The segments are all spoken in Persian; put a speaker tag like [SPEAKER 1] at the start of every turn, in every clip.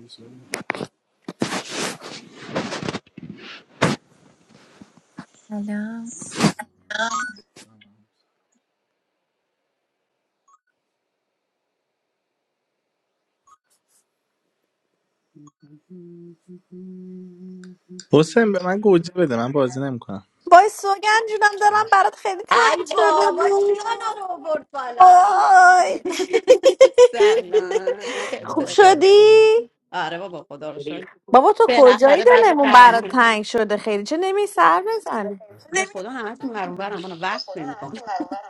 [SPEAKER 1] به
[SPEAKER 2] سلام
[SPEAKER 3] حسین به من گوجه بده من بازی نمیکنم
[SPEAKER 4] وای سوگن جونم دارم برات خیلی
[SPEAKER 5] ای
[SPEAKER 4] تنگ شده
[SPEAKER 5] بابا
[SPEAKER 4] بود
[SPEAKER 5] کیانا رو آورد بالا
[SPEAKER 4] وای
[SPEAKER 5] سلام
[SPEAKER 4] خوب
[SPEAKER 5] چطوری
[SPEAKER 4] شدی؟
[SPEAKER 5] آره بابا خدا رو شکر
[SPEAKER 4] بابا تو کجایی
[SPEAKER 5] بالاخره بعد
[SPEAKER 4] دلمون برات
[SPEAKER 5] قرن
[SPEAKER 4] تنگ شده خیلی چه نمی سر بزنی
[SPEAKER 5] به خدا همتون برام من وقت
[SPEAKER 1] خدا
[SPEAKER 5] نمیکنم
[SPEAKER 1] همه‌تون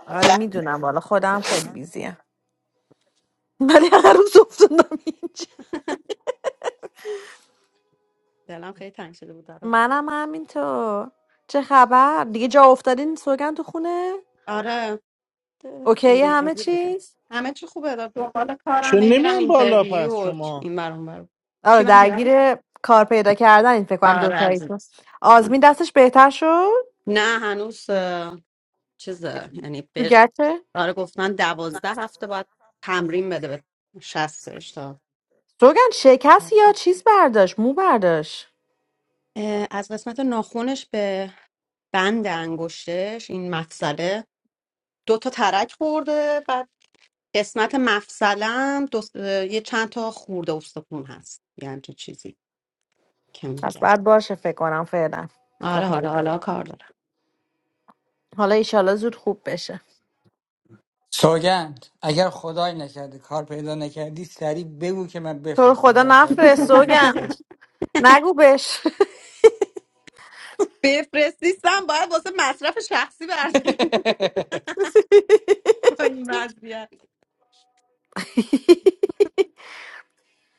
[SPEAKER 4] آره میدونم والا خودم خیلی بیزیم ولی هر روز افتادم اینجا
[SPEAKER 5] دلم خیلی تنگ شده بود برات
[SPEAKER 4] منم همینطور چه خبر دیگه جا افتادین سوگن تو خونه
[SPEAKER 5] آره ده-
[SPEAKER 4] اوکی
[SPEAKER 5] خیلی
[SPEAKER 4] همه
[SPEAKER 5] مجبور بودم.
[SPEAKER 4] چیز
[SPEAKER 5] همه چی خوبه داد دنبال
[SPEAKER 3] چون
[SPEAKER 5] کارم هی میرم
[SPEAKER 3] نمیان بالا پس
[SPEAKER 5] اینترویو و
[SPEAKER 3] شما
[SPEAKER 5] این برام برام
[SPEAKER 4] آره
[SPEAKER 5] چی من
[SPEAKER 4] درگیر
[SPEAKER 5] میگم؟
[SPEAKER 4] کار پیدا کردن این فکر کنم دو
[SPEAKER 5] آره
[SPEAKER 4] تایی
[SPEAKER 5] عزیز
[SPEAKER 4] آزمین دستش بهتر شد
[SPEAKER 5] نه هنوز اه، چیزه یعنی
[SPEAKER 4] تو
[SPEAKER 5] بر
[SPEAKER 4] گچه
[SPEAKER 5] آره گفتن دوازده هفته باید تمرین بده به شستش تا
[SPEAKER 4] سوگن شکست یا چیز برداشت مو برداشت
[SPEAKER 5] اه، از قسمت ناخنش به بند انگشتش این مفصله دو تا ترک خورده بعد قسمت مفصلم دو... اه، یه چند تا خورده استخون هست یه همچین چیزی که
[SPEAKER 4] پس
[SPEAKER 5] میگم
[SPEAKER 4] بعد باشه فکر کنم فعلا
[SPEAKER 5] آره
[SPEAKER 4] دفعه.
[SPEAKER 5] آره حالا کار دارم
[SPEAKER 4] حالا ایشالا زود خوب بشه
[SPEAKER 6] سوگند اگر خدای نکرده کار پیدا نکردی سریع بگو که من
[SPEAKER 4] تو رو خدا
[SPEAKER 6] بفرستم وسایل رو
[SPEAKER 4] نفرست
[SPEAKER 6] شروع کنید
[SPEAKER 4] سوگن
[SPEAKER 6] بخور
[SPEAKER 4] نگو بش
[SPEAKER 5] بفرستیستم باید واسه مصرف شخصی برداریم با این وضعیت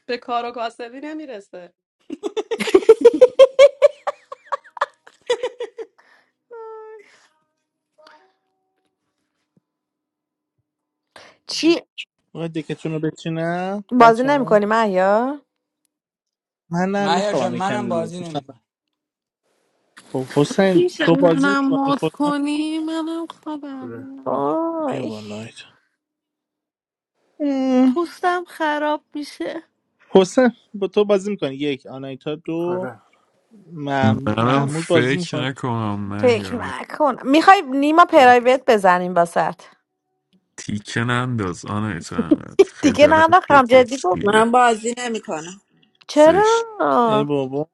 [SPEAKER 5] به کار و کاسبی نمیرسه
[SPEAKER 4] چی
[SPEAKER 3] میخوای دکتون رو بچینم
[SPEAKER 4] بازی
[SPEAKER 3] بچه ها
[SPEAKER 4] نمیکنی محیا
[SPEAKER 3] من نه
[SPEAKER 6] مهیار جان
[SPEAKER 3] میخوابم یکم
[SPEAKER 6] منم
[SPEAKER 3] دیگه
[SPEAKER 6] بازی
[SPEAKER 3] گفتم
[SPEAKER 6] نمیکنم
[SPEAKER 3] خب حسین
[SPEAKER 7] میشه
[SPEAKER 3] تو بازی
[SPEAKER 7] منم
[SPEAKER 3] میکنی
[SPEAKER 7] مد
[SPEAKER 3] خودم
[SPEAKER 7] کنی منم خوابم
[SPEAKER 1] آره
[SPEAKER 7] میاد
[SPEAKER 3] بیا
[SPEAKER 4] وای
[SPEAKER 3] بالا آیدا. ام،
[SPEAKER 7] پوستم خراب میشه
[SPEAKER 3] حسین با تو بازی میکنی یک آنایتا دو
[SPEAKER 1] آره
[SPEAKER 3] مح-
[SPEAKER 8] منم
[SPEAKER 3] محمود بازی
[SPEAKER 8] فکر
[SPEAKER 3] میکنه
[SPEAKER 8] نکنم
[SPEAKER 4] فکر
[SPEAKER 8] مهیار
[SPEAKER 4] نکنم میخوای نیما پرایوت بزنیم واسط
[SPEAKER 8] تیکه ننداز آنایت احمد
[SPEAKER 4] دیگه
[SPEAKER 8] خجالت
[SPEAKER 4] ننداختم جدی
[SPEAKER 8] بکش
[SPEAKER 4] گفت
[SPEAKER 8] دیگه
[SPEAKER 9] من بازی نمیکنم
[SPEAKER 8] زشت
[SPEAKER 3] ای
[SPEAKER 4] چرا
[SPEAKER 3] بابا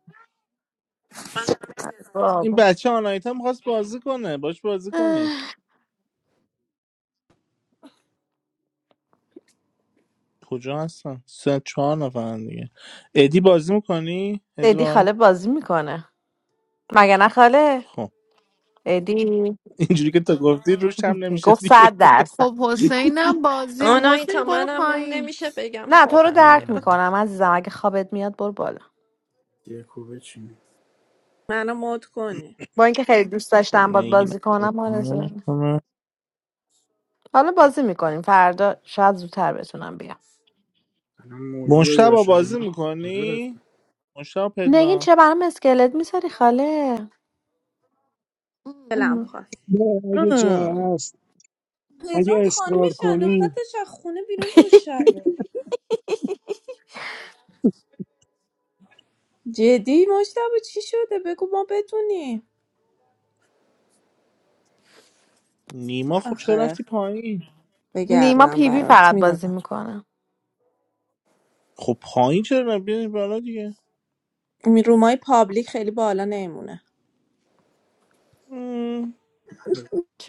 [SPEAKER 3] این
[SPEAKER 4] بابا.
[SPEAKER 3] بچه آنایتا میخواست بازی کنه باش بازی کنید
[SPEAKER 4] اه،
[SPEAKER 3] کجا هستن سه چهار نفرن دیگه ادی بازی میکنی
[SPEAKER 4] ادی
[SPEAKER 3] ادوار
[SPEAKER 4] خاله بازی میکنه مگه نه خاله ادی
[SPEAKER 3] اینجوری که تا گفتی روش هم نمیشه
[SPEAKER 4] گفت
[SPEAKER 3] دیگه
[SPEAKER 4] صد درصد
[SPEAKER 7] خب حسینم بازیم حسین
[SPEAKER 10] آنایتا
[SPEAKER 7] برو
[SPEAKER 10] منم روم
[SPEAKER 7] پایین
[SPEAKER 10] نمیشه بگم
[SPEAKER 4] نه تو رو
[SPEAKER 10] خوابم
[SPEAKER 4] درک
[SPEAKER 10] میاد
[SPEAKER 1] میگم
[SPEAKER 4] میکنم عزیزم اگه خوابت میاد برو بالا
[SPEAKER 1] یه کوبه چی
[SPEAKER 9] منو مد کنی
[SPEAKER 4] با اینکه خیلی دوست
[SPEAKER 3] خب
[SPEAKER 4] داشتم باد
[SPEAKER 3] نگی
[SPEAKER 4] بازی کنم آرزو اینه. حالا بازی میکنیم فردا شاید زودتر بتونم بیام
[SPEAKER 1] الان موجی و
[SPEAKER 3] مشتبا
[SPEAKER 1] یاشار
[SPEAKER 3] بازی
[SPEAKER 1] اینا کجا
[SPEAKER 3] میکنی؟
[SPEAKER 1] رفتن
[SPEAKER 3] مشتبا
[SPEAKER 4] نگین
[SPEAKER 3] پدرام
[SPEAKER 4] چه برام اسکلت میذاری خاله
[SPEAKER 9] دلم
[SPEAKER 4] ام.
[SPEAKER 9] خواست
[SPEAKER 11] نه اگه جا
[SPEAKER 4] ام.
[SPEAKER 11] هست اگه
[SPEAKER 9] پدرام
[SPEAKER 11] اصرار
[SPEAKER 9] خانمش
[SPEAKER 11] کنید
[SPEAKER 9] انداختتش از خونه بیرون دو شبه جدی مجتبی چی شده بگو ما بدونیم
[SPEAKER 3] نیما خب چرا
[SPEAKER 9] آخه
[SPEAKER 3] رفتی پایین؟
[SPEAKER 4] نیما
[SPEAKER 9] بگردم
[SPEAKER 4] پیوی
[SPEAKER 9] برات
[SPEAKER 4] فقط بازی
[SPEAKER 9] میدونم
[SPEAKER 4] میکنه.
[SPEAKER 3] خب پایین چرا نبیدی بالا دیگه
[SPEAKER 9] این رومای پابلیک خیلی بالا نمونه
[SPEAKER 3] مم.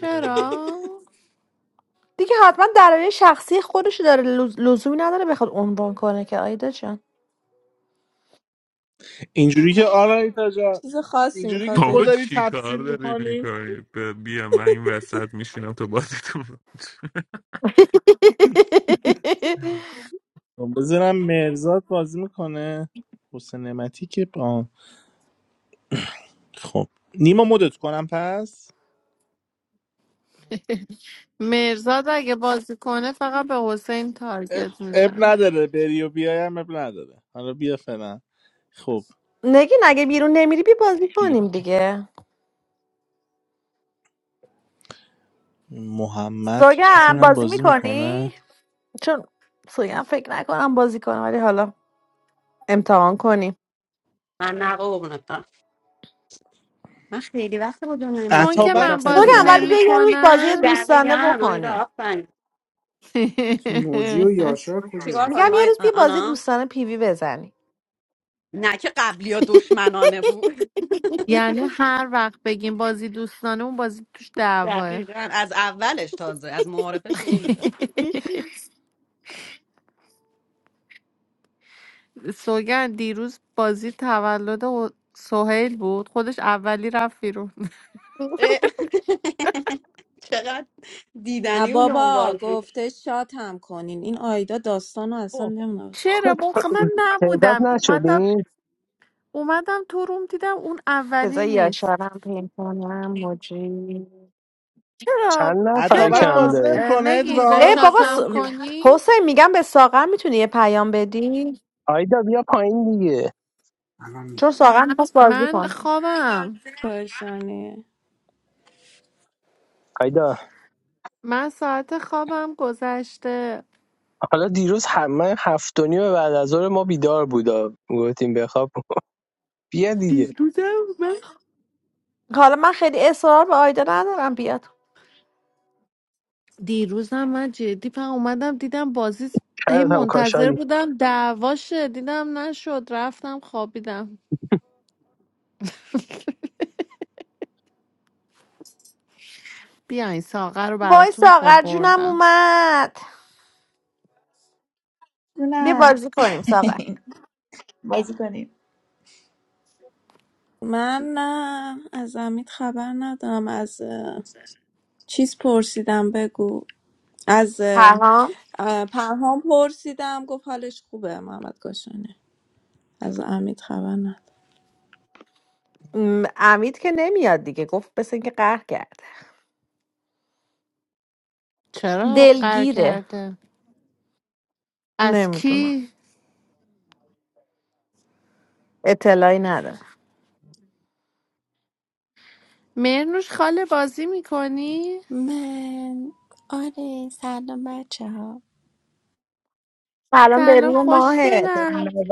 [SPEAKER 1] الان-
[SPEAKER 4] دیگه حتما درباره شخصی خودش داره لز- لزومی نداره بخواد عنوان کنه که آیدا جان
[SPEAKER 3] اینجوری که آرایتا جان
[SPEAKER 9] چیز خاصی
[SPEAKER 3] اینجوری که
[SPEAKER 9] میخواد
[SPEAKER 3] تو
[SPEAKER 9] بگی
[SPEAKER 8] بابا
[SPEAKER 3] داری
[SPEAKER 8] چی کار
[SPEAKER 3] تفسیر
[SPEAKER 8] داری
[SPEAKER 3] میکنی
[SPEAKER 8] میکنی بیا من این وسط میشینم تو بازیتون
[SPEAKER 3] بذارم مرزاد بازی میکنه حسین نعمتی که با خب نیما مدت کنم پس
[SPEAKER 7] مرزاد اگه بازی کنه فقط به حسین
[SPEAKER 3] اب,
[SPEAKER 7] تارگت
[SPEAKER 3] اب
[SPEAKER 7] میزن
[SPEAKER 3] نداره بری و بیایم اب نداره حالا بیا فعلا خب
[SPEAKER 4] نگین اگه بیرون نمیری بی بازی کنیم دیگه
[SPEAKER 3] محمد
[SPEAKER 4] سوگن
[SPEAKER 3] بتونم
[SPEAKER 4] بازی
[SPEAKER 3] بازی
[SPEAKER 4] میکنی
[SPEAKER 3] میکنه
[SPEAKER 4] چون سوگم فکر نکنم بازی کنم ولی حالا امتحان کنیم
[SPEAKER 5] من نه قربونت برم. من خیلی وقت با دنیای
[SPEAKER 7] چون
[SPEAKER 5] مافیا
[SPEAKER 7] که
[SPEAKER 3] اتابک
[SPEAKER 7] من
[SPEAKER 4] سوگم
[SPEAKER 5] خدافظی
[SPEAKER 3] کو
[SPEAKER 7] بازی
[SPEAKER 4] ولی
[SPEAKER 5] کردم
[SPEAKER 4] بیا یه روز بازی
[SPEAKER 7] نمیکنم
[SPEAKER 4] دوستانه
[SPEAKER 5] دقیقا آیدا
[SPEAKER 4] بکنی
[SPEAKER 5] آفرین
[SPEAKER 1] چی موجی و یاشار کجا
[SPEAKER 5] چیکار
[SPEAKER 4] میگم
[SPEAKER 5] کنیم
[SPEAKER 1] رفتن
[SPEAKER 4] یه
[SPEAKER 5] آی...
[SPEAKER 4] روز بیا بازی
[SPEAKER 5] آنا
[SPEAKER 4] دوستانه پیوی بزنی
[SPEAKER 5] نه که قبلی ها دشمنانه بود
[SPEAKER 7] یعنی هر وقت بگیم بازی دوستانه اون بازی توش دعواه
[SPEAKER 5] دقیقا از اولش تازه از معارفه شروع میشه
[SPEAKER 7] سوگن دیروز بازی تولد سهیل بود خودش اولی رفت بیرون.
[SPEAKER 5] اه، چقدر
[SPEAKER 9] نه
[SPEAKER 5] دیدنی اون اون
[SPEAKER 9] بابا
[SPEAKER 5] بازی
[SPEAKER 9] گفته شات هم کنین این آیدا داستانو اصلا
[SPEAKER 12] خب
[SPEAKER 9] نمیدونم چی
[SPEAKER 12] آقا
[SPEAKER 7] چرا بخ من
[SPEAKER 12] تعداد
[SPEAKER 7] نبودم اومدم
[SPEAKER 12] نشدیم
[SPEAKER 7] اومدم تو روم دیدم اون اولی
[SPEAKER 4] بذار
[SPEAKER 7] نیست
[SPEAKER 4] یاشارم پین کنم موجی
[SPEAKER 7] چرا
[SPEAKER 12] چند نفر
[SPEAKER 3] اتابک
[SPEAKER 12] کم
[SPEAKER 7] چرا
[SPEAKER 3] بازی
[SPEAKER 12] داریم
[SPEAKER 7] اه،
[SPEAKER 3] نمیکنه
[SPEAKER 7] نگین
[SPEAKER 9] بود
[SPEAKER 4] ای
[SPEAKER 3] ادوان
[SPEAKER 9] دو
[SPEAKER 4] بابا س...
[SPEAKER 7] گشاتم
[SPEAKER 9] صبح بود
[SPEAKER 7] کنی
[SPEAKER 4] حسین میگم به ساغر میتونی یه پیام بدی
[SPEAKER 12] آیدا بیا پایین دیگه
[SPEAKER 1] الان
[SPEAKER 4] چون
[SPEAKER 1] میگه
[SPEAKER 4] ساغر میخواست بازی
[SPEAKER 7] من
[SPEAKER 4] کن
[SPEAKER 7] خوابم
[SPEAKER 9] کاشانه
[SPEAKER 12] آیدا
[SPEAKER 7] من ساعت خوابم گذشته
[SPEAKER 12] حالا دیروز همه من هفت و نیم بعد از ظهر ما بیدار بودا گفتیم بخواب بیا دیگه
[SPEAKER 7] دیروزم من
[SPEAKER 4] حالا من خیلی اصرار به آیدا ندارم بیاد
[SPEAKER 7] دیروزم من جدی من اومدم دیدم بازی س- هی
[SPEAKER 12] شاید هم
[SPEAKER 7] منتظر
[SPEAKER 12] کاشانی
[SPEAKER 7] بودم دعواشه دیدم نشد رفتم خوابیدم بیاین ساقه رو
[SPEAKER 4] وای
[SPEAKER 7] براتون
[SPEAKER 4] ساغر جونم
[SPEAKER 7] آوردم
[SPEAKER 4] اومد بیا
[SPEAKER 13] جونم
[SPEAKER 4] بازی کنیم ساغر
[SPEAKER 13] بازی کنیم
[SPEAKER 9] من نه از امید خبر ندارم از چیز پرسیدم بگو از اه،
[SPEAKER 4] پرهام
[SPEAKER 9] اه، پرهام پرسیدم گفت حالش خوبه محمد گاشانه از امید خبر نداره
[SPEAKER 4] م، امید که نمیاد دیگه گفت بس اینکه قهر کرد
[SPEAKER 7] چرا قر
[SPEAKER 4] دلگیره
[SPEAKER 7] کرده از
[SPEAKER 4] نمیدونم
[SPEAKER 7] کی
[SPEAKER 4] اطلاعی ندارم
[SPEAKER 7] مرنوش خاله بازی میکنی؟
[SPEAKER 2] من آره سلام بچه ها
[SPEAKER 4] سلام
[SPEAKER 7] سلام
[SPEAKER 4] بریم
[SPEAKER 11] با
[SPEAKER 4] ماهت
[SPEAKER 7] خوشگلم
[SPEAKER 11] 90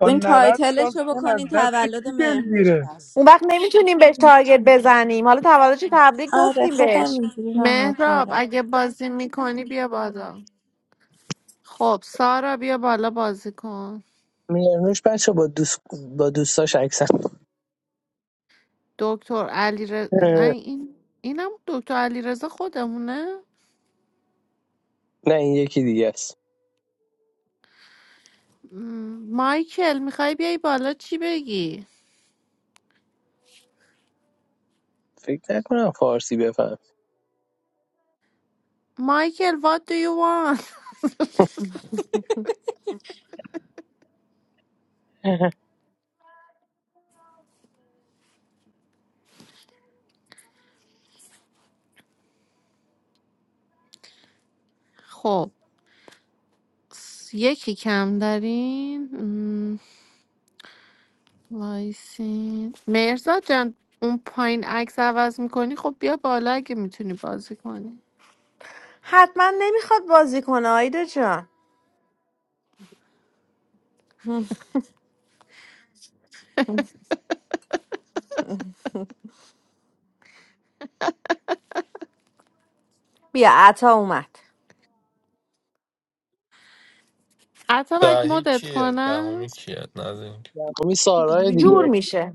[SPEAKER 11] با
[SPEAKER 9] این
[SPEAKER 11] 90 سال
[SPEAKER 9] تایتلش رو
[SPEAKER 11] سن از
[SPEAKER 9] بکنین
[SPEAKER 11] دست
[SPEAKER 9] تولد
[SPEAKER 11] کی
[SPEAKER 9] مهرنوش
[SPEAKER 11] دلگیره
[SPEAKER 9] هست
[SPEAKER 4] اون وقت نمیتونیم بهش تارگت بزنیم حالا تولدش تبریک
[SPEAKER 2] آره
[SPEAKER 4] گفتیم
[SPEAKER 2] خودم
[SPEAKER 4] بهش
[SPEAKER 2] اینجوری راحت
[SPEAKER 7] مهراب
[SPEAKER 2] ترم
[SPEAKER 7] اگه بازی میکنی بیا بالا خب سارا بیا بالا بازی کن
[SPEAKER 12] میرنوش بچه با دوست با دوستاش عکسن
[SPEAKER 7] دکتر علی رز...
[SPEAKER 12] اه،
[SPEAKER 7] این اینم دکتر علی رزا خودمونه
[SPEAKER 12] نه این یکی دیگه است
[SPEAKER 7] م، مایکل میخوای بیای بالا چی بگی؟
[SPEAKER 12] فکر نکنم فارسی بفهم
[SPEAKER 7] مایکل what do you want؟ خب س- یکی کم دارین وایسین مرزا جان اون پایین عکس عوض میکنی خب بیا بالا اگه میتونی بازی کنی
[SPEAKER 4] حتما نمیخواد بازی کنه آیدا جان هم. بیا عطا اومد
[SPEAKER 7] اتابک
[SPEAKER 14] دهی
[SPEAKER 7] مدت
[SPEAKER 14] کیه دهمی
[SPEAKER 7] کنم
[SPEAKER 14] کیه نداریم
[SPEAKER 12] همین سارای
[SPEAKER 4] جور
[SPEAKER 12] دیگه
[SPEAKER 4] میشه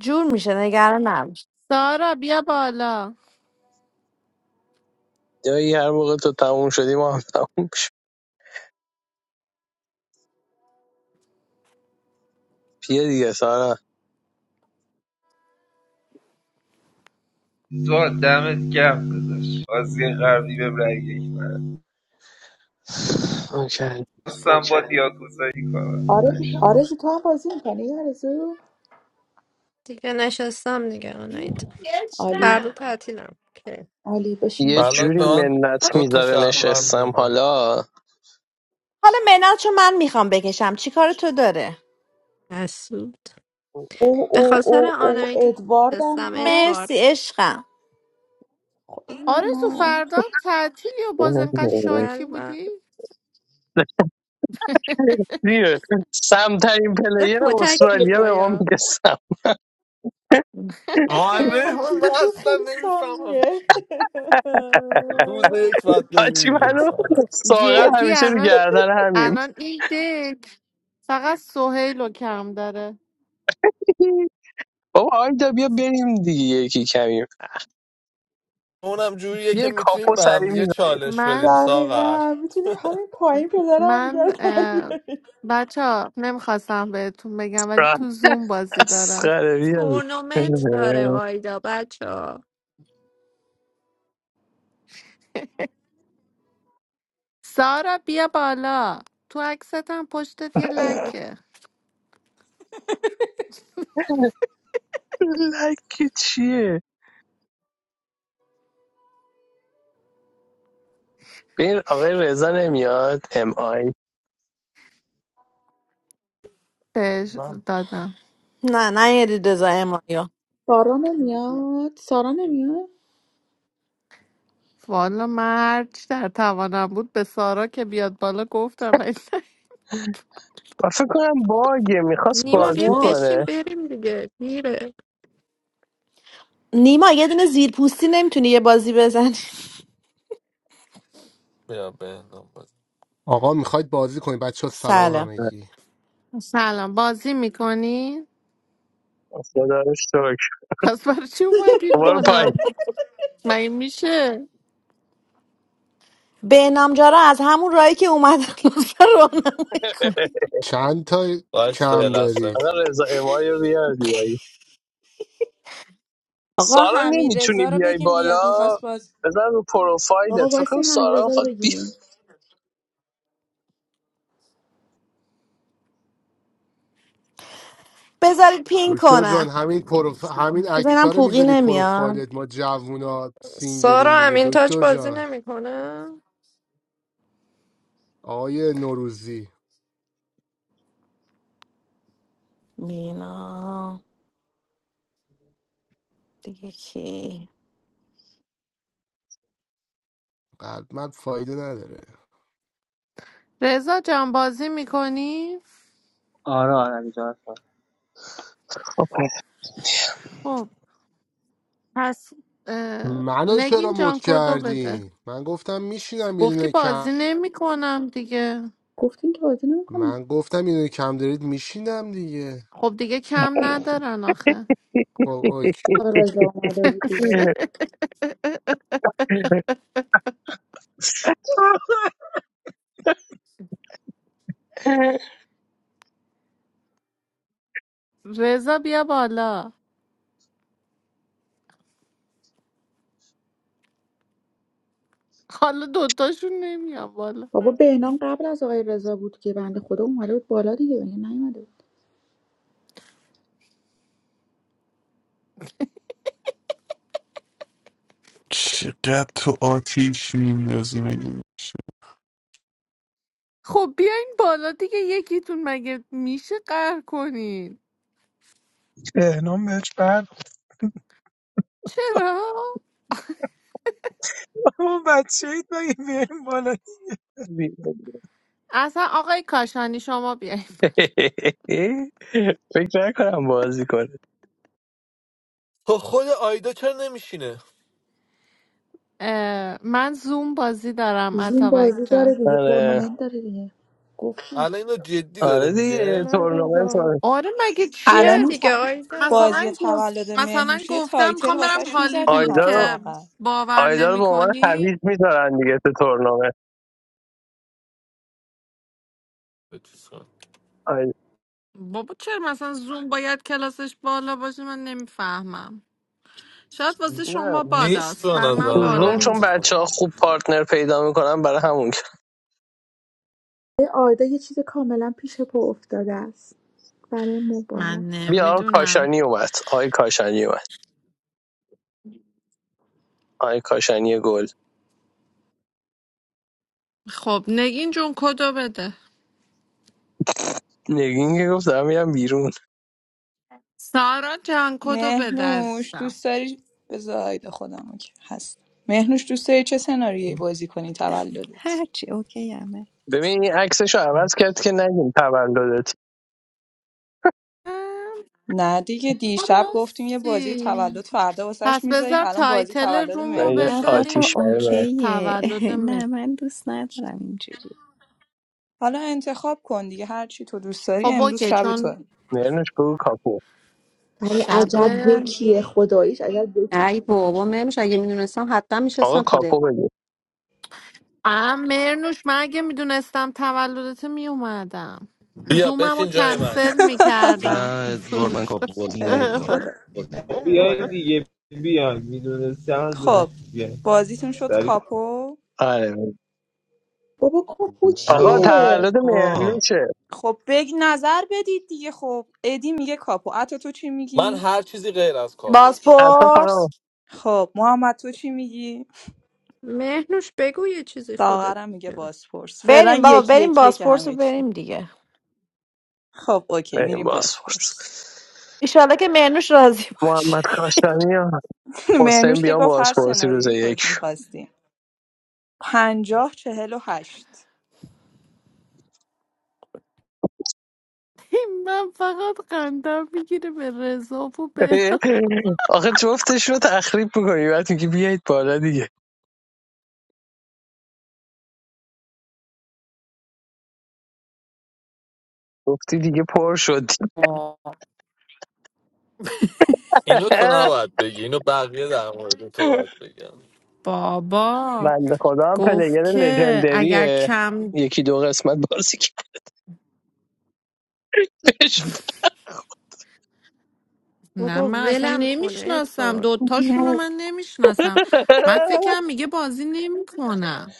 [SPEAKER 4] جور میشه نگران نباش
[SPEAKER 7] سارا بیا بالا
[SPEAKER 12] یا هر موقع تو تموم شدی ما هم تموم شد. بیا دیگه سارا
[SPEAKER 15] تو دمت گرم داداش بازی قبلی بهم رای یک نداد.
[SPEAKER 12] اوکی
[SPEAKER 15] دوستم با یاکوزایی کنم
[SPEAKER 13] آرزو تو هم بازی میکنی آرزو
[SPEAKER 10] دیگه نشستم دیگه آنایتا
[SPEAKER 13] عالی
[SPEAKER 10] فردا تعطیلم که
[SPEAKER 13] عالی بشین
[SPEAKER 12] یه
[SPEAKER 13] بازی کن
[SPEAKER 14] الان
[SPEAKER 12] جوری
[SPEAKER 14] به من
[SPEAKER 12] منت
[SPEAKER 14] دو تا
[SPEAKER 12] میذاره
[SPEAKER 14] شهروند
[SPEAKER 12] نشستم
[SPEAKER 14] دادم
[SPEAKER 12] حالا
[SPEAKER 4] حالا منال چون من میخوام بکشم چی کار تو داره
[SPEAKER 10] مسعود
[SPEAKER 13] او
[SPEAKER 10] به
[SPEAKER 13] او
[SPEAKER 10] خاطر
[SPEAKER 13] او او
[SPEAKER 10] آنایتا
[SPEAKER 13] ادواردم
[SPEAKER 10] نشستم
[SPEAKER 4] مرسی
[SPEAKER 10] ادوارد
[SPEAKER 13] هست
[SPEAKER 4] عشقم
[SPEAKER 13] ای
[SPEAKER 7] آرزو
[SPEAKER 13] من.
[SPEAKER 7] فردا هم تعطیلی و باز انقدر شاکی
[SPEAKER 10] بله بله
[SPEAKER 7] بودی
[SPEAKER 12] دیگه سمترین پلیر
[SPEAKER 10] کتک
[SPEAKER 12] استرالیا به ما
[SPEAKER 10] میخوایا
[SPEAKER 12] میگه سم
[SPEAKER 14] آره من
[SPEAKER 13] ترکیب تو
[SPEAKER 14] اصلا
[SPEAKER 13] خیلی
[SPEAKER 14] نمیفهمم
[SPEAKER 13] سمیه
[SPEAKER 14] چی. روز یک باید بری
[SPEAKER 12] آچی
[SPEAKER 14] بیرون
[SPEAKER 12] منو
[SPEAKER 14] ساغر
[SPEAKER 12] ساقه
[SPEAKER 7] جدی
[SPEAKER 12] همیشه رو
[SPEAKER 7] الان
[SPEAKER 12] گردن همیم
[SPEAKER 7] الان این دک فقط سهیل رو کم داره
[SPEAKER 12] بابا آیدا بیا بریم دیگه یکی کمیم
[SPEAKER 14] اونم جوریه که
[SPEAKER 12] یه
[SPEAKER 14] میتونیم
[SPEAKER 12] کاپو
[SPEAKER 14] به هم
[SPEAKER 12] سری
[SPEAKER 14] دیگه
[SPEAKER 12] میزنیم
[SPEAKER 14] چالش بدیم
[SPEAKER 7] من
[SPEAKER 14] ساغر
[SPEAKER 13] دقیقا میتونی همین پایین پدرم دیگه
[SPEAKER 7] من
[SPEAKER 13] رو در بیاری.
[SPEAKER 7] بچه ها نمیخواستم بهتون بگم ولی تو زوم بازی دارم
[SPEAKER 12] اسخره بیا
[SPEAKER 10] تورنمنت داره آیدا بچه
[SPEAKER 7] سارا بیا بالا تو عکست هم پشتت یه لکه
[SPEAKER 12] لکی چیه ببین آقای رضا نمیاد ام آی
[SPEAKER 7] بهش
[SPEAKER 14] من
[SPEAKER 7] دادم
[SPEAKER 4] نه نه یه رضا امایا
[SPEAKER 13] سارا نمیاد سارا نمیاد
[SPEAKER 7] والا من هرچی در توانم بود به سارا که بیاد بالا گفتم ولی نه.
[SPEAKER 12] و فکر کنم باگه میخواست
[SPEAKER 10] نیما بیا
[SPEAKER 14] رفت
[SPEAKER 12] بازی
[SPEAKER 14] اصلا
[SPEAKER 13] وات
[SPEAKER 10] بشین
[SPEAKER 12] کنه
[SPEAKER 10] بریم دیگه میره
[SPEAKER 4] نیما یه دونه زیر پوستی نمیتونی یه بازی بزنی
[SPEAKER 14] بیا به بود
[SPEAKER 16] آقا میخواید بازی کنید بچه ها؟ سلام
[SPEAKER 4] سلام
[SPEAKER 16] همگی
[SPEAKER 7] سلام بازی میکنی؟
[SPEAKER 12] خدا رو شکر.
[SPEAKER 7] پس برای چی اومدین
[SPEAKER 12] برو پایین
[SPEAKER 7] بالا؟ مگه میشه؟
[SPEAKER 4] بهنام جارا از همون راهی که اومدن لطفا رو نه.
[SPEAKER 16] چند تا
[SPEAKER 14] باید یه
[SPEAKER 16] کم
[SPEAKER 14] لحظه
[SPEAKER 12] آقا
[SPEAKER 16] دارید
[SPEAKER 12] رضا امای رو بیار بیاری
[SPEAKER 9] آقا
[SPEAKER 12] سارا
[SPEAKER 9] حمید
[SPEAKER 12] نمیتونی
[SPEAKER 9] رضا رو
[SPEAKER 12] بیای
[SPEAKER 9] بگیم بیاد
[SPEAKER 12] بالا
[SPEAKER 9] میخواست باز
[SPEAKER 12] بزن رو
[SPEAKER 13] آقا
[SPEAKER 12] پروفایلت فکر
[SPEAKER 13] وایسی
[SPEAKER 12] کنم
[SPEAKER 13] حمید
[SPEAKER 12] سارا
[SPEAKER 13] رضا رو
[SPEAKER 12] خواهد بیا
[SPEAKER 13] بگیم
[SPEAKER 4] بذارید پین
[SPEAKER 16] دکتر جان
[SPEAKER 4] کنم
[SPEAKER 16] همین پروف... همین
[SPEAKER 4] بزنم
[SPEAKER 16] عکس‌ها رو
[SPEAKER 4] پوقی
[SPEAKER 16] میذاری
[SPEAKER 4] نمیاد
[SPEAKER 16] پروفایلت ما جوونا سینگلین
[SPEAKER 10] سارا
[SPEAKER 16] دیگه
[SPEAKER 10] امین تاج
[SPEAKER 16] دکتر
[SPEAKER 10] بازی
[SPEAKER 16] جان
[SPEAKER 10] نمیکنه
[SPEAKER 16] آقای نوروزی
[SPEAKER 4] مینا دیگه کی
[SPEAKER 16] قلب من فایده نداره
[SPEAKER 7] رضا جان بازی میکنی؟
[SPEAKER 17] Ara ara gidiyor.
[SPEAKER 12] خب، پس
[SPEAKER 7] خب اه،
[SPEAKER 16] منو چرا
[SPEAKER 7] نگین
[SPEAKER 16] مد
[SPEAKER 7] جان کدو بده
[SPEAKER 16] کردین من گفتم میشینم یه
[SPEAKER 7] گفتی
[SPEAKER 16] دونه کم
[SPEAKER 7] بازی نمیکنم دیگه
[SPEAKER 13] گفتین که بازی نمیکنه
[SPEAKER 16] من گفتم یه دونه کم دارید میشینم دیگه
[SPEAKER 7] خب دیگه کم ندارن آخه
[SPEAKER 16] خب
[SPEAKER 13] آقا رضا اومده بود دیگه
[SPEAKER 7] رضا بیا بالا حالا دوتاشون نمیان بالا
[SPEAKER 13] بابا بهنام قبل از آقای رضا بود که بنده خدا اومده بود بالا دیگه یعنی نیومده بود
[SPEAKER 8] چقدر تو تیش میندازی مگه
[SPEAKER 7] خب بیاین بالا دیگه یکیتون مگه میشه قهر کنین
[SPEAKER 11] تهنام بهش برد
[SPEAKER 7] چرا؟
[SPEAKER 11] اون بچه اید مگه بیایم بالا
[SPEAKER 12] بیا.
[SPEAKER 7] اصلا آقای کاشانی شما بیاین
[SPEAKER 12] فکر نکنم بازی کنه
[SPEAKER 14] خب خود آیدا چرا نمیشینه
[SPEAKER 7] اه، من زوم بازی دارم
[SPEAKER 13] زین
[SPEAKER 7] اتابک
[SPEAKER 13] بازی داره
[SPEAKER 7] جان
[SPEAKER 13] دیگه
[SPEAKER 12] آره
[SPEAKER 13] تورنمنت داره دیگه گفتی
[SPEAKER 14] الان اینو جدی داره
[SPEAKER 12] آره دیگه
[SPEAKER 14] میگه
[SPEAKER 10] نه
[SPEAKER 12] تورنمنت
[SPEAKER 10] بابا
[SPEAKER 12] آره.
[SPEAKER 7] آره مگه
[SPEAKER 10] بیا
[SPEAKER 18] الان
[SPEAKER 7] چیه؟
[SPEAKER 18] این
[SPEAKER 10] دیگه
[SPEAKER 18] تا- بازی
[SPEAKER 10] آیدا
[SPEAKER 7] مثلا
[SPEAKER 18] تولد
[SPEAKER 7] گفت مثلا
[SPEAKER 18] مهنوش یه
[SPEAKER 7] گفتم
[SPEAKER 18] تایتل
[SPEAKER 7] میخوام برم
[SPEAKER 18] واسش میزدین
[SPEAKER 7] هالیوود
[SPEAKER 12] آیدا رو
[SPEAKER 7] که
[SPEAKER 18] حداقل
[SPEAKER 7] باور
[SPEAKER 12] آیدا رو به
[SPEAKER 7] نمی
[SPEAKER 12] عنوان حویج
[SPEAKER 7] کنی؟
[SPEAKER 12] میذارن دیگه تو تورنمنت
[SPEAKER 14] به چیز کن.
[SPEAKER 12] آی-
[SPEAKER 7] بابا چرا مثلا زوم باید کلاسش بالا باشه من نمیفهمم شاید واسه
[SPEAKER 12] نه
[SPEAKER 7] شما
[SPEAKER 14] نیست
[SPEAKER 7] بالاست
[SPEAKER 14] به
[SPEAKER 7] بر من
[SPEAKER 12] تو
[SPEAKER 14] نظر من
[SPEAKER 7] بالا
[SPEAKER 12] زوم چون
[SPEAKER 7] نیست
[SPEAKER 12] بچه
[SPEAKER 14] اتفاقا
[SPEAKER 12] ها خوب پارتنر پیدا میکنن برای همون
[SPEAKER 13] ای آیدا یه چیز کاملا پیش پا افتاده است برای
[SPEAKER 7] من
[SPEAKER 13] موبایل است
[SPEAKER 12] بیا
[SPEAKER 7] نمیدونم
[SPEAKER 12] کاشانی اومد آقای کاشانی اومد آقای کاشانی گل
[SPEAKER 7] خب نگین جون کدو بده
[SPEAKER 12] نگین که گفت دارم میرم بیرون
[SPEAKER 7] سارا جان کدو بده
[SPEAKER 18] مهنوش
[SPEAKER 7] عزیزم
[SPEAKER 18] دوست داری بذارید خودم که هست مهنوش دوست داری چه سناریویی بازی کنی تولدت
[SPEAKER 2] هرچی اوکی همه
[SPEAKER 12] ببین این عکسش رو عوض کرد که نگیم تولدت
[SPEAKER 7] اه،
[SPEAKER 18] نه دیگه دیشب گفتیم یه بازی
[SPEAKER 7] راستی
[SPEAKER 18] تولد فردا واسش
[SPEAKER 7] پس
[SPEAKER 18] میذاریم
[SPEAKER 7] بذار
[SPEAKER 18] الان بازی
[SPEAKER 7] تایتل
[SPEAKER 18] تولد
[SPEAKER 12] من
[SPEAKER 7] رومو
[SPEAKER 12] یه
[SPEAKER 2] نه
[SPEAKER 18] مهنوشه
[SPEAKER 2] بابا
[SPEAKER 12] آتیش
[SPEAKER 7] بذاریم
[SPEAKER 12] برای
[SPEAKER 2] اوکیه
[SPEAKER 7] تولد
[SPEAKER 2] نه
[SPEAKER 7] مهر
[SPEAKER 2] من دوست ندارم اینجوری
[SPEAKER 18] حالا انتخاب کن دیگه هر چی تو دوست داری
[SPEAKER 7] خب
[SPEAKER 18] امروز
[SPEAKER 7] اوکی
[SPEAKER 18] شب
[SPEAKER 7] چون
[SPEAKER 18] تو
[SPEAKER 12] مرنوش بگو کاپو
[SPEAKER 13] ولی عجب
[SPEAKER 7] شبه
[SPEAKER 13] بکیه خداییش عجب بکی
[SPEAKER 5] ای بابا منوش اگه میدونستم حتما
[SPEAKER 12] آقا
[SPEAKER 5] میشستم تو
[SPEAKER 12] کاپو
[SPEAKER 5] دک
[SPEAKER 12] بگو
[SPEAKER 7] ام مرنوش من اگه میدونستم تولدت میومدم
[SPEAKER 14] بیا
[SPEAKER 7] زومم رو
[SPEAKER 14] بشین جای من
[SPEAKER 7] کنسل
[SPEAKER 19] نه
[SPEAKER 7] میکردم
[SPEAKER 19] ادوار من کاپ باز
[SPEAKER 18] ای
[SPEAKER 19] نمیکنم
[SPEAKER 18] خدا
[SPEAKER 15] بیاین دیگه بیاین میدونستی هم
[SPEAKER 18] خب
[SPEAKER 15] دونستی بیاین
[SPEAKER 18] بازیتون شد
[SPEAKER 15] سری
[SPEAKER 18] کاپو
[SPEAKER 12] آره بگو.
[SPEAKER 13] بابا کاپو
[SPEAKER 19] نه
[SPEAKER 12] آقا
[SPEAKER 13] چیه
[SPEAKER 12] تولد
[SPEAKER 19] آقا
[SPEAKER 12] مرنوشه
[SPEAKER 18] خب بگ نظر بدید دیگه خب ادی میگه کاپو اتو تو چی
[SPEAKER 14] من
[SPEAKER 18] میگی
[SPEAKER 14] هر چیزی غیر از کاپو
[SPEAKER 12] حتی
[SPEAKER 4] بازپرس
[SPEAKER 12] فقط
[SPEAKER 18] خب محمد تو چی میگی
[SPEAKER 10] مهنوش بگو یه چیزی
[SPEAKER 18] ساغرم
[SPEAKER 10] خودت
[SPEAKER 18] میگه بازپرس فعلا
[SPEAKER 4] بریم بابا
[SPEAKER 18] یکی
[SPEAKER 4] بریم
[SPEAKER 18] یکیه که
[SPEAKER 4] بازپرس رو
[SPEAKER 18] همه چی
[SPEAKER 4] بریم دیگه
[SPEAKER 18] خب اوکی
[SPEAKER 12] بریم
[SPEAKER 18] میریم
[SPEAKER 12] بازپرس
[SPEAKER 18] بازپرس
[SPEAKER 4] ایشالله که منوش راضی بود
[SPEAKER 12] محمد کاشانی یا حسین
[SPEAKER 18] مرنوش که
[SPEAKER 12] بیان
[SPEAKER 18] گفت هر
[SPEAKER 12] بازپرسی روز
[SPEAKER 18] سناریویی
[SPEAKER 12] یک
[SPEAKER 18] خودتون خواستیم پنجاه چهل و هشت
[SPEAKER 7] من فقط قندم میگیره به رضا و به
[SPEAKER 12] آخه جفتش رو تخریب میکنی وقتی که بیایید بالا دیگه گفتی دیگه پر شد
[SPEAKER 14] اینو تو نباید بگی اینو بقیه در مورد تو باید بگم
[SPEAKER 7] بابا
[SPEAKER 12] بنده خدا هم
[SPEAKER 7] گفت
[SPEAKER 12] پلیر
[SPEAKER 7] که اگر
[SPEAKER 12] لژندریه
[SPEAKER 7] کم
[SPEAKER 12] یکی دو قسمت بازی کردش
[SPEAKER 7] نه
[SPEAKER 10] بابا
[SPEAKER 7] من اصلا
[SPEAKER 10] ولم کن
[SPEAKER 7] نمیشناسم
[SPEAKER 10] ادوارد
[SPEAKER 7] دوتاشون رو من نمیشناسم من فکرم میگه بازی نمیکنم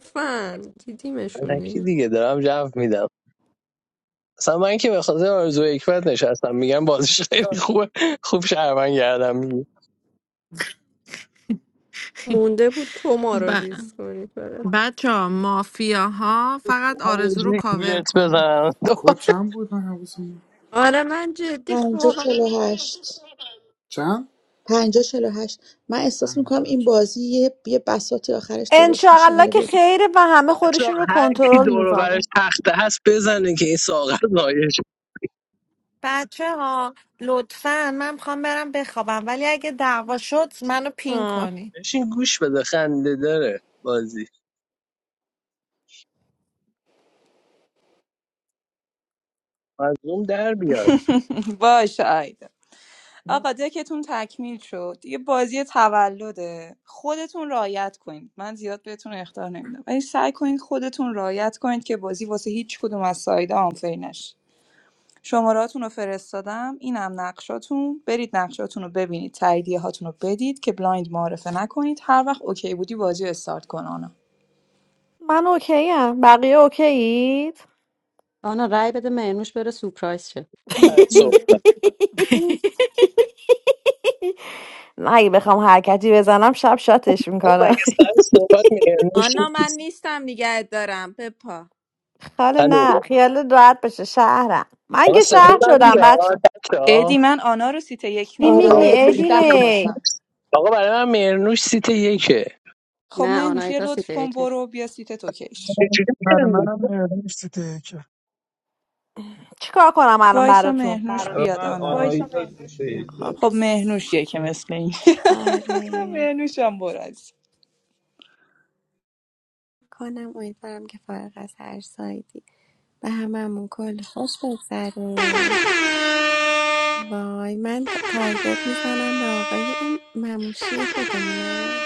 [SPEAKER 10] فن دیدیمشون
[SPEAKER 12] الکی
[SPEAKER 10] دیگه
[SPEAKER 12] دیگه دارم جو میدم اصلا من که به خاطر آرزو حکمت نشستم میگم بازیش خیلی خوبه خوب شهروند گردم میگه
[SPEAKER 10] مونده بود تو ما رو
[SPEAKER 7] ب...
[SPEAKER 10] دیس کنی فقط.
[SPEAKER 7] بچه ها مافیا ها فقط
[SPEAKER 12] میخوام یه
[SPEAKER 7] آرزو رو
[SPEAKER 12] جوری
[SPEAKER 7] کاور
[SPEAKER 12] گولت
[SPEAKER 7] کنن
[SPEAKER 12] بزنم
[SPEAKER 1] کد چند بود من حواسم
[SPEAKER 10] آره من جدی
[SPEAKER 13] پنجا
[SPEAKER 10] خوابم
[SPEAKER 13] چلو هشت
[SPEAKER 1] چند
[SPEAKER 13] پنجا چلو هشت من احساس میکنم
[SPEAKER 1] همینجا
[SPEAKER 13] این بازی یه, یه بساطی آخرش درست میشه
[SPEAKER 4] انشالله
[SPEAKER 13] حالا
[SPEAKER 4] که
[SPEAKER 13] ببینیم
[SPEAKER 4] خیره و همه
[SPEAKER 12] بچه
[SPEAKER 4] خودشون رو
[SPEAKER 12] هر کی
[SPEAKER 4] کنترل
[SPEAKER 12] دور و برش
[SPEAKER 4] میزنه
[SPEAKER 12] تخته هست بزنه که این ساغر لایش شه.
[SPEAKER 7] بچه ها لطفا من میخوام برم بخوابم ولی اگه دعوا شد منو پین کنی
[SPEAKER 12] بشین گوش بده خنده داره بازی از اون در بیاد
[SPEAKER 18] باشه آیدا آقا دکتون تکمیل شد دیگه بازی تولده خودتون رعایت کنید من زیاد بهتون اختار نمیدم ولی سعی کنید خودتون رعایت کنید که بازی واسه هیچ کدوم از سایدا آنفری نشه شماراتون رو فرستادم اینم نقشاتون برید نقشاتون رو ببینید تاییدیه هاتون رو بدید که بلایند معرفه نکنید هر وقت اوکی بودی بازی رو استارت کن آنا
[SPEAKER 4] من اوکی هم. بقیه اوکیید
[SPEAKER 5] آنا رای بده منوش بره سورپرایز شه یو،
[SPEAKER 12] سر صحبت
[SPEAKER 5] یو، یو.
[SPEAKER 4] من اگه بخوام حرکتی بزنم شب شاتش
[SPEAKER 12] خب مگه
[SPEAKER 4] میکنم
[SPEAKER 12] سر صحبت مهرنوش
[SPEAKER 9] آنا من
[SPEAKER 12] نیست
[SPEAKER 9] نیستم نگهت دارم بپا
[SPEAKER 4] حالا
[SPEAKER 12] الو
[SPEAKER 4] نه خیال راحت بشه شهرم من
[SPEAKER 12] آقا
[SPEAKER 4] که
[SPEAKER 12] صدا
[SPEAKER 4] شهر
[SPEAKER 12] من
[SPEAKER 4] شدم
[SPEAKER 12] بیاد
[SPEAKER 4] بچه
[SPEAKER 18] ادی
[SPEAKER 12] بچه‌ها؟
[SPEAKER 18] من آنا رو سیت یک
[SPEAKER 4] چی
[SPEAKER 18] میبینم
[SPEAKER 4] میگی
[SPEAKER 12] آقا
[SPEAKER 13] آره
[SPEAKER 4] ایدی
[SPEAKER 18] مهنوش ده
[SPEAKER 4] هی
[SPEAKER 18] واسم
[SPEAKER 12] مرنوش- آقا برای من مرنوش سیت یکه
[SPEAKER 18] خب
[SPEAKER 5] نه
[SPEAKER 18] مهنوش یه
[SPEAKER 5] آنایتا
[SPEAKER 18] لطف
[SPEAKER 5] سیده
[SPEAKER 18] کن
[SPEAKER 5] یکه.
[SPEAKER 18] برو بیا سیت توکیش
[SPEAKER 12] چجوری
[SPEAKER 11] برای
[SPEAKER 12] کن؟
[SPEAKER 11] منم مهربون سیته که
[SPEAKER 4] چیکار کنم الان
[SPEAKER 18] وایسا
[SPEAKER 4] براتون
[SPEAKER 18] مهنوش بیاد
[SPEAKER 15] برای من وایسا
[SPEAKER 18] آنا
[SPEAKER 15] آناهیتا گوشه
[SPEAKER 2] خب
[SPEAKER 15] ایشه
[SPEAKER 18] خب مهنوشیه که مثل این
[SPEAKER 2] آره
[SPEAKER 18] مهنوش هم برو
[SPEAKER 2] کنم امیدوارم که فارغ از هر سایدی به هممون کل خوش بگذره وای من ت- تارگت میزنم به آقای این مموشی خودمونه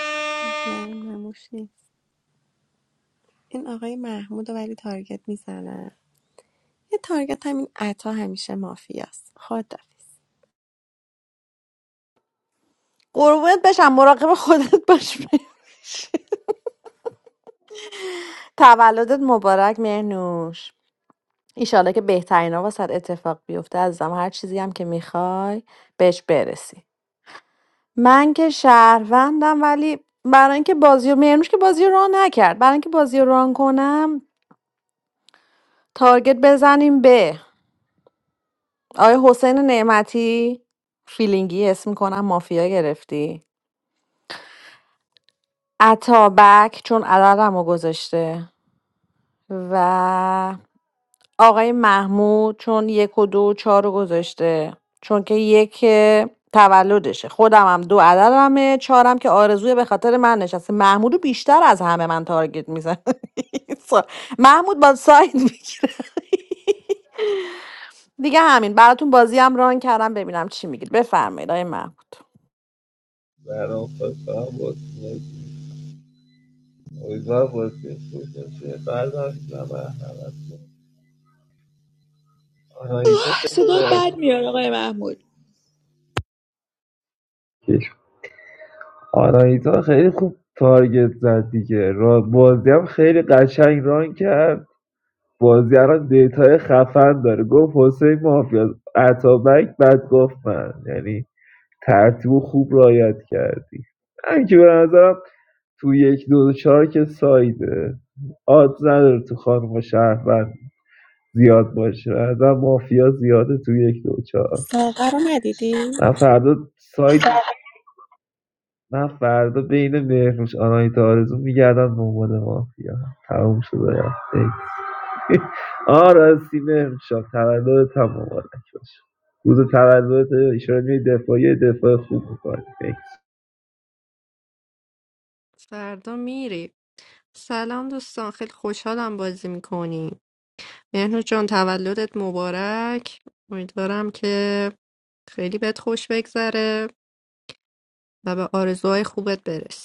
[SPEAKER 2] نه این مموش این آقای محمود رو ولی تارگت میزنم یه تارگت همین عطا همیشه مافیاست خدافیز
[SPEAKER 4] قربونت بشم مراقب خودت باش تولدت مبارک مهنوش ایشالله که بهترین ها واسد اتفاق بیفته عزیزم هر چیزی هم که میخوای بهش برسی من که شهروندم ولی برای اینکه بازی رو مرنوش که بازی رو ران نکرد برای اینکه بازی رو ران کنم تارگت بزنیم به آیا حسین نعمتی فیلینگی اسم کنم مافیا گرفتی اتابک چون عددم رو گذاشته و آقای محمود چون یک و دو و چهار رو گذاشته چون که یک تولدشه خودم هم دو عددمه چهارم که آرزوی به خاطر من نشسته محمود رو بیشتر از همه من تارگت میزن محمود با ساید میگیره دیگه همین براتون بازی هم ران کردم ببینم چی میگید بفرمایید آقای محمود
[SPEAKER 15] برام خواستم بازی امیدوار بازی خوش باشه شدم آناهیتا خیلی
[SPEAKER 13] صدا بد
[SPEAKER 15] باز
[SPEAKER 13] میاد آقای محمود
[SPEAKER 15] آناهیتا خیلی خوب تارگت زد دیگه را بازی هم خیلی قشنگ ران کرد بازیگران دیتای خفن داره گفت حسین مافیا اتابک بعد گفت من یعنی ترتیب خوب رعایت کردی من که به نظرم تو یک دو چهار که سایده آد نداره تو خانم شهروند زیاد باشه از مافیا زیاده تو یک دو چهار
[SPEAKER 2] ساقه رو ندیدی؟
[SPEAKER 15] من فردا سایت من فردا بین مهرنوش آنایت آرزو میگردم دنبال مافیا تموم شده رفت ایکس. آه راستی مهرنوش هم تولد هم مبارک باشه روز تولدت ایشان می دفاعی دفاع خوب میکنی
[SPEAKER 10] فردا میری سلام دوستان خیلی خوشحالم بازی میکنیم مهنو جان تولدت مبارک امیدوارم که خیلی بهت خوش بگذره و به آرزوهای خوبت برسی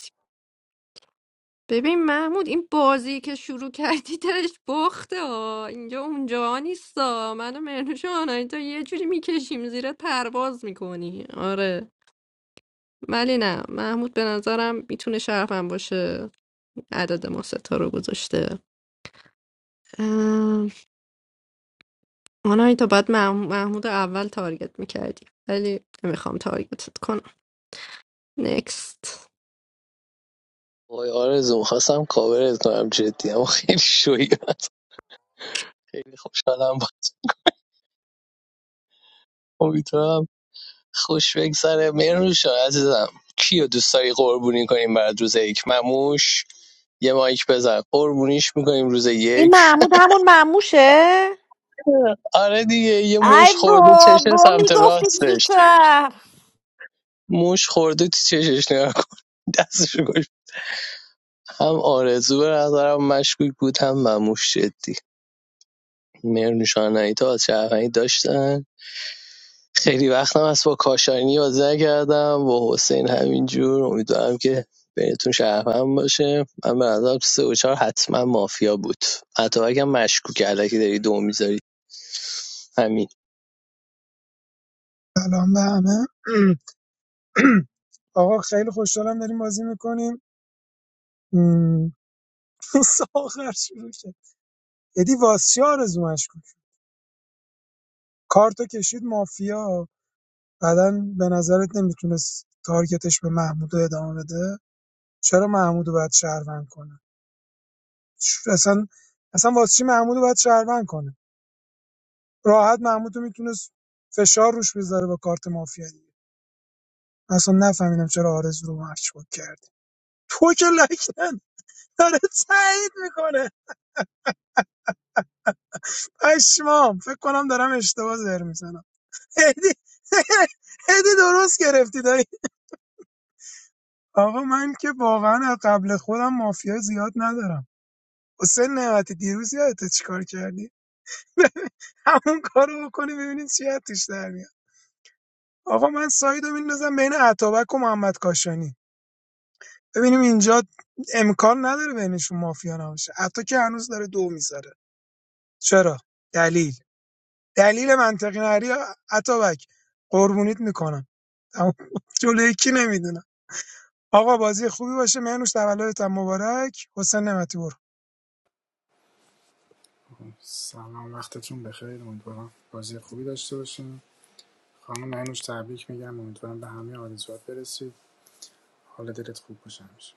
[SPEAKER 10] ببین محمود این بازی که شروع کردی درش باخته ها اینجا اونجا نیستا من و مرنوش و آنایتا یه جوری میکشیم زیر پرواز میکنی آره ولی نه محمود به نظرم میتونه شرفم باشه عدد ما ستا رو گذاشته ام، آنایتا باید مح- محمود رو اول تارگت میکردی ولی نمیخوام تارگتت کنم نکست
[SPEAKER 12] وای آرزو خواستم کاورت کنم جدی اما خیلی شوی خیلی خوشحالم با میتونم خوش بگذره مرنوش جان عزیزم کیو دوست داری قربونی کنیم برات روز یک مموش یه مایک بزن قربونیش میکنیم روز
[SPEAKER 4] این
[SPEAKER 12] یک
[SPEAKER 4] محمود همون مموشه
[SPEAKER 12] آره دیگه یه
[SPEAKER 4] ای
[SPEAKER 12] موش خورده چشه
[SPEAKER 4] بابا
[SPEAKER 12] سمت
[SPEAKER 4] میگفتی
[SPEAKER 12] راستش
[SPEAKER 4] زودتر
[SPEAKER 12] موش خورده تو چشش نگاه کن دستشو هم آرزو به نظرم مشکوک بود هم مموش جدی مرنوشانهی تا از شهروندی داشتن خیلی وقتم از با کاشانی بازی کردم با حسین همینجور امیدوارم که بینتون شهروند باشه من به نظرم سه و چهار حتما مافیا بود حتی اگه مشکوک علکی داری دو میذاری همین
[SPEAKER 11] سلام به همه آقا خیلی خوشحالم داریم بازی میکنیم ساخر شروع شد ادی واسیا آرزومش کن کارتو کشید مافیا بعدا به نظرت نمیتونست تارگتش به محمود ادامه بده چرا محمودو باید شهروند کنه اصلا اصلا واسه چی محمودو باید شهروند کنه راحت محمودو میتونست فشار روش بذاره با کارت مافیا دیگه اصلا نفهمیدم چرا آرزو رو مشکوک کردی تو که لکن داره تایید میکنه پشمام فکر کنم دارم اشتباه زر میزنم هدی هدی درست گرفتی دایی. آقا من که واقعا از قبل خودم مافیا زیاد ندارم حسین نعمتی دیروز یادت چیکار کردی همون کارو بکنی ببینید چی از توش در میاد آقا من سایدو میندازم بین عطابک و محمد کاشانی ببینیم اینجا امکان نداره بینشون مافیا نباشه حتی که هنوز داره دو میذاره چرا دلیل دلیل منطقی نری عطابک قربونیت میکنم تموم. جلوی کی نمیدونم آقا بازی خوبی باشه مهنوش تولدت مبارک حسین نعمتی برو
[SPEAKER 1] سلام وقتتون بخیر امیدوارم بازی خوبی داشته باشین خانم اینوش تبریک میگم امیدوارم به همه آرزوات برسید حال دلت خوب باشه همیشه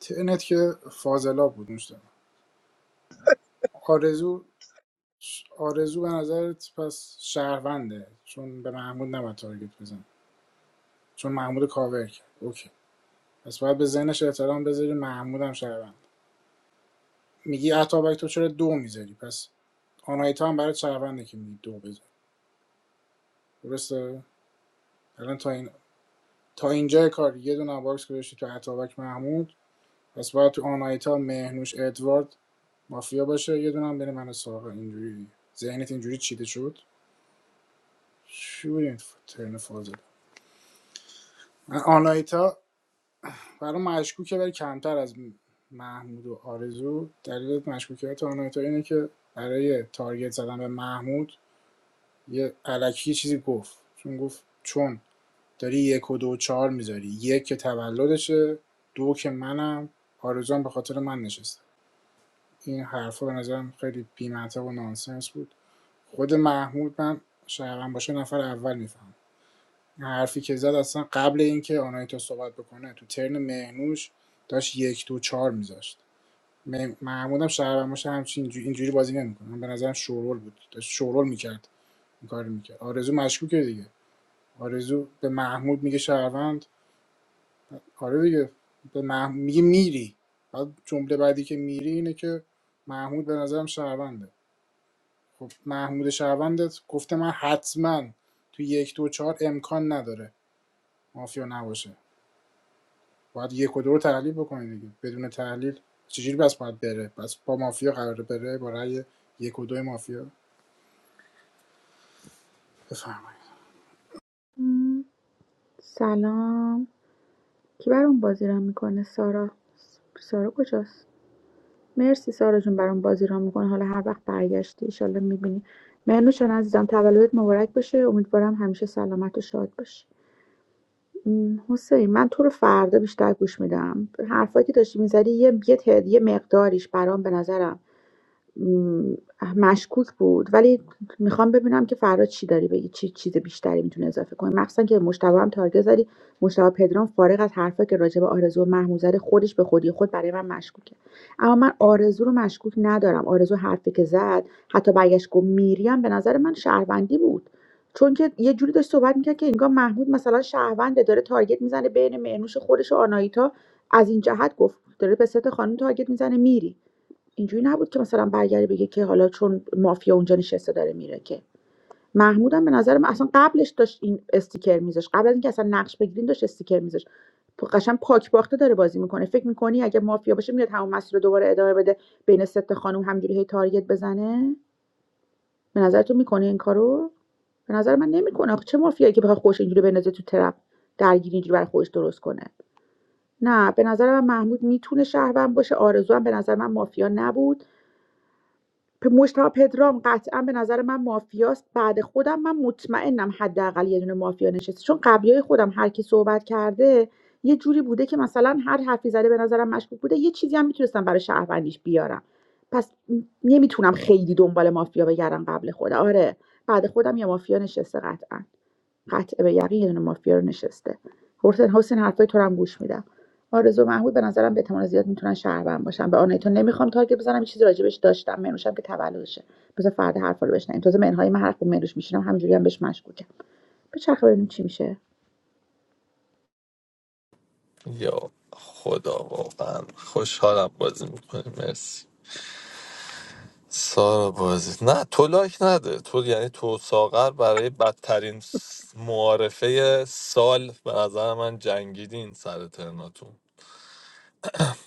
[SPEAKER 1] تنت که فاضلاب بود مشتاق آرزو آرزو به نظرت پس شهرونده چون به محمود نباید تارگت بزن چون محمود کاور کرد اوکی پس باید به ذهنش احترام بذاری محمود هم شهروند میگی اتابک تو چرا دو میذاری پس آنایتا هم برای شهرونده که میگی دو بذاری درسته الان تا این تا اینجای کار یه دونه باکس گذاشتی تو اتابک محمود پس باید تو آنایتا مهنوش ادوارد مافیا باشه یه دونه هم بین من و ساقه اینجوری ذهنت اینجوری چیده شد شو این ترن فازه من آنایتا برام مشکوکه ولی کمتر از محمود و آرزو دلیل مشکوکیت آنایتا اینه که برای تارگت زدن به محمود یه علکی چیزی گفت چون گفت چون داری یک و دو و چهار میذاری یک که تولدشه دو که منم آرزوام هم به خاطر من نشسته این حرفا به نظرم خیلی بیمنطق و نانسنس بود خود محمود من شاید باشه نفر اول میفهم حرفی که زد اصلا قبل اینکه آنایتا صحبت بکنه تو ترن مهنوش داشت یک دو چهار میذاشت م- محمود هم شهروند باشه همچین اینجوری, اینجوری بازی نمیکنه من به نظرم شورول بود داشت شورول میکرد این کار میکرد آرزو مشکوکه دیگه آرزو به محمود میگه شهروند آره دیگه به محمود میگه میری بعد جمله بعدی که میری اینه که محمود به نظرم شهرونده خب محمود شهروندت گفته من حتما تو یک دو چهار امکان نداره مافیا نباشه باید یک و دو رو تحلیل بکنی دیگه بدون تحلیل چجوری بس باید بره بس با مافیا قراره بره با رأی یک و دو مافیا بفرمایید
[SPEAKER 13] م، سلام کی برام بازی ران میکنه سارا سارا کجاست مرسی سارا جون برام بازی ران میکنه حالا هر وقت برگشتی ایشالله میبینی مرنوشان عزیزم تولدت مبارک باشه امیدوارم همیشه سلامت و شاد باشی م، حسین من تو رو فردا بیشتر گوش میدم حرفایی که داشتی میزدی یه یه, تعد- یه مقداریش برام به نظرم م، مشکوک بود ولی میخوام ببینم که فردا چی داری بگی چی چیز بیشتری میتونه اضافه کنی مخصوصا که مشتبه هم تارگت زدی مشتبه پدرام فارغ از حرفا که راجع به آرزو و محمود زده خودش به خودی خود برای من مشکوکه اما من آرزو رو مشکوک ندارم آرزو حرفی که زد حتی برگشت گفت میریم به نظر من شهروندی بود چون که یه جوری داشت صحبت میکرد که انگار محمود مثلا شهرونده داره تارگت میزنه بین معنوش خودش و آنایتا از این جهت گفت داره به ست خانم تارگت میزنه میری اینجوری نبود که مثلا برگردی بگه که حالا چون مافیا اونجا نشسته داره میره که محمودم به نظر من اصلا قبلش داشت این استیکر میذاش قبل از اینکه اصلا نقش بگیرین داشت استیکر میذاش قشنگ پاک باخته داره بازی میکنه فکر میکنی اگه مافیا باشه میاد همون مسیر رو دوباره ادامه بده بین ست خانم همجوری هی تارگت بزنه به نظرتون میکنه این کارو به نظر من نمیکنه آخه چه مافیایی که بخواد خوش اینجوری بندازه تو ترپ درگیری اینجوری برای خودش درست کنه نه به نظر من محمود میتونه شهروند باشه آرزو هم به نظر من مافیا نبود پ- مجتمع پدرام قطعا به نظر من مافیاست بعد خودم من مطمئنم حداقل یه دونه مافیا نشسته چون قبلیای خودم هر کی صحبت کرده یه جوری بوده که مثلا هر حرفی زده به نظرم مشکوک بوده یه چیزی هم میتونستم برای شهروندیش بیارم پس م- نمیتونم خیلی دنبال مافیا بگردم قبل خودم آره بعد خودم یه مافیا نشسته قطعا قطع به یقین یه دونه مافیا رو نشسته حسین حسین حرفای تو رو هم گوش میدم آرزو محمود به نظرم به احتمال زیاد میتونن شهروند باشن به آنیتون نمیخوام تارگت بزنم یه چیزی راجبش داشتم منوشم که تولدشه بذار فردا حرفا رو بشنویم تازه منهای من حرف منوش میشینم همینجوری هم بهش مشکوکم بچرخه ببینیم چی میشه
[SPEAKER 14] یا خدا واقعا خوشحالم بازی میکنی مرسی سارا بازی نه تو لایک نده تو یعنی تو ساغر برای بدترین س- معارفه سال به نظر من جنگیدین سر ترناتون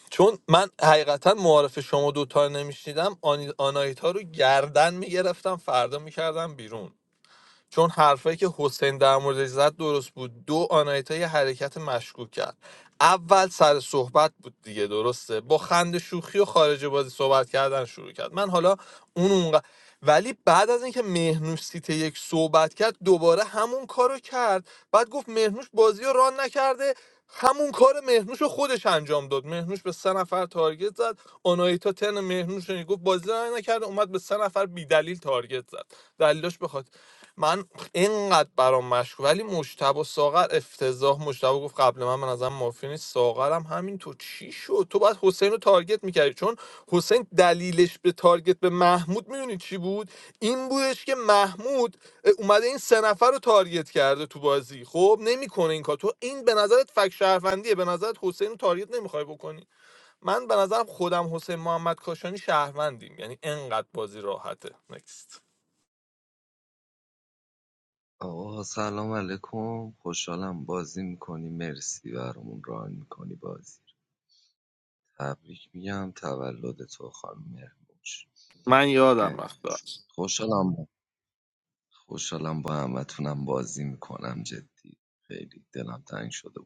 [SPEAKER 14] چون من حقیقتا معارف شما دوتا رو نمیشنیدم آنایتا رو گردن میگرفتم فردا میکردم بیرون چون حرفایی که حسین در موردش زد درست بود دو آنایتا یه حرکت مشکوک کرد اول سر صحبت بود دیگه درسته با خند شوخی و خارج بازی صحبت کردن شروع کرد من حالا اون اونقدر ولی بعد از اینکه مهنوش سیت یک صحبت کرد دوباره همون کارو کرد بعد گفت مهنوش بازی رو ران نکرده همون کار مهنوش رو خودش انجام داد مهنوش به سه نفر تارگت زد آنایتا تن مهنوش رو گفت بازی ران نکرده اومد به سه نفر بیدلیل تارگت زد دلیلاش بخواد من اینقدر برام مشکوک ولی مشتبه و ساغر افتضاح مشتبه گفت قبل من من ازم مافی نیست ساغرم همین تو چی شد تو باید حسین رو تارگت میکردی چون حسین دلیلش به تارگت به محمود میدونی چی بود این بودش که محمود اه، اومده این سه نفر رو تارگت کرده تو بازی خب نمیکنه این کار تو این به نظرت فک شهروندیه به نظرت حسین رو تارگت نمیخوای بکنی من به نظرم خودم حسین محمد کاشانی شهروندیم یعنی انقدر بازی راحته نکست
[SPEAKER 19] آقا سلام علیکم خوشحالم بازی میکنی مرسی برامون ران میکنی بازی تبریک میگم تولد تو خانم مهرنوش
[SPEAKER 14] من یادم
[SPEAKER 19] اه،
[SPEAKER 14] رفت
[SPEAKER 19] خوشحالم خوشحالم با همتونم بازی میکنم جدی خیلی دلم تنگ شده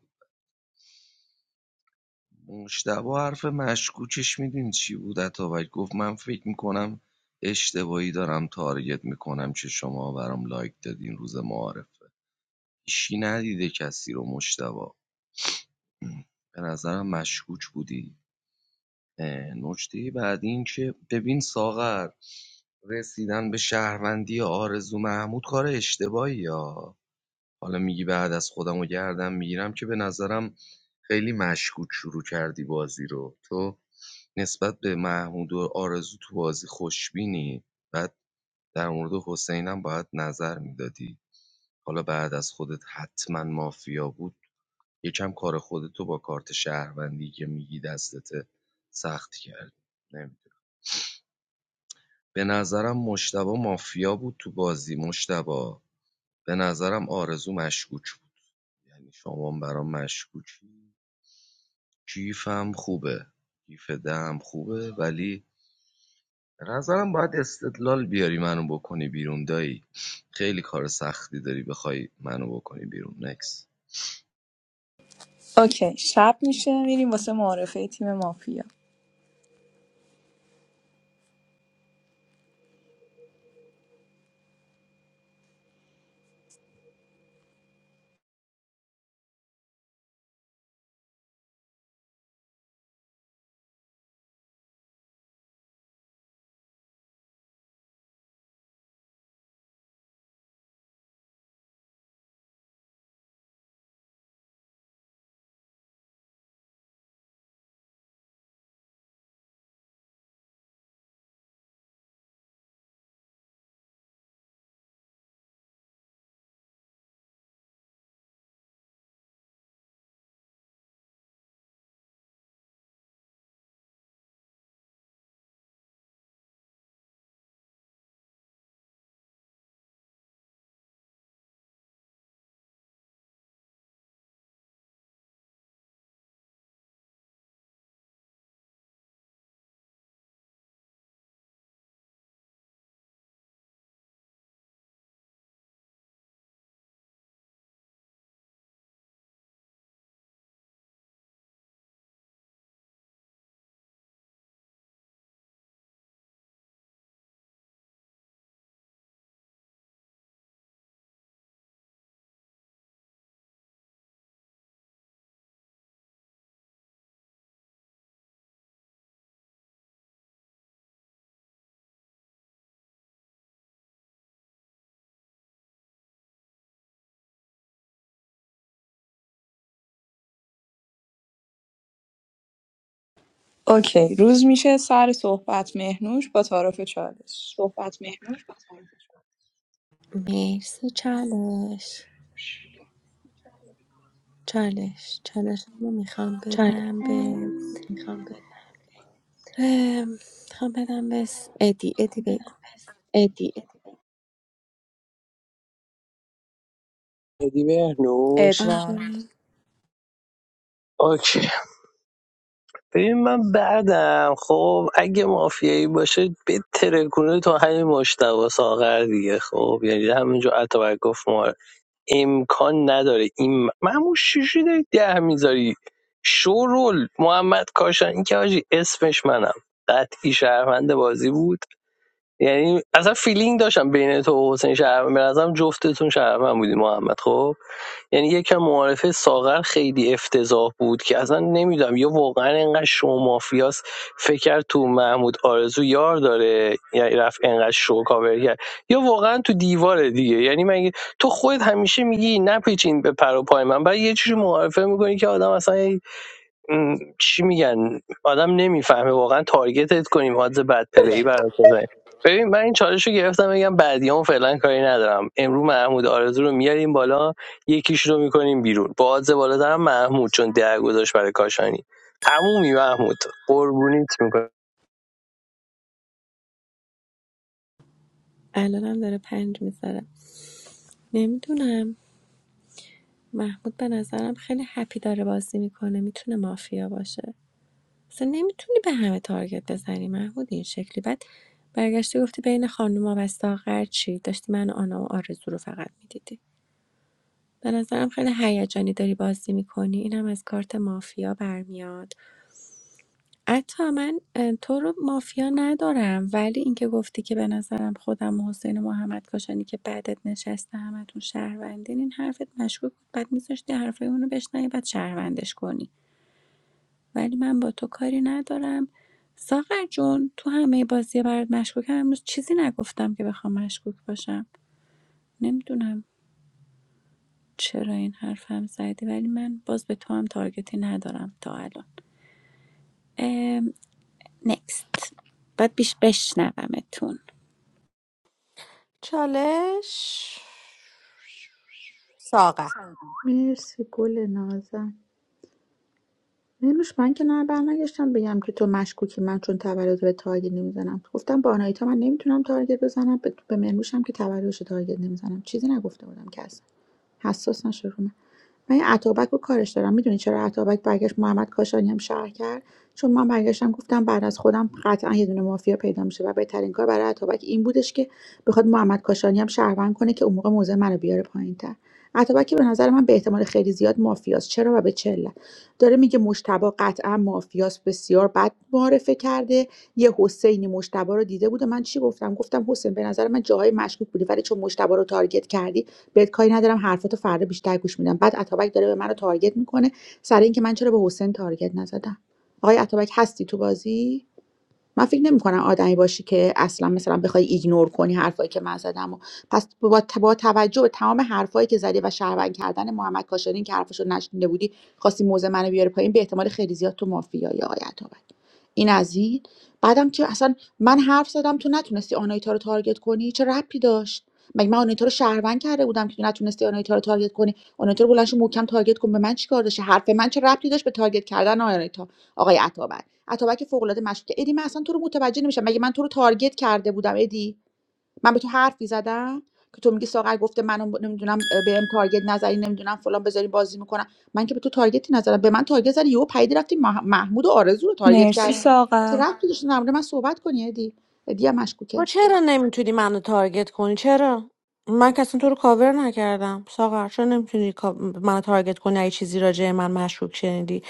[SPEAKER 19] مجتبی حرف مشکوکش میدونی چی بود اتابک گفت من فکر میکنم اشتباهی دارم تارگت میکنم که شما برام لایک دادین روز معارفه هیچی ندیده کسی رو مجتبی به نظرم مشکوک بودی اه، نکته بعد این که ببین ساغر رسیدن به شهروندی آرزو محمود کار اشتباهی حالا میگی بعد از خودم و گردم میگیرم که به نظرم خیلی مشکوک شروع کردی بازی رو تو نسبت به محمود و آرزو تو بازی خوشبینی بعد در مورد حسینم باید نظر میدادی حالا بعد از خودت حتما مافیا بود یکم کار خودتو با کارت شهروندی که میگی دستت سخت کرد نمی‌دونم. به نظرم مشتبه مافیا بود تو بازی مشتبه به نظرم آرزو مشکوک بود یعنی شما هم برام مشکوکی گیفم خوبه گیف دم خوبه ولی به نظرم باید استدلال بیاری منو بکنی بیرون دایی خیلی کار سختی داری بخوای منو بکنی بیرون نکس
[SPEAKER 18] اوکی شب میشه میریم واسه معارفه تیم مافیا اوکی روز میشه سر صحبت مهنوش با تعارف چالش
[SPEAKER 2] مرسی چالش چالش چالش رو میخوام بدم به ام، میخوام بدم به س- ادی ادی بگو
[SPEAKER 12] بدی بهنوش
[SPEAKER 18] ادوارد
[SPEAKER 2] آره
[SPEAKER 12] اوکی ببین من بعدم خب اگه مافیایی باشه به ترکونه تو همین مشتبه ساغر دیگه خب یعنی همینجا عطا گفت ما امکان نداره این معموش شیشی داری ده میذاری شورول محمد کاشانی که حاجی اسمش منم قطعی شهروند بازی بود یعنی اصلا فیلینگ داشتم بین تو و حسین شهروند به نظرم جفتتون شهروند بودی محمد خب یعنی یکم معارفه ساغر خیلی افتضاح بود که اصلا نمیدونم یا واقعا انقدر شو مافیاس فکر کرد تو محمود آرزو یار داره یعنی رفت انقدر شو کاور کرد یا واقعا تو دیواره دیگه یعنی مگه تو خودت همیشه میگی نپیچین به پر و پای من بعد یه چیزی معارفه میکنی که آدم اصلا یعنی م، چی میگن آدم نمیفهمه واقعا تارگتت کنیم حادث بد پلی برات بزنیم ببین من این چالش رو گرفتم بگم بعدیام فعلا کاری ندارم امرو محمود آرزو رو میاریم بالا یکیش رو میکنیم بیرون با حادث بالا دارم محمود چون در گذاشت برای کاشانی تمومی محمود قربونیت میکنم
[SPEAKER 2] الانم داره پنج میذاره نمیدونم محمود به نظرم خیلی هپی داره بازی میکنه میتونه مافیا باشه اصلا نمیتونی به همه تارگت بزنی محمود این شکلی بعد برگشتی گفتی بین خانوما و ساغر چی داشتی من و آنا و آرزو رو فقط میدیدی به نظرم خیلی هیجانی داری بازی میکنی اینم از کارت مافیا برمیاد حتی من اه، تو رو مافیا ندارم ولی اینکه گفتی که به نظرم خودم و حسین و محمد کاشانی که بعدت نشسته همتون شهروندین این حرفت مشکوک بود بعد میذاشتی حرفای اونو بشنوی بعد شهروندش کنی ولی من با تو کاری ندارم ساغر جون تو همه بازی برات مشکوکم امروز چیزی نگفتم که بخوام مشکوک باشم نمیدونم چرا این حرفم زدی ولی من باز به تو هم تارگتی ندارم تا الان نکست باید بیش بشنومتون
[SPEAKER 4] چالش ساقه
[SPEAKER 13] مرسی گل نازم منوش من که نه برنگشتم بگم که تو مشکوکی من چون تولد به تارگت نمیزنم گفتم با آنایتا من نمیتونم تارگت بزنم به, به منوشم که تولدش رو تارگت نمیزنم چیزی نگفته بودم کسی حساس نشه رو من من یه اتابک رو کارش دارم میدونی چرا اتابک برگشت محمد کاشانی هم شهر کرد چون من برگشتم گفتم بعد از خودم قطعا یه دونه مافیا پیدا میشه و بهترین کار برای اتابک این بودش که بخواد محمد کاشانی هم شهروند کنه که اون موقع موضع منو بیاره پایینتر اتابک به نظر من به احتمال خیلی زیاد مافیاست چرا و به چه علت؟ داره میگه مشتبا قطعا مافیاست بسیار بد معرفه کرده یه حسینی مشتبا رو دیده بود و من چی گفتم گفتم حسین به نظر من جاهای مشکوک بودی ولی چون مشتبا رو تارگت کردی بهت کاری ندارم حرفاتو فردا بیشتر گوش میدم بعد اتابک داره به منو تارگت میکنه سر اینکه من چرا به حسین تارگت نزدم آقای اتابک هستی تو بازی من فکر نمی‌کنم آدمی باشی که اصلا مثلا بخوای ایگنور کنی حرفایی که من زدم و پس با, با توجه به تمام حرفایی که زدی و شهروند کردن محمد کاشانی که حرفشو نشنیده بودی خواستی موزه منو بیاری پایین به احتمال خیلی زیاد تو مافیایی آقای عطابک این از این بعدم که اصلا من حرف زدم تو نتونستی آنایتا رو تارگت کنی چه ربطی داشت مگه من آنایتا رو شهروند کرده بودم که تو نتونستی آنایتا رو تارگت کنی آنایتا رو بلند شو محکم تارگت کن به من چیکار داشت حرف من چه ربطی داشت به تارگت کردن آنایتا آقای عطابک اتابک فوق‌العاده مشکوکه ادی من اصلا تو رو متوجه نمیشم مگه من تو رو تارگت کرده بودم ادی من به تو حرفی زدم که تو میگی ساغر گفته منو نمیدونم به ام تارگت نزنی نمیدونم فلان بذاری بازی میکنم من که به تو تارگتی نزدم به من تارگت زدی یهو پیدی رفتی مح- محمود و آرزو رو تارگت
[SPEAKER 18] مرسی
[SPEAKER 13] کردی چه
[SPEAKER 18] ساغر
[SPEAKER 13] رفتی داشتی در مورد من صحبت کنی ادی ادی هم
[SPEAKER 4] تو
[SPEAKER 13] مشکوکه
[SPEAKER 4] چرا نمیتونی منو تارگت کنی چرا من کسی تو رو کاور نکردم ساغر چرا نمیتونی کا- منو تارگت کنی اگه چیزی راجع من مشکوک شنیدی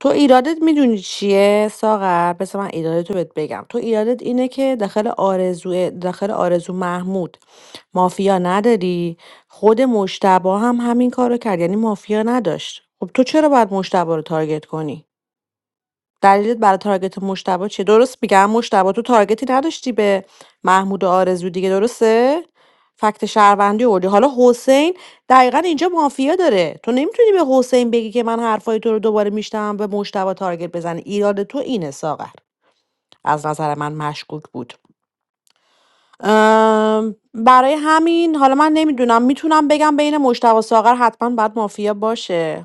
[SPEAKER 4] تو ایرادت میدونی چیه ساغر پس من ایرادت رو بهت بگم تو ایرادت اینه که داخل آرزو داخل آرزو محمود مافیا نداری خود مشتبه هم همین کارو کرد یعنی مافیا نداشت خب تو چرا باید مشتبه رو تارگت کنی دلیلت برای تارگت مشتبه چیه درست میگم مشتبه تو تارگتی نداشتی به محمود و آرزو دیگه درسته فکت شهروندی اولی حالا حسین دقیقا اینجا مافیا داره تو نمیتونی به حسین بگی که من حرفای تو رو دوباره میشتم به مشتبه تارگت بزنی ایراد تو اینه ساغر از نظر من مشکوک بود ام، برای همین حالا من نمیدونم میتونم بگم بین مشتبه و ساغر حتما باید مافیا باشه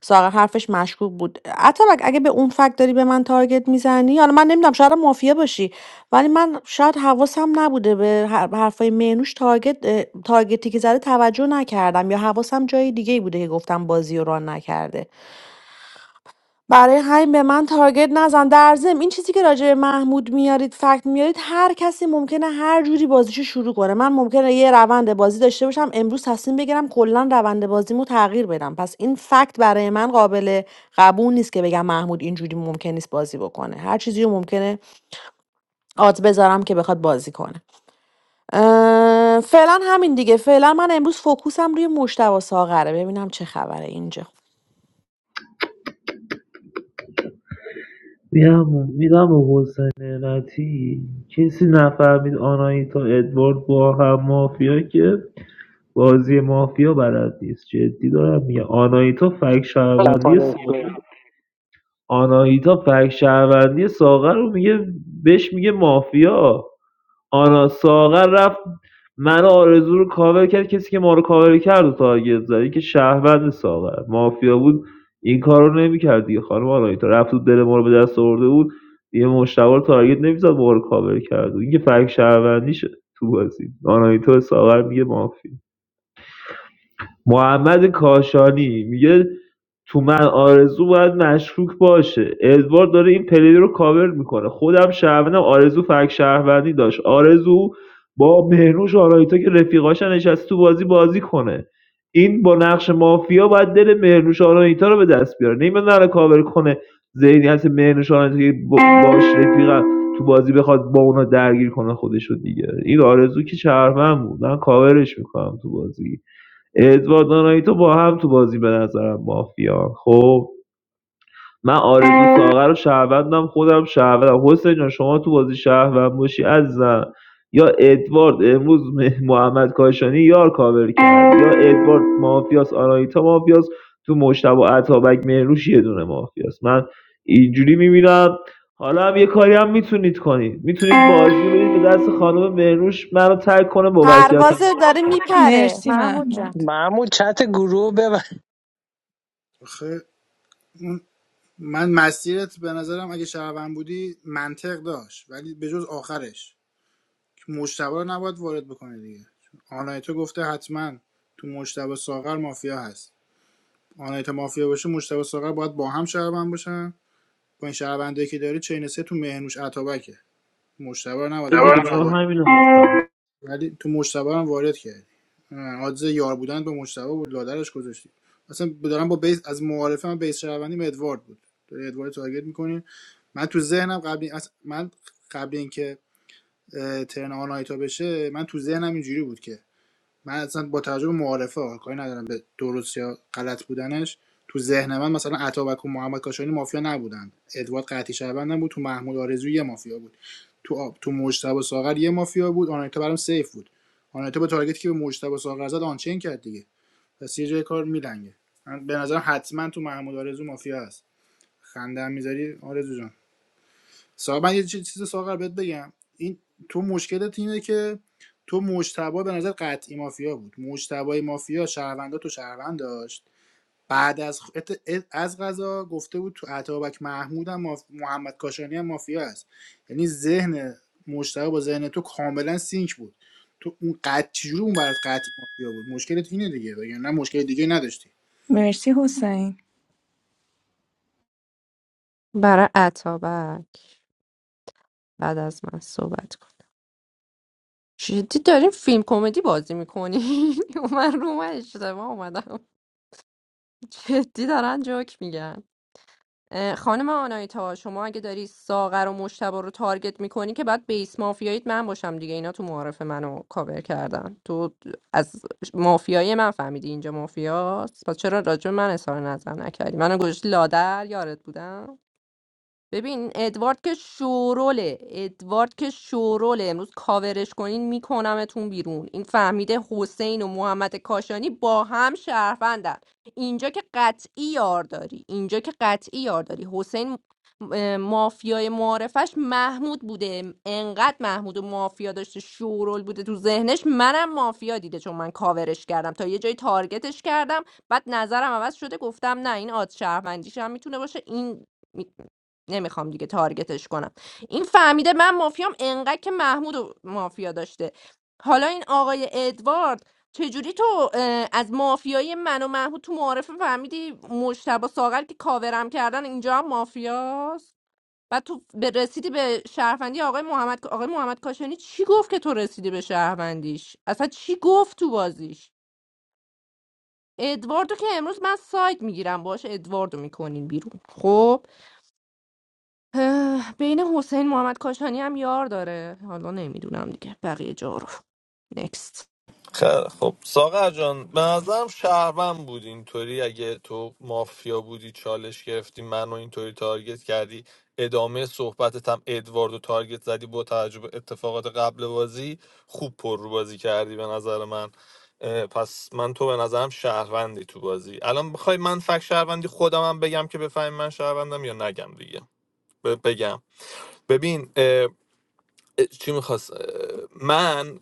[SPEAKER 4] ساغر حرفش مشکوک بود عطا اگه به اون فکت داری به من تارگت میزنی حالا من نمیدونم شاید هم مافیا باشی ولی من شاید حواسم نبوده به هر- به حرفای مینوش تارگت اه، تارگتی که زده توجه نکردم یا حواسم جای دیگه بوده که گفتم بازی رو ران نکرده برای همین به من تارگت نزن در ضمن این چیزی که راجع به محمود میارید فکت میارید هر کسی ممکنه هر جوری بازیشو شروع کنه من ممکنه یه روند بازی داشته باشم امروز تصمیم بگیرم کلا روند بازیمو تغییر بدم پس این فکت برای من قابل قبول نیست که بگم محمود اینجوری ممکن نیست بازی بکنه هر چیزی رو ممکنه آت بذارم که بخواد بازی کنه اه، فعلا همین دیگه فعلا من امروز فوکوسم روی مشتبه ساغره ببینم چه خبره اینجا
[SPEAKER 15] میدم میدم به حسین نعمتی کسی نفهمید آنایتا ادوارد با هم مافیا که بازی مافیا بلد نیست جدی دارم میگه آنایتا فک شهروندی سابق آناهیتا فک شهروندی ساغر رو میگه بهش میگه مافیا آنا ساغر رفت من آرزو رو کاور کرد کسی که ما رو کاور کرد و تارگت زد این که شهروند ساغر مافیا بود این کار رو نمیکرد دیگه خانم آناهیتا رفت و دل ما رو به دست آورده بود یه مشتبه رو تارگت نمیزد ما رو کاور کرد و این که فک شهروندیشه تو بازی آناهیتا به ساغر میگه مافیا محمد کاشانی میگه تو من آرزو باید مشکوک باشه ادوارد داره این پلی رو کاور میکنه خودم شهروندم آرزو فک شهروندی داشت آرزو با مهنوش آرایتا که رفیقاشن نشست تو بازی بازی کنه این با نقش مافیا باید دل مهرنوش آرایتا رو به دست بیاره نمیاد نره کاور کنه ذهنیت مهرنوش آرایتا که با- باش رفیقم تو بازی بخواد با اونا درگیر کنه خودش رو دیگه این آرزو که شهروند بود من کاورش میکنم تو بازی ادوارد نانایتو با هم تو بازی به نظرم مافیا خب من آرزو ساغر رو شهروندم خودم شهروندم حسین جان شما تو بازی شهروند باشی عزیزم یا ادوارد امروز م- محمد کاشانی یار کاور کرد یا ادوارد مافیاس آنایتا مافیاس تو مشتبه عطابک مهروش یه دونه مافیاس من اینجوری میبینم حالا هم یه کاری هم میتونید کنید میتونید بازی رو بدید به دست خانم مهروش منو ترک کنه با وضعیتم
[SPEAKER 4] پروازه داره میپره
[SPEAKER 18] مرسی
[SPEAKER 4] محمود جان
[SPEAKER 18] محمود
[SPEAKER 12] محمود چت گروه ببن
[SPEAKER 1] آخه من مسیرت به نظرم اگه شهروند بودی منطق داشت ولی به جز آخرش که مجتبی رو نباید وارد بکنه دیگه آنایتا گفته حتما تو مجتبی ساغر مافیا هست آنایتا مافیا باشه مجتبی ساغر باید با هم شهروند باشن با این شهروندایی که داری چین سه تو مهنوش عطابکه مجتبی رو نباید وارد
[SPEAKER 15] جواب
[SPEAKER 1] میکردی ولی تو مجتبا هم وارد کردی اه، آدز یار بودن به مجتبا بود لادرش گذاشتی اصلا دارم با بیس از معارفه من بیس شهروندیم ادوارد بود داری ادوارد تارگت میکنیم من تو ذهنم قبل این- من قبل اینکه اه، ترن آنایتا بشه من تو ذهنم اینجوری بود که من اصلا با توجه به معارفه ها کاری ندارم به درست یا غلط بودنش تو ذهن من مثلا عطابک و محمد کاشانی مافیا نبودن ادوارد قطعی شهروندم بود تو محمود آرزو یه مافیا بود تو آب تو مجتبی ساغر یه مافیا بود آنایتا برام سیف بود آنایتا با تارگتی که به مجتبی ساغر زد آنچین کرد دیگه پس یه جای کار میلنگه من به نظرم حتما تو محمود آرزو مافیا هست خنده هم میذاری آرزو جان سوال من یه چی- چیز سوال بهت بگم این تو مشکلت اینه که تو مجتبی به نظر قطعی مافیا بود مجتبی مافیا شهروندا تو شهروند داشت بعد از از غذا گفته بود تو عطابک محمود هم ماف... محمد کاشانی هم مافیا است یعنی ذهن مجتبی با ذهن تو کاملا سینک بود تو اون قطع چجوری اون برات قطعی مافیا بود مشکلت اینه دیگه یا یعنی نه مشکل دیگه نداشتی
[SPEAKER 18] مرسی حسین
[SPEAKER 10] برای اتابک بعد از من صحبت کن جدی داریم فیلم کمدی بازی میکنی من رو من اشتباه اومدم جدی دارن جوک میگن اه، خانم آنایتا شما اگه داری ساغر و مشتبه رو تارگت میکنی که بعد بیس مافیاییت من باشم دیگه اینا تو معارف منو کاور کردن تو از مافیای من فهمیدی اینجا مافیاست پس چرا راجع به من اظهار نظر نکردی منو گوش لادر یارت بودم ببین ادوارد که شوروله ادوارد که شوروله امروز کاورش کنین میکنمتون بیرون این فهمیده حسین و محمد کاشانی با هم شهروندن اینجا که قطعی یار داری اینجا که قطعی یار داری حسین اه، مافیای معارفش محمود بوده انقدر محمود و مافیا داشته شورول بوده تو ذهنش منم مافیا دیده چون من کاورش کردم تا یه جایی تارگتش کردم بعد نظرم عوض شده گفتم نه این آد شهروندیش هم میتونه باشه این نمیخوام دیگه تارگتش کنم این فهمیده من مافیام انقدر که محمود و مافیا داشته حالا این آقای ادوارد چجوری تو اه، از مافیای من و محمود تو معارفه فهمیدی مشتبه ساغر که کاورم کردن اینجا هم مافیاست بعد تو به رسیدی به شهروندی آقای محمد آقای محمد کاشانی چی گفت که تو رسیدی به شهروندیش اصلا چی گفت تو بازیش ادواردو که امروز من ساید میگیرم باشه ادواردو میکنین بیرون خب اه، بین حسین محمد کاشانی هم یار داره حالا نمیدونم دیگه بقیه جا رو نکست
[SPEAKER 14] خیلی خب ساغر جان به نظرم شهروند بود اینطوری اگه تو مافیا بودی چالش گرفتی منو اینطوری تارگت کردی ادامه صحبتت هم ادواردو تارگت زدی با توجه به اتفاقات قبل بازی خوب پر رو بازی کردی به نظر من اه، پس من تو به نظرم شهروندی تو بازی الان بخوای من فک شهروندی خودم هم بگم که بفهمی من شهروندم یا نگم دیگه ب- بگم ببین اه، اه، چی میخواست من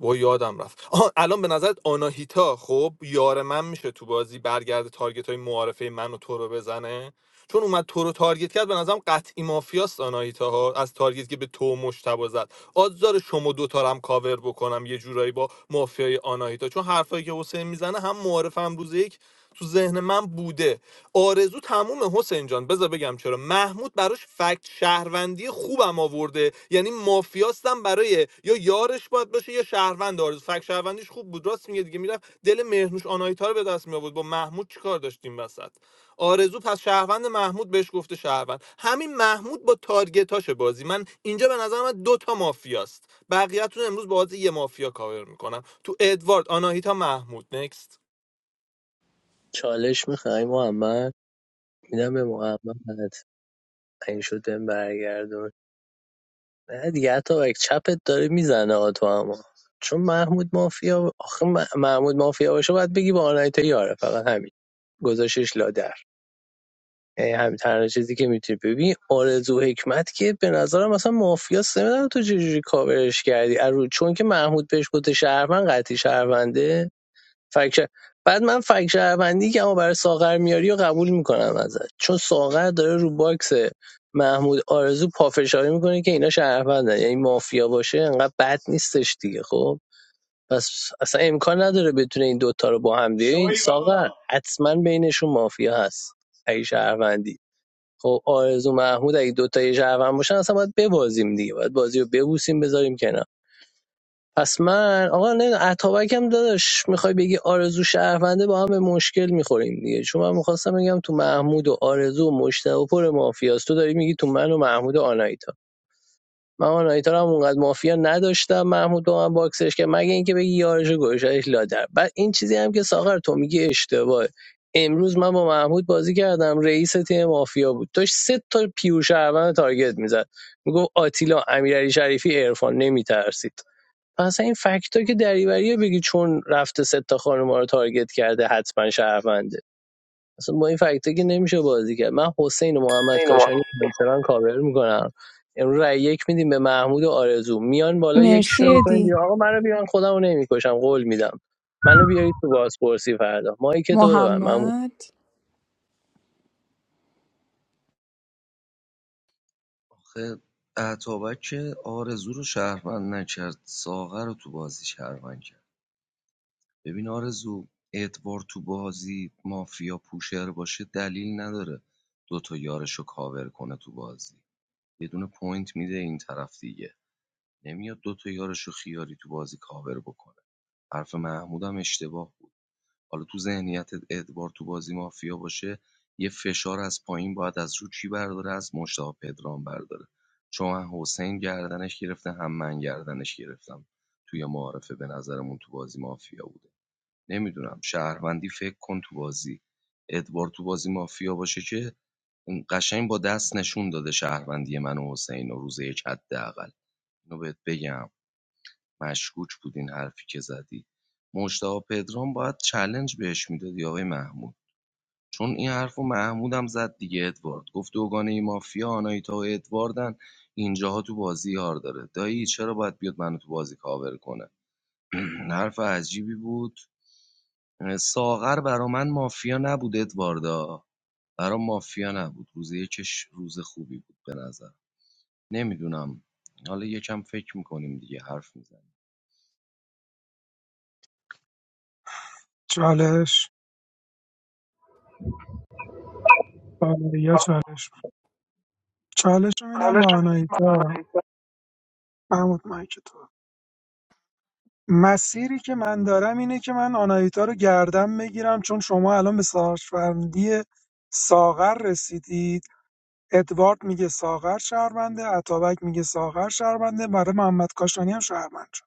[SPEAKER 14] با یادم رفت آها الان به نظرت آناهیتا خب یار من میشه تو بازی برگرده تارگت های معارفه من و تو رو بزنه چون اومد تو رو تارگت کرد به نظرم قطعی مافیاست آناهیتا ها از تارگت که به تو و مشتبه زد آزار شما دوتا هم کاور بکنم یه جورایی با مافیای آناهیتا چون حرفایی که حسین میزنه هم معارف هم روز یک تو ذهن من بوده آرزو تموم حسین جان بذار بگم چرا محمود براش فکت شهروندی خوبم آورده یعنی مافیاستم برای یا یارش باید باشه یا شهروند آرزو فکت شهروندیش خوب بود راست میگه دیگه میرفت دل مهرنوش آنایتا رو به دست می آورد با محمود چیکار داشتیم وسط آرزو پس شهروند محمود بهش گفته شهروند همین محمود با تارگتاش بازی من اینجا به نظر من دو تا مافیاست بقیه‌تون امروز با بازی یه مافیا کاور میکنم تو ادوارد آناهیتا محمود نکست
[SPEAKER 12] چالش میخوای محمد میدم به محمد این شد بهم برگردون نه دیگه حتی بک چپت داره میزنه تو اما چون محمود مافیا آخه م- محمود مافیا باشه باید بگی با آنایتا یاره فقط همین گذاشش لادر یعنی همین تنها چیزی که میتونی ببین آرزو حکمت که به نظرم مثلا مافیا سمیدن تو چجوری کاورش کردی ارو- چون که محمود بهش گفته شهروند قطعی شهرونده فکر شهر- بعد من فکر شهروندی که اما برای ساغر میاری و قبول میکنم ازت چون ساغر داره رو باکس محمود آرزو پافشاری میکنه که اینا شهروندن یعنی مافیا باشه انقدر بد نیستش دیگه خب پس اصلا امکان نداره بتونه این دوتا رو با هم دیگه این ساغر حتما بینشون مافیا هست اگه شهروندی خب آرزو محمود اگه دوتا یه شهروند باشن اصلا باید ببازیم دیگه باید بازی رو ببوسیم بذاریم کنار پس من آقا نه اتابک هم داداش میخوای بگی آرزو شهرونده با هم به مشکل میخوریم دیگه چون من میخواستم بگم تو محمود و آرزو و مشتبه و پر مافیاست تو داری میگی تو من و محمود و آنایتا من آنایتا رو هم اونقدر مافیا نداشتم محمود با من باکسش که مگه اینکه بگی یارش و گوشش لادر بعد این چیزی هم که ساغر تو میگی اشتباهه امروز من با محمود بازی کردم رئیس تیم مافیا بود داشت سه تا پیور شهروند تارگت میزد میگفت آتیلا امیرعلی شریفی عرفان نمیترسید اصلا این فکت ها که دریوریه بگی چون رفته سه تا خانم ها رو تارگت کرده حتما شهرونده اصلا با این فکت ها که نمیشه بازی کرد من حسین و محمد کاشانی بلتران کاور میکنم امروز رای یک میدیم به محمود و آرزو میان بالا یکیشون
[SPEAKER 18] مرسی
[SPEAKER 12] رو میکنیم
[SPEAKER 18] ادی
[SPEAKER 12] بیا آقا منو بیان خودم رو نمیکشم قول میدم منو بیاری تو بازپرسی فردا مایی که تو ببن محمود
[SPEAKER 18] محمد
[SPEAKER 19] آخه اتابک که آرزو رو شهروند نکرد ساغر رو تو بازی شهروند کرد ببین آرزو ادوار تو بازی مافیا پوشر باشه دلیل نداره دوتا یارش کاور کنه تو بازی یه دونه پوینت میده این طرف دیگه نمیاد دوتا یارشو خیاری تو بازی کاور بکنه حرف محمودم اشتباه بود حالا تو ذهنیت ادوار تو بازی مافیا باشه یه فشار از پایین باید از رو چی برداره از مشتاق پدرام برداره چون من حسین گردنش گرفته هم من گردنش گرفتم توی معارفه به نظرمون تو بازی مافیا بوده نمیدونم شهروندی فکر کن تو بازی ادوارد تو بازی مافیا باشه که قشنگ با دست نشون داده شهروندی من و حسین و روز یک حداقل اینو بهت بگم مشکوک بود این حرفی که زدی مجتبی پدرام باید چلنج بهش میدادی آقای محمود چون این حرفو رو محمودم زد دیگه ادوارد گفت دوگانه ای مافیا آنایتا و ادواردن اینجاها تو بازی یار داره دایی چرا باید بیاد منو تو بازی کاور کنه حرف عجیبی بود ساغر برا من مافیا نبود ادواردا برا مافیا نبود روز یکش روز خوبی بود به نظر نمیدونم حالا یکم فکر میکنیم دیگه حرف میزنیم
[SPEAKER 11] چالش بله، یا چالش چالش رو میدم
[SPEAKER 15] حالا
[SPEAKER 11] به
[SPEAKER 15] شما من
[SPEAKER 11] آنایتا
[SPEAKER 15] نیستم.
[SPEAKER 11] محمود مایک تو. مسیری که من دارم اینه که من آناهیتا رو گردم بگیرم چون شما الان به شهروندی ساغر رسیدید ادوارد میگه ساغر شهرونده اتابک میگه ساغر شهرونده برای محمد کاشانی هم شهروند شد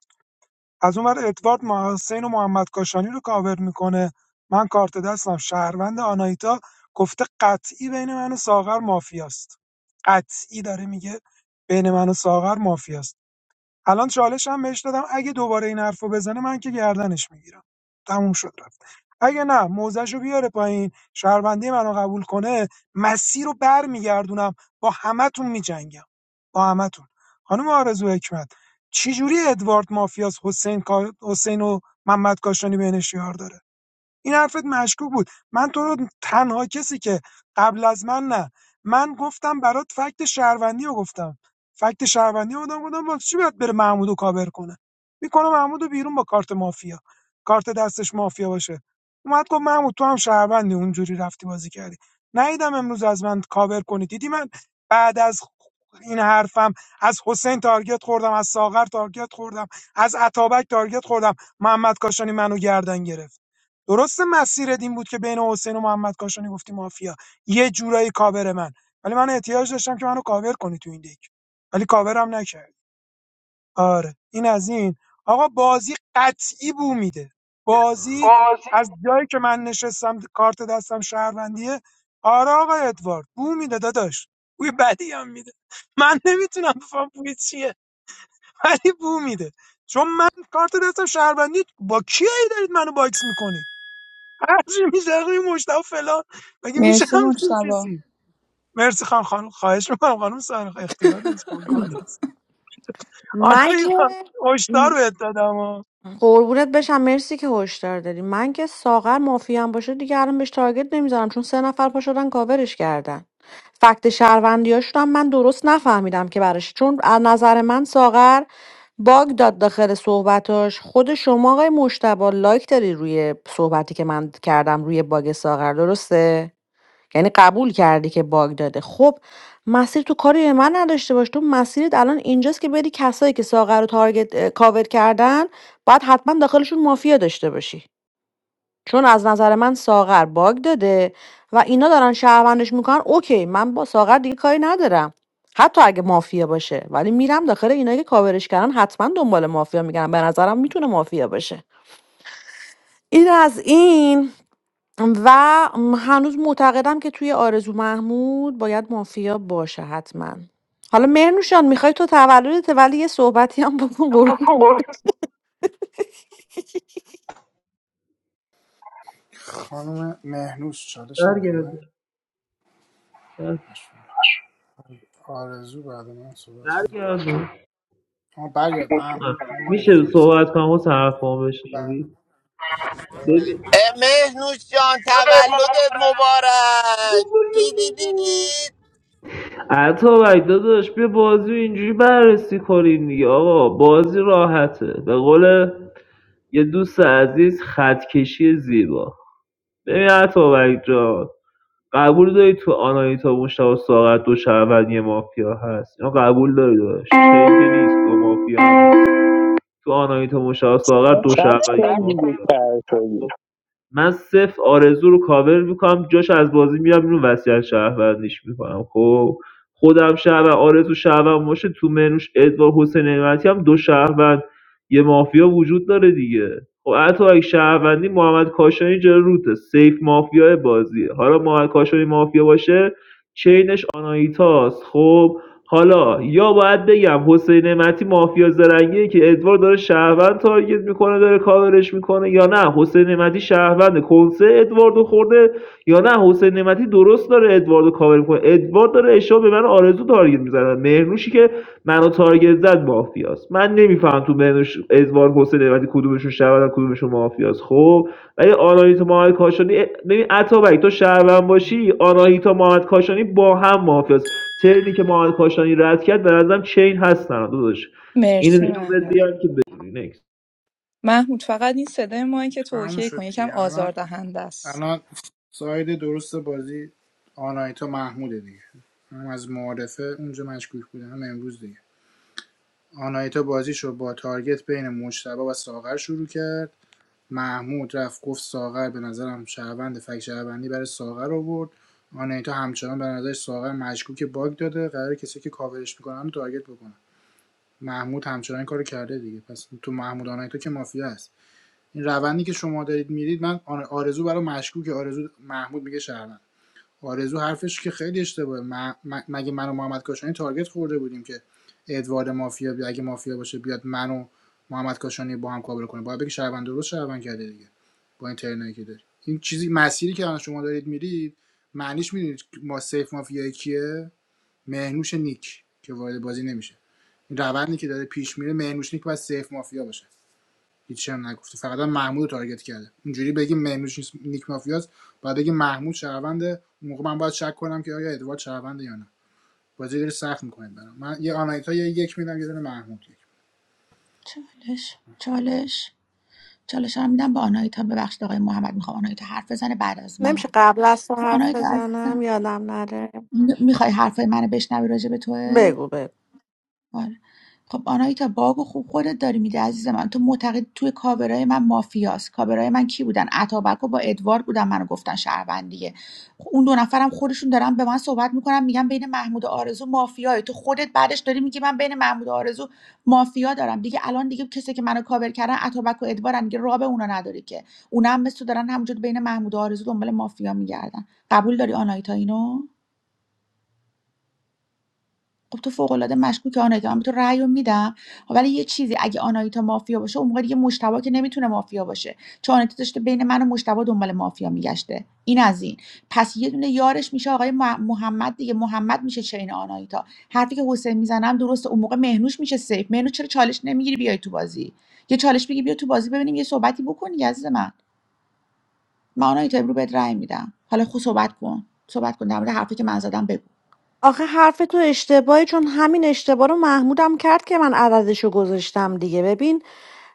[SPEAKER 11] از اون ور ادوارد مح- حسین و محمد کاشانی رو کاور میکنه من کارت دستم شهروند آناهیتا گفته قطعی بین من و ساغر مافیاست قطعی داره میگه بین من و ساغر مافیاست الان چالش هم بهش دادم اگه دوباره این حرفو بزنه من که گردنش میگیرم تموم شد رفت اگه نه موزش رو بیاره پایین شهروندی منو قبول کنه مسیر رو بر میگردونم با همتون میجنگم با همتون خانم آرزو حکمت چجوری ادوارد مافیاس حسین کا- حسین و محمد کاشانی بینش یار داره این حرفت مشکوک بود من تو رو تنها کسی که قبل از من نه من گفتم برات فکت شهروندی رو گفتم فکت شهروندی رو بودم گفتم واسه چی باید بره محمودو کاور کنه میکنه محمودو بیرون با کارت مافیا کارت دستش مافیا باشه اومد گفت محمود تو هم شهروندی اونجوری رفتی بازی کردی نیدم امروز از من کاور کنی دیدی من بعد از این حرفم از حسین تارگت خوردم از ساغر تارگت خوردم از عطابک تارگت خوردم محمد کاشانی منو گردن گرفت درسته مسیرت این بود که بین حسین و محمد کاشانی گفتی مافیا یه جورایی کاور من ولی من احتیاج داشتم که منو کاور کنی تو این دک ولی کاورم نکرد آره این از این آقا بازی قطعی بو میده بازی
[SPEAKER 15] قاضی
[SPEAKER 11] از جایی که من نشستم کارت دستم شهروندیه آره آقا ادوارد بو میده داداش بوی بدی هم میده من نمیتونم بفهم بوی چیه ولی بو میده چون من کارت دستم شهروندی با کی دارید منو باکس میکنید هرچی میزنه روی مشتاق فلان مگه میشه
[SPEAKER 18] مرسی
[SPEAKER 11] همچین
[SPEAKER 18] مجتبا
[SPEAKER 11] چیزی مرسی خان خانم خواهش میکنم خانم سارخ اختیار داری شما گاد هست
[SPEAKER 4] من
[SPEAKER 11] آنها یه
[SPEAKER 4] که
[SPEAKER 11] هشدار بهت دادم ها.
[SPEAKER 4] قربونت بشم مرسی که هشدار داری من که ساغر مافیا هم باشه دیگه الان بهش تارگت نمیزنم چون سه نفر پا شدن کاورش کردن فکت شهروندیاشون هم من درست نفهمیدم که براش چون از نظر من ساغر باگ داد داخل صحبتاش خود شما آقای مشتبه لایک داری روی صحبتی که من کردم روی باگ ساغر درسته یعنی قبول کردی که باگ داده خب مسیر تو کاری به من نداشته باش تو مسیرت الان اینجاست که بری کسایی که ساغر رو تارگت اه، کاور کردن باید حتما داخلشون مافیا داشته باشی چون از نظر من ساغر باگ داده و اینا دارن شهروندش میکنن اوکی من با ساغر دیگه کاری ندارم حتی اگه مافیا باشه ولی میرم داخل اینایی که کاورش کردن حتما دنبال مافیا میگردم به نظرم میتونه مافیا باشه این از این و هنوز معتقدم که توی آرزو محمود باید مافیا باشه حتما حالا مهرنوشان میخوای تو تولدت ولی یه صحبتی هم بکن قربون
[SPEAKER 15] بابا.
[SPEAKER 1] خانم مهنوش چالش نمیخواه
[SPEAKER 15] برگردون بر-
[SPEAKER 1] آرزو بعد من صحبت کنه.
[SPEAKER 15] برگردون
[SPEAKER 1] آه برگرد محمود من
[SPEAKER 15] میشه
[SPEAKER 1] ندیدم ماجزه
[SPEAKER 15] صحبت کنم و طرفان
[SPEAKER 1] بعد
[SPEAKER 15] بشنوید
[SPEAKER 1] صحبت
[SPEAKER 15] ببین
[SPEAKER 1] کن.
[SPEAKER 20] Eh, meh, nu shan,
[SPEAKER 15] زودت
[SPEAKER 20] tevalo
[SPEAKER 15] مبارک
[SPEAKER 20] de mubara, di di di di.
[SPEAKER 15] عطا داداش بیا بازی رو اینجوری بررسی کنیم دیگه آقا بازی راحته به قول یه دوست عزیز خط کشی زیبا ببین عطا جان قبول داری تو آناهیتا مشتاق ساغر دو شهروند یه مافیا هست اینو قبول داری داداش چه که نیست دو مافیا هست تو آناهیتا مشتاق ساغر دو
[SPEAKER 12] قد
[SPEAKER 15] شهروند
[SPEAKER 12] کن دیگه
[SPEAKER 15] مافیا خب. من صفر آرزو رو کاور میکنم جاش از بازی میرم اینو وصیت شهروندیش میکنم خب خودم شهروند آرزو شهروند باشه تو منوش ادوار حسین نعمتی هم دو شهروند یه مافیا وجود داره دیگه خب حتی اگه شهروندی محمد کاشانی جلو روته سیف مافیای بازیه حالا محمد کاشانی مافیا باشه چینش آنایتاست خب حالا یا باید بگم حسین نعمتی مافیا زرنگیه که ادوار داره شهروند تارگت میکنه داره کاورش میکنه یا نه حسین نعمتی شهروند کنسه ادواردو خورده یا نه حسین نعمتی درست داره ادواردو کاور میکنه ادوارد داره اشتباه به من آرزو تارگت میزنه مهرنوشی که منو تارگت زد مافیاست من نمیفهم تو مهرنوش ادوارد حسین نعمتی کدومشون شهروند کدومشون مافیاست خب ولی آناهیتا محمد کاشانی ببین عطابک تو شهروند باشی آناهیتا محمد کاشانی با هم مافیاست چینی که محمد کاشانی رد کرد به نظرم چین هستن داداش این
[SPEAKER 18] مرسی
[SPEAKER 15] اینو بهت
[SPEAKER 18] محمود
[SPEAKER 15] بیان که بدونی نکس
[SPEAKER 18] محمود فقط این صدای ما که تو
[SPEAKER 1] تموم
[SPEAKER 18] اوکی کن
[SPEAKER 1] شد
[SPEAKER 18] یکم
[SPEAKER 1] دیگه الان
[SPEAKER 18] آزاردهنده است
[SPEAKER 1] الان ساید درست بازی آنایتا محموده دیگه هم از معارفه اونجا مشکوک بوده هم امروز دیگه آنایتا بازیشو با تارگت بین مجتبا و ساغر شروع کرد محمود رفت گفت ساغر به نظرم شهروند فک شهروندی برای ساغر آورد آنایتا همچنان به نظر ساغر مشکوک باگ داده قرار کسی که کاورش میکنن تارگت بکنه محمود همچنان این کارو کرده دیگه پس تو محمود آنای تو که مافیا هست این روندی که شما دارید میرید من آرزو برای مشکوک آرزو محمود میگه شهروند آرزو حرفش که خیلی اشتباهه م- م- مگه من و محمد کاشانی تارگت خورده بودیم که ادوارد مافیا بی- اگه مافیا باشه بیاد من و محمد کاشانی با هم کابل کنه باید بگی شهروند درست شهروند کرده دیگه با این ترنایی که داری این چیزی مسیری که الان شما دارید میرید معنیش میدونید ما سیف مافیا کیه مهنوش نیک که وارد بازی نمیشه این روندی که داره پیش میره مهرنوش نیک باید سیف مافیا باشه هیچی هم نگفته فقط هم محمود رو تارگت کرده اینجوری بگیم مهرنوش نیک مافیاست بعد بگیم محمود شهرونده اون موقع من باید شک کنم که آیا ادوارد شهرونده یا نه بازی داره سخت میکنید برام من یه آنایتا یه یک میدم یه دونه محمود یک
[SPEAKER 13] چالش چالش چالش هم میدم به آنایتا ببخشید آقای محمد میخوام آنایتا حرف بزنه بعد از من
[SPEAKER 4] نمیشه
[SPEAKER 13] حرف بزن
[SPEAKER 4] قبل از تو
[SPEAKER 13] خب
[SPEAKER 4] حرف
[SPEAKER 13] آنایتا
[SPEAKER 4] بزنم
[SPEAKER 13] عزیزم
[SPEAKER 4] یادم نره
[SPEAKER 13] میخوای حرفای منو بشنوی راجع به توه
[SPEAKER 4] بگو بگو
[SPEAKER 13] آره. خب آنایتا باگو خوب خودت داری میده عزیز من تو معتقد توی کاورای من مافیاست کاورای من کی بودن اتابک و با ادوارد بودن منو گفتن شهروند دیگه خب اون دو نفرم خودشون دارن به من صحبت میکنن میگن بین محمود و آرزو مافیایی تو خودت بعدش داری میگی من بین محمود و آرزو مافیا دارم دیگه الان دیگه کسی که منو کاور کردن اتابک و ادوارن دیگه راه به اونا نداری که اونا هم مثل تو دارن همونجور بین محمود و آرزو دنبال مافیا میگردن قبول داری آنایتا اینو خب تو فوق العاده مشکوکی آنایتا من به تو رأی رو میدم خب ولی یه چیزی اگه آنایتا مافیا باشه اون موقع دیگه مشتبه که نمیتونه مافیا باشه چون آناهیتا داشته بین من و مشتبه دنبال مافیا میگشته این از این پس یه دونه یارش میشه آقای مح- محمد دیگه محمد میشه چین آنایتا. حرفی که حسین میزنم درسته اون موقع مهنوش میشه سیف مهنوش چرا چالش نمیگیری بیای تو بازی یه چالش بگی بیا تو بازی ببینیم یه صحبتی بکنی عزیز من من آنایتا امرو بهت رأی میدم حالا خود صحبت کن صحبت کن در مورد حرفی که من زدم بگو
[SPEAKER 4] آخه حرفتون اشتباهه چون همین اشتباه رو محمودم کرد که من عددشو گذاشتم دیگه ببین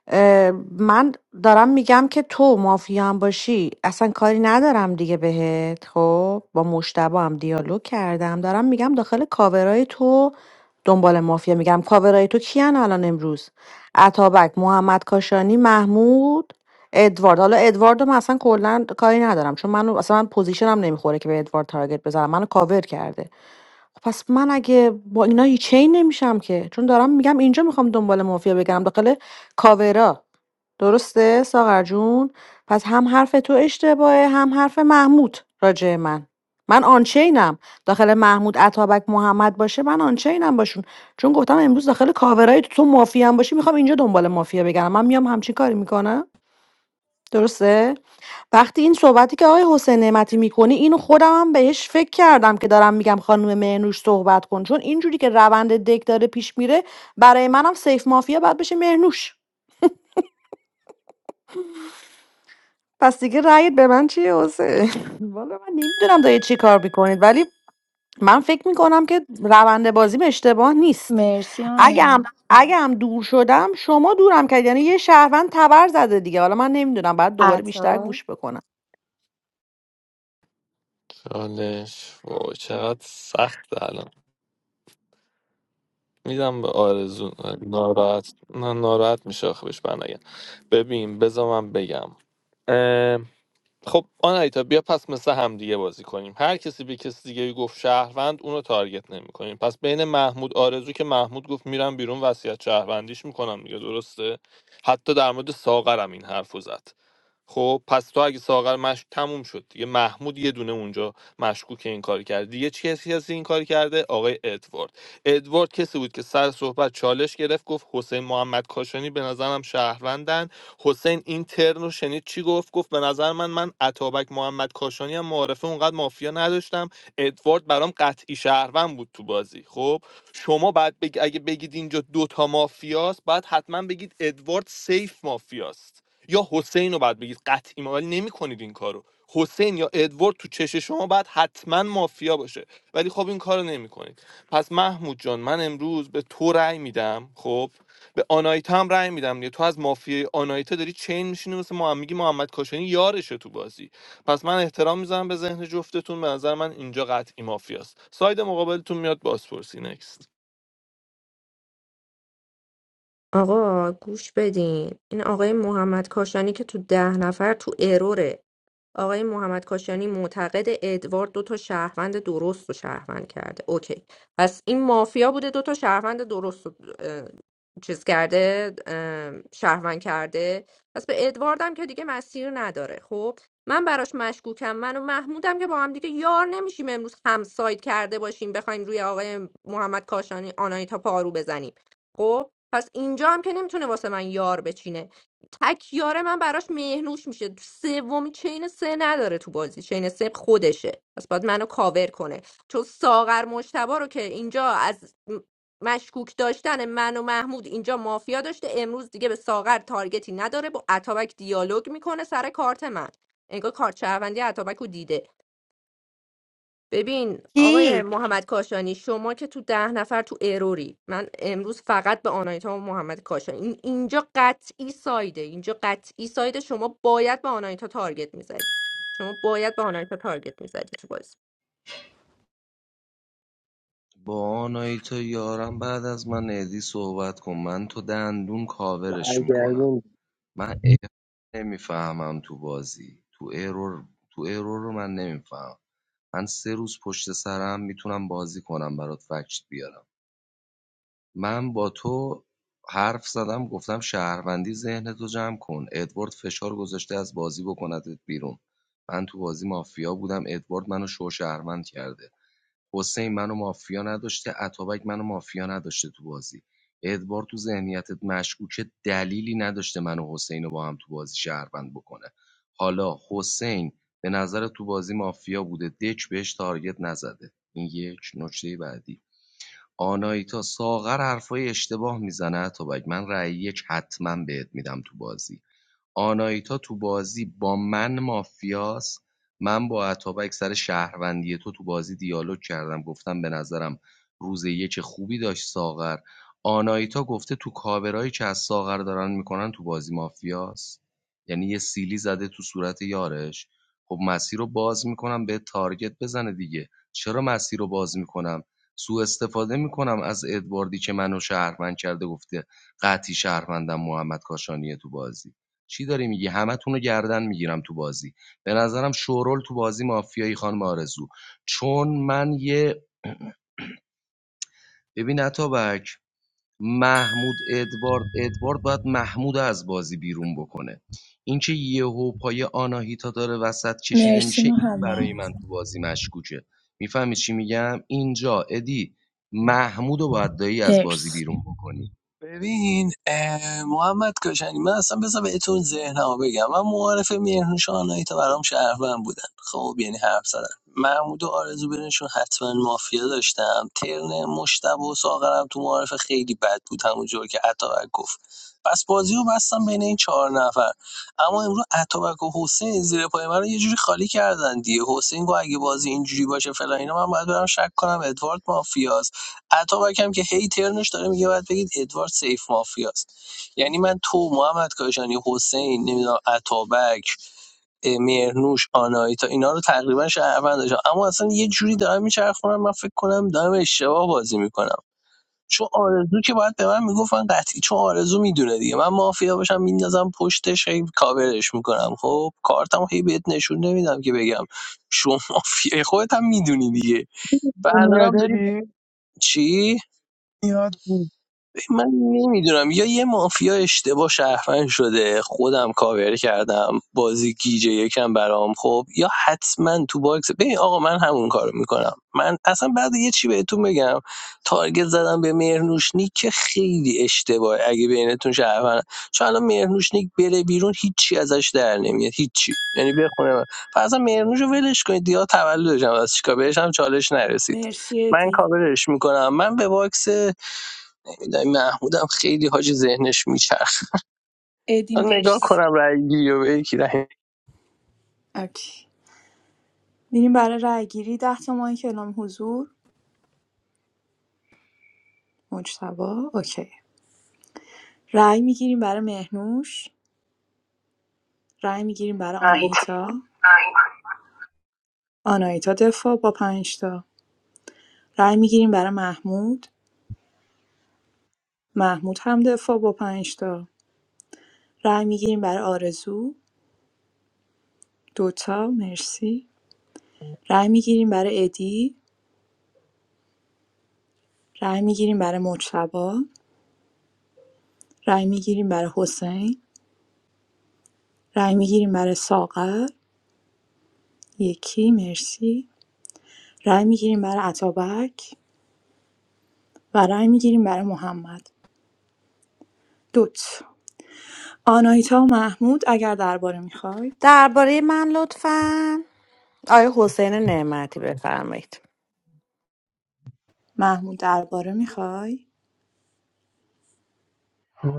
[SPEAKER 4] اه، من دارم میگم که تو مافیا هم باشی اصلا کاری ندارم دیگه بهت خب با مشتبه هم دیالوگ کردم دارم میگم داخل کاورای تو دنبال مافیا میگم کاورای تو کیان الان امروز عطابک محمد کاشانی محمود ادوارد حالا ادوارد من اصلا کلا کاری ندارم چون من اصلا من پوزیشنم نمیخوره که به ادوارد تارگت بزنم منو کاور کرده خب پس من اگه با اینا هیچ چین نمیشم که چون دارم میگم اینجا میخوام دنبال مافیا بگم داخل کاورا درسته ساغر جون پس هم حرف تو اشتباهه هم حرف محمود راجع من من آنچینم داخل محمود اتابک محمد باشه من آنچینم باشون چون گفتم امروز داخل کاورای تو, تو مافیا هم باشی میخوام اینجا دنبال مافیا بگم من میام همچین کاری میکنم درسته وقتی این صحبتی که آقای حسین نعمتی میکنی اینو خودم هم بهش فکر کردم که دارم میگم خانم مهنوش صحبت کن چون اینجوری که روند دک داره پیش میره برای منم سیف مافیا باید بشه مهنوش پس دیگه رأیت به من چیه حسین والا من نمیدونم دارید چی کار میکنید ولی من فکر میکنم که روند بازیم اشتباه نیست
[SPEAKER 18] مرسی
[SPEAKER 4] اگه
[SPEAKER 18] آنا
[SPEAKER 4] هم اگه هم دور شدم شما دورم کردید یعنی یه شهروند تبر زده دیگه حالا من نمیدونم بعد دوباره بیشتر
[SPEAKER 18] عطا
[SPEAKER 4] گوش بکنم
[SPEAKER 14] چالش وای چقدر سخت الان میدم به آرزو ناراحت نه ناراحت میشه آخه بهش برنگم ببین بذار من بگم اه، خب آنایتا بیا پس مثل همدیگه بازی کنیم هر کسی به کسی دیگه گفت شهروند اونو تارگت نمی کنیم پس بین محمود آرزو که محمود گفت میرم بیرون وصیت شهروندیش میکنم دیگه درسته حتی در مورد ساغرم این حرفو زد خب پس تو اگه ساغر مشک تموم شد دیگه محمود یه دونه اونجا مشکوک این کار کرد دیگه چه کسی کسی این کار کرده آقای ادوارد ادوارد کسی بود که سر صحبت چالش گرفت گفت حسین محمد کاشانی به نظرم شهروندن حسین این ترن شنید چی گفت گفت به نظر من من عطابک محمد کاشانی هم معارفه اونقدر مافیا نداشتم ادوارد برام قطعی شهروند بود تو بازی خب شما بعد بگ... اگه بگید اینجا دوتا مافیاست بعد حتما بگید ادوارد سیف مافیاست یا حسین رو باید بگید قطعی ما ولی نمیکنید این کارو حسین یا ادوارد تو چش شما بعد حتما مافیا باشه ولی خب این کارو نمی‌کنید پس محمود جان من امروز به تو رأی میدم خب به آنایتا هم رأی میدم دیگه تو از مافیای آنایتا داری چین میشینی مثل ما هم میگی محمد کاشانی یارشه تو بازی پس من احترام میذارم به ذهن جفتتون به نظر من اینجا قطعی مافیاست ساید مقابلتون میاد بازپرسی نکست
[SPEAKER 10] آقا گوش بدین این آقای محمد کاشانی که تو ده نفر تو اروره آقای محمد کاشانی معتقد ادوارد دو تا شهروند درست رو شهروند کرده اوکی پس این مافیا بوده دو تا شهروند درست رو اه، چیز کرده اه، شهروند کرده پس به ادواردم که دیگه مسیر نداره خب من براش مشکوکم من و محمودم که با هم دیگه یار نمیشیم امروز همساید کرده باشیم بخوایم روی آقای محمد کاشانی آنایتا پارو بزنیم خب پس اینجا هم که نمیتونه واسه من یار بچینه تکیاره من براش مهنوش میشه سومی چین سه نداره تو بازی چین سه خودشه پس باید منو کاور کنه چون ساغر مشتبا رو که اینجا از م- مشکوک داشتن من و محمود اینجا مافیا داشته امروز دیگه به ساغر تارگتی نداره با اتابک دیالوگ میکنه سر کارت من انگار کارت شهروندی اتابک رو دیده ببین آقای
[SPEAKER 4] کی
[SPEAKER 10] محمد کاشانی شما که تو ده نفر تو اروری من امروز فقط به آنایتا و محمد کاشانی این اینجا قطعی سایده اینجا قطعی سایده شما باید به آنایتا تارگت میزدی شما باید به آنایتا تارگت میزدی تو بازی
[SPEAKER 19] با آنایتا یارم بعد از من ادی صحبت کن من تو دندون کاورش میکنم
[SPEAKER 12] کرد
[SPEAKER 19] من ارور نمیفهمم تو بازی تو ارور تو ارور رو من نمیفهم من سه روز پشت سرم میتونم بازی کنم برات فکت بیارم من با تو حرف زدم گفتم شهروندی ذهنتو جمع کن ادوارد فشار گذاشته از بازی بکندت بیرون من تو بازی مافیا بودم ادوارد منو شو شهروند کرده حسین منو مافیا نداشته اتابک منو مافیا نداشته تو بازی ادوارد تو ذهنیتت مشکوکه دلیلی نداشته منو و حسین رو با هم تو بازی شهروند بکنه حالا حسین به نظر تو بازی مافیا بوده دک بهش تارگت نزده این یک نکته بعدی آناهیتا ساغر حرفای اشتباه می‌زنه اتابک من رأی یک حتما بهت می‌دم تو بازی آناهیتا تو بازی با من مافیاس من با اتابک سر شهروندی تو تو بازی دیالوگ کردم گفتم به نظرم روز یک خوبی داشت ساغر آناهیتا گفته تو کاورایی که از ساغر دارن میکنن تو بازی مافیاس یعنی یه سیلی زده تو صورت یارش خب مسیر رو باز میکنم به تارگت بزنه دیگه چرا مسیر رو باز میکنم سوء استفاده میکنم از ادواردی که منو شهروند کرده گفته قطعی شهروندم محمد کاشانیه تو بازی چی داری میگی همتون رو گردن میگیرم تو بازی به نظرم شورول تو بازی مافیایی خانم آرزو چون من یه ببین اتابک محمود ادوارد ادوارد باید محمود از بازی بیرون بکنه اینکه یهو پای آناهیتا داره وسط کشیده
[SPEAKER 18] مرسی
[SPEAKER 19] میشه این برای من
[SPEAKER 18] محمد
[SPEAKER 19] تو بازی مشکوکه میفهمی چی میگم اینجا ادی محمود و باید دایی از بازی
[SPEAKER 18] مرسی
[SPEAKER 19] بیرون بکنی
[SPEAKER 12] ببین اه، محمد کاشانی من اصلا بذار بهتون ذهنمو بگم من معارف مهرنوش شانایی تا برام شهروند بودن خب یعنی حرف زدن محمود و آرزو برنشون حتما مافیا داشتم ترن مشتب و ساغرم تو معارف خیلی بد بود همونجور که اتابک گفت پس بازی رو بستم بین این چهار نفر اما امروز اتابک و حسین زیر پای من رو یه جوری خالی کردن دیگه حسین گفت اگه بازی اینجوری باشه فلان اینا من باید برم شک کنم ادوارد مافیاست اتابک هم که هی ترنش داره میگه باید بگید ادوارد سیف مافیاست یعنی من تو محمد کاشانی حسین نمیدونم اتابک اه، مهرنوش آنایتا اینا رو تقریبا شهروند داشتم اما اصلا یه جوری دارم میچرخونم من فکر کنم دارم اشتباه بازی میکنم چون آرزو که باید به من میگفتن قطعی چون آرزو میدونه دیگه من مافیا باشم میندازم پشتش هی کاورش میکنم خب کارتم هی بهت نشون نمیدم که بگم شما مافیا خودت هم میدونی دیگه و الانم
[SPEAKER 11] دنیا
[SPEAKER 12] داری
[SPEAKER 11] دی
[SPEAKER 12] چی
[SPEAKER 11] یاد بود
[SPEAKER 12] من نمیدونم یا یه مافیا اشتباه شهروند شده خودم کاور کردم بازی گیجه یکم برام خب یا حتما تو باکس ببین آقا من همون کارو میکنم من اصلا بعد یه چی بهتون بگم تارگت زدم به مهرنوشنی که خیلی اشتباه اگه بینتون شهروند چون الان مهرنوشنیک بره بیرون هیچی ازش در نمیاد هیچی یعنی بخونه من پس اصلا مهرنوش ولش کنید دیگه تولدش هم از چیکار بهش هم چالش نرسید
[SPEAKER 18] مرسی
[SPEAKER 12] من
[SPEAKER 18] ادی
[SPEAKER 12] کاورش میکنم من به باکس میدم محمودم خیلی حاجی ذهنش میچرخ
[SPEAKER 18] ادی
[SPEAKER 12] من نگاه
[SPEAKER 18] مرسی
[SPEAKER 12] کنم رای گیری و به یکی رای
[SPEAKER 18] اوکی میریم برای رای گیری ده تا ماه کلام حضور مجتبا اوکی رای میگیریم برای مهنوش رای میگیریم برای آناهیتا آناهیتا دفاع با پنجتا رای میگیریم برای محمود محمود هم دفاع با پنجتا رای میگیریم برای آرزو دوتا مرسی رای میگیریم برای ادی رای میگیریم برای مجتبی رای میگیریم برای حسین رای میگیریم برای ساغر یکی مرسی رای میگیریم برای عطابک و رای میگیریم برای محمد دوت آناهیتا و محمود اگر درباره میخواید
[SPEAKER 4] درباره من لطفا آقای حسین نعمتی بفرمایید
[SPEAKER 18] محمود درباره میخوای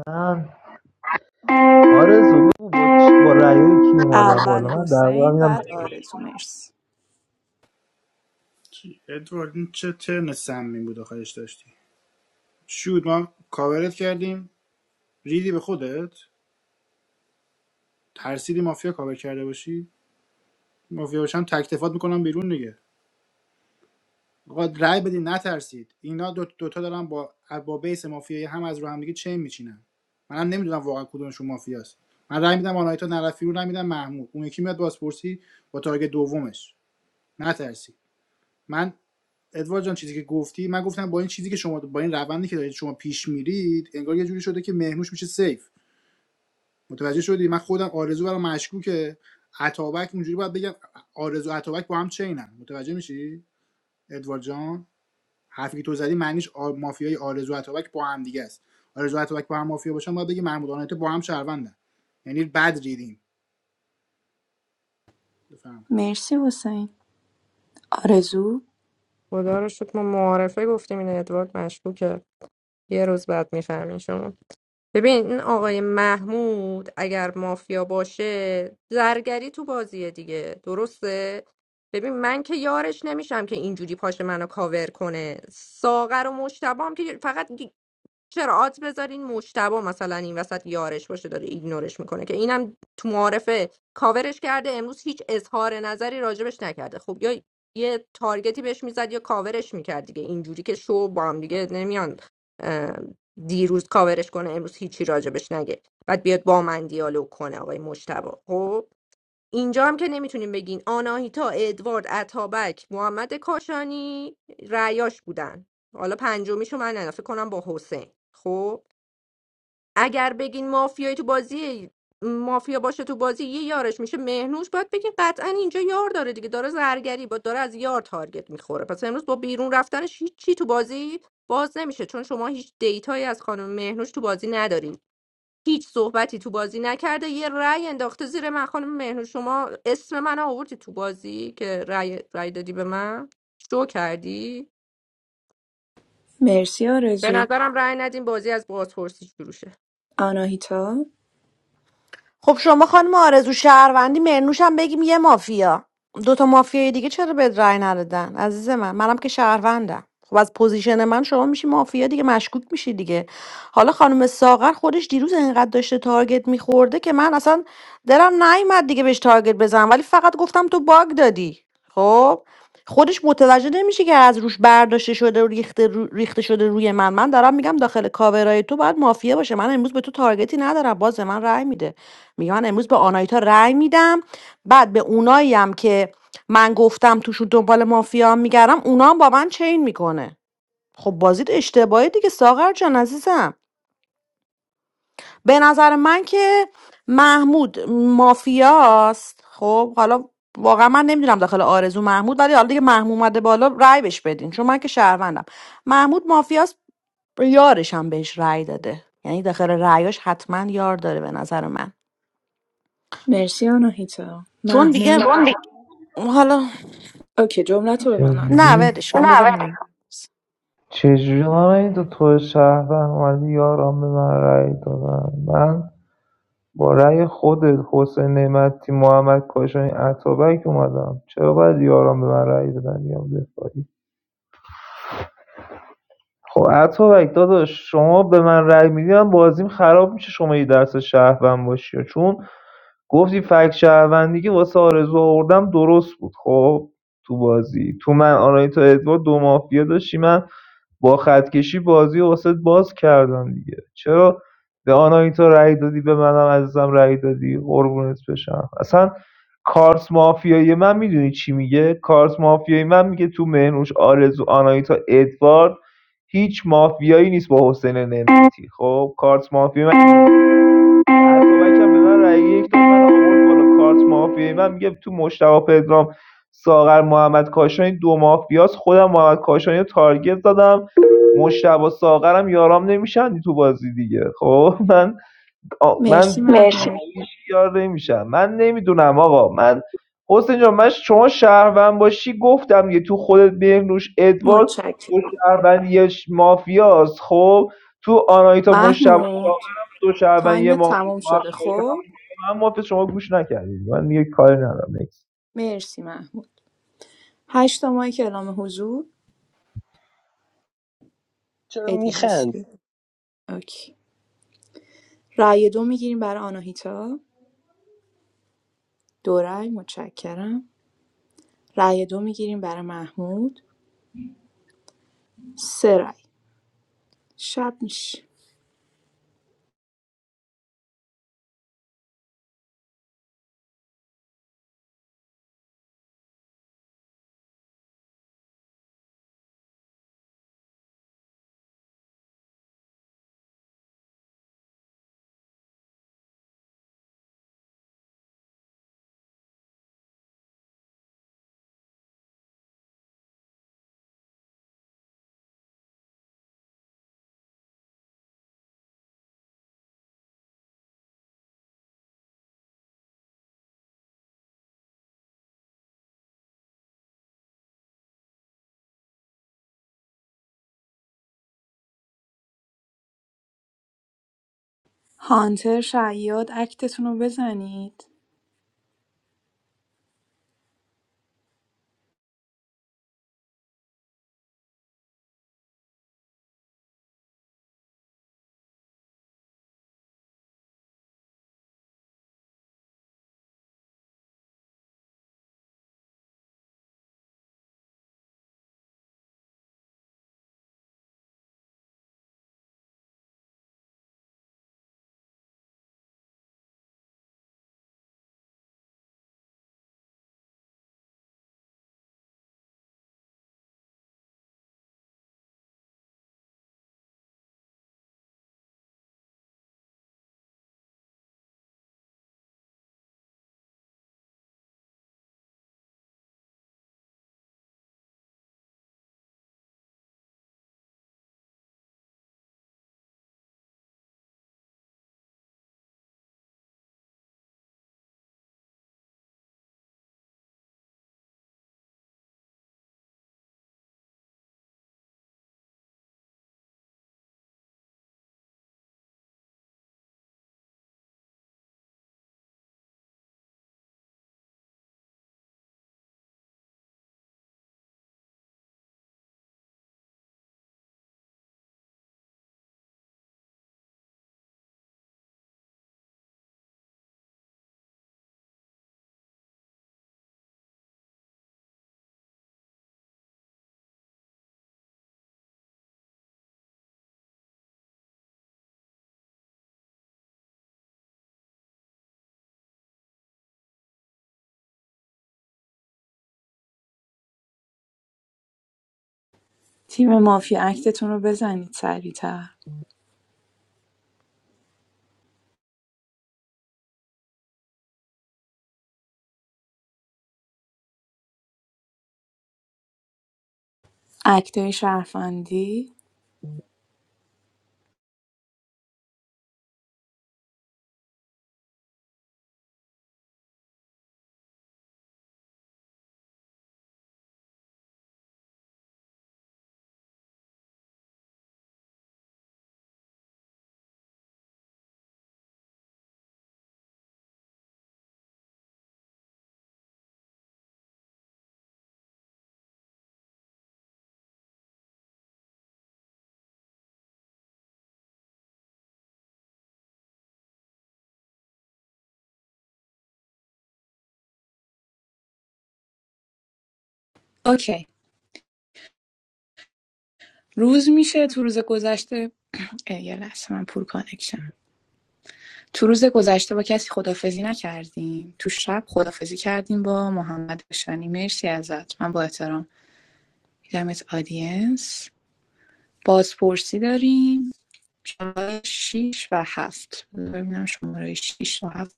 [SPEAKER 15] من آرزو بگو با چی- با رأیای کی اومدم بالا
[SPEAKER 18] اول
[SPEAKER 15] من در واقع
[SPEAKER 18] حسین
[SPEAKER 15] میدم
[SPEAKER 18] بعد آرزو مرسی
[SPEAKER 1] چی؟ ادوارد چه ترن سمی بود آخرش داشتی چی بود ما کاورت کردیم ریدی به خودت ترسیدی مافیا کاور کرده باشی مافیا باشم تکتفات میکنم بیرون دیگه آقا رای بدین نترسید اینا دو دوتا دارن با با بیس مافیایی هم از رو هم همدیگه چین میچینن منم نمیدونم واقعا کدومشون مافیاست من رای میدم آنایتا نرفی رو رأی میدم محمود اون یکی میاد بازپرسی با تارگت دومش نترسید من ادوارد جان چیزی که گفتی من گفتم با این چیزی که شما با این روندی که دارید شما پیش میرید انگار یه جوری شده که مهموش میشه سیف متوجه شدی من خودم آرزو برام مشکوکه عطابک اونجوری باید بگم آرزو عطابک با هم چینن متوجه میشی ادوارد جان حرفی که تو زدی معنیش آ... مافیای آرزو عطابک با هم دیگه است آرزو عطابک با هم مافیا باشن باید بگی محمود آنایتا با هم شهروندن یعنی بد ریدیم بفهم
[SPEAKER 18] مرسی حسین آرزو
[SPEAKER 10] خدا رو شکر ما معارفه گفتیم این ادوارد مشکوکه یه روز بعد میفهمین شما ببین این آقای محمود اگر مافیا باشه زرگری تو بازیه دیگه درسته ببین من که یارش نمیشم که اینجوری پاشه منو کاور کنه ساغر و مشتبه هم که فقط چرا آت بذارین مشتبه مثلا این وسط یارش باشه داره ایگنورش میکنه که اینم تو معارفه کاورش کرده امروز هیچ اظهار نظری راجبش نکرده خب یا یه تارگتی بهش میزد یا کاورش میکرد دیگه اینجوری که شو با هم دیگه نمیان اه، دیروز کاورش کنه امروز هیچی راجبش نگه بعد بیاد با من دیالوگ کنه آقای مشتبه خب اینجا هم که نمیتونیم بگین آناهیتا ادوارد اتابک محمد کاشانی رعیاش بودن حالا پنجمیشو من نه کنم با حسین خب اگر بگین مافیای تو بازی مافیا باشه تو بازی یه یارش میشه مهنوش باید بگین قطعا اینجا یار داره دیگه داره زرگری با داره از یار تارگت میخوره پس امروز با بیرون رفتنش هیچ چی تو بازی باز نمیشه چون شما هیچ دیتایی از خانم مهنوش تو بازی نداری هیچ صحبتی تو بازی نکرده یه رأی انداخته زیر من خانم مهنوش شما اسم من آوردی تو بازی که رأی, رأی دادی به من شو کردی
[SPEAKER 18] مرسی
[SPEAKER 10] به
[SPEAKER 18] آرزو
[SPEAKER 10] نظرم رأی ندیم بازی از بازپرسی شروع شه
[SPEAKER 18] آناهیتا
[SPEAKER 4] خب شما خانم آرزو شهروندی مرنوش هم بگیم یه مافیا دوتا مافیای دیگه چرا به رأی ندادن عزیز من منم که شهروندم خب از پوزیشن من شما میشی مافیا دیگه مشکوک میشی دیگه حالا خانم ساغر خودش دیروز انقدر داشته تارگت میخورده که من اصلا دلم نیومد دیگه بهش تارگت بزنم ولی فقط گفتم تو باگ دادی خب خودش متوجه نمیشه که از روش برداشته شده و ریخته, رو- ریخته شده روی من من دارم میگم داخل کاورای تو باید مافیا باشه من امروز به تو تارگتی ندارم باز به من رأی میده میگه من امروز به آنایتا رأی میدم بعد به اونایی هم که من گفتم توشون دنبال مافیا میگردم اونا هم با من چین میکنه خب بازیت اشتباهی دیگه ساغر جان عزیزم به نظر من که محمود مافیاست خب حالا واقعا من نمیدونم داخل آرزو محمود ولی حالا دیگه محمود اومده بالا رأی بهش بدین چون من که شهروندم محمود مافیاست یارش هم بهش رأی داده یعنی داخل رأیاش حتما یار داره به نظر من
[SPEAKER 18] مرسی آناهیتا
[SPEAKER 4] چون دیگه
[SPEAKER 18] محمود
[SPEAKER 4] حالا
[SPEAKER 18] اوکی جملت رو ببنن
[SPEAKER 4] نه
[SPEAKER 15] چجوری
[SPEAKER 4] ولش کن بذار من
[SPEAKER 15] چجوری من این دو تو شهر اومدی یارم به من رأی دادن من با رأی خودت حسین نعمتی محمد کاشانی عطابک اومدم چرا باید یارم به من رأی دادن بیام دفاعی خب اتابک داداش شما به من رأی میدی من بازیم خراب میشه شما یه درس شهروند باشی چون گفتی فکت شهروندی که واسه آرزو آوردم درست بود خب تو بازی تو من آنایتا ادوار دو مافیا داشتی من با خطکشی بازی رو واسه باز کردم دیگه چرا به آنایتا رأی دادی به منم عزیزم رأی دادی قربونت بشم اصلا کارت مافیایی من میدونی چی میگه کارت مافیایی من میگه تو منوش آرزو آنایتا ادوار هیچ مافیایی نیست با حسین نعمتی خب کارت مافیا من اتابک هم به من رأی یک داد من آورد بالا کارت مافیا من میگه تو مشتبه پدرام ساغر محمد کاشانی دو مافیاس خودم محمد کاشانی رو تارگت زدم مشتبه ساغرم یارام نمیشن تو بازی دیگه خب من من
[SPEAKER 18] مرسی محمود
[SPEAKER 15] یار نمیشم من نمیدونم آقا من حسین جان من شما شهروند باشی گفتم یه تو خودت بهنوش ادوارد
[SPEAKER 18] متشکرم.
[SPEAKER 15] تو شهروند یه ش- مافیاست خب تو آنایتا مشتبه
[SPEAKER 18] محمود
[SPEAKER 15] تو شهروند یه
[SPEAKER 18] تایم
[SPEAKER 15] مافیا
[SPEAKER 18] تموم شده خب
[SPEAKER 15] من مافیا شما گوش نکردید من یه کاری ندارم نکس
[SPEAKER 18] مرسی محمود هشت تا مایک اعلام حضور
[SPEAKER 12] چرا
[SPEAKER 18] ادی
[SPEAKER 12] میخند
[SPEAKER 18] هستی اوکی رأی دو میگیریم برای آناهیتا دو رأی متشکرم رأی دو میگیریم برای محمود سه رأی شب میشه هانتر شیاد اکتتون رو بزنید تیم مافیا اکتتون رو بزنید سریعتر اکتای شهروندی اوکی روز میشه تو روز گذشته اه، یه لحظه من پور کانکشن تو روز گذشته با کسی خدافزی نکردیم تو شب خدافزی کردیم با محمد بشانی مرسی ازت من با احترام دیدمت آدینس بازپرسی داریم شیش و هفت ببینم شماره شیش و هفت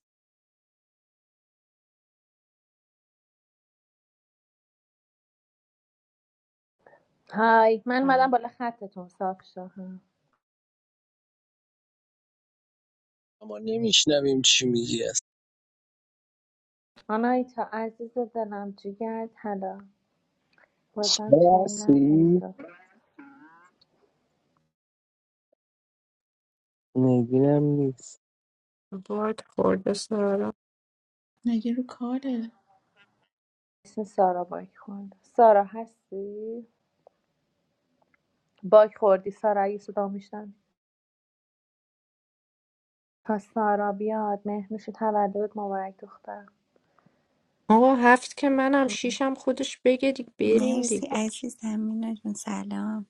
[SPEAKER 21] Hi, I'm Madam.
[SPEAKER 10] برم.
[SPEAKER 21] Above the clouds, Shah.
[SPEAKER 12] ما نمیشنویم چی میگی است
[SPEAKER 21] My name is Aziz. I'm Jigard. Hello.
[SPEAKER 12] شما
[SPEAKER 21] Sometimes I don't
[SPEAKER 12] هستی
[SPEAKER 21] know.
[SPEAKER 12] نگیرم نیست
[SPEAKER 10] باید خورده سرم
[SPEAKER 13] نگه رو کاره
[SPEAKER 21] Is Sara back? Sara has been back. Sara, Jesus, we've been. Has Sara come? Did you come to the wrong place?
[SPEAKER 10] آقا هفت که منم شیشم خودش بگه دیگه بریم
[SPEAKER 2] مرسی
[SPEAKER 10] دیگه
[SPEAKER 2] عزیزم مینا جون سلام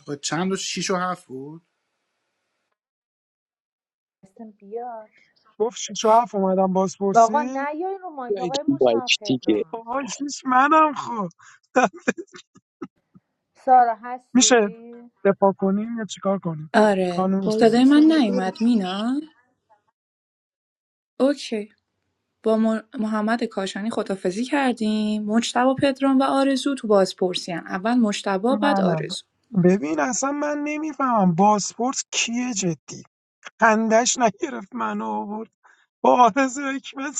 [SPEAKER 1] آقا چند و شیش و هفت بود
[SPEAKER 21] I came. Really,
[SPEAKER 11] گفت شیش و هفت اومدم
[SPEAKER 21] no one
[SPEAKER 11] بازپرسی
[SPEAKER 21] of
[SPEAKER 12] بیایید رو
[SPEAKER 21] us is
[SPEAKER 12] مایک
[SPEAKER 21] perfect.
[SPEAKER 12] دیگه
[SPEAKER 11] آهای شیش منم خب
[SPEAKER 21] Sara has
[SPEAKER 11] میشه
[SPEAKER 21] been.
[SPEAKER 11] دفاع کنیم یا چیکار کنیم
[SPEAKER 18] آره
[SPEAKER 11] خانم
[SPEAKER 13] وایسی
[SPEAKER 18] صدای من
[SPEAKER 13] سارا بیاد.
[SPEAKER 18] نیومد مینا اوکی با محمد کاشانی خدافزی کردیم مجتبی پدرام و آرزو تو بازپرسی هم. اول مجتبی بعد
[SPEAKER 11] منم
[SPEAKER 18] آرزو
[SPEAKER 11] ببین اصلا من نمیفهمم باسپورت کیه جدی خندش نگرفت منو آورد با آرز و حکمت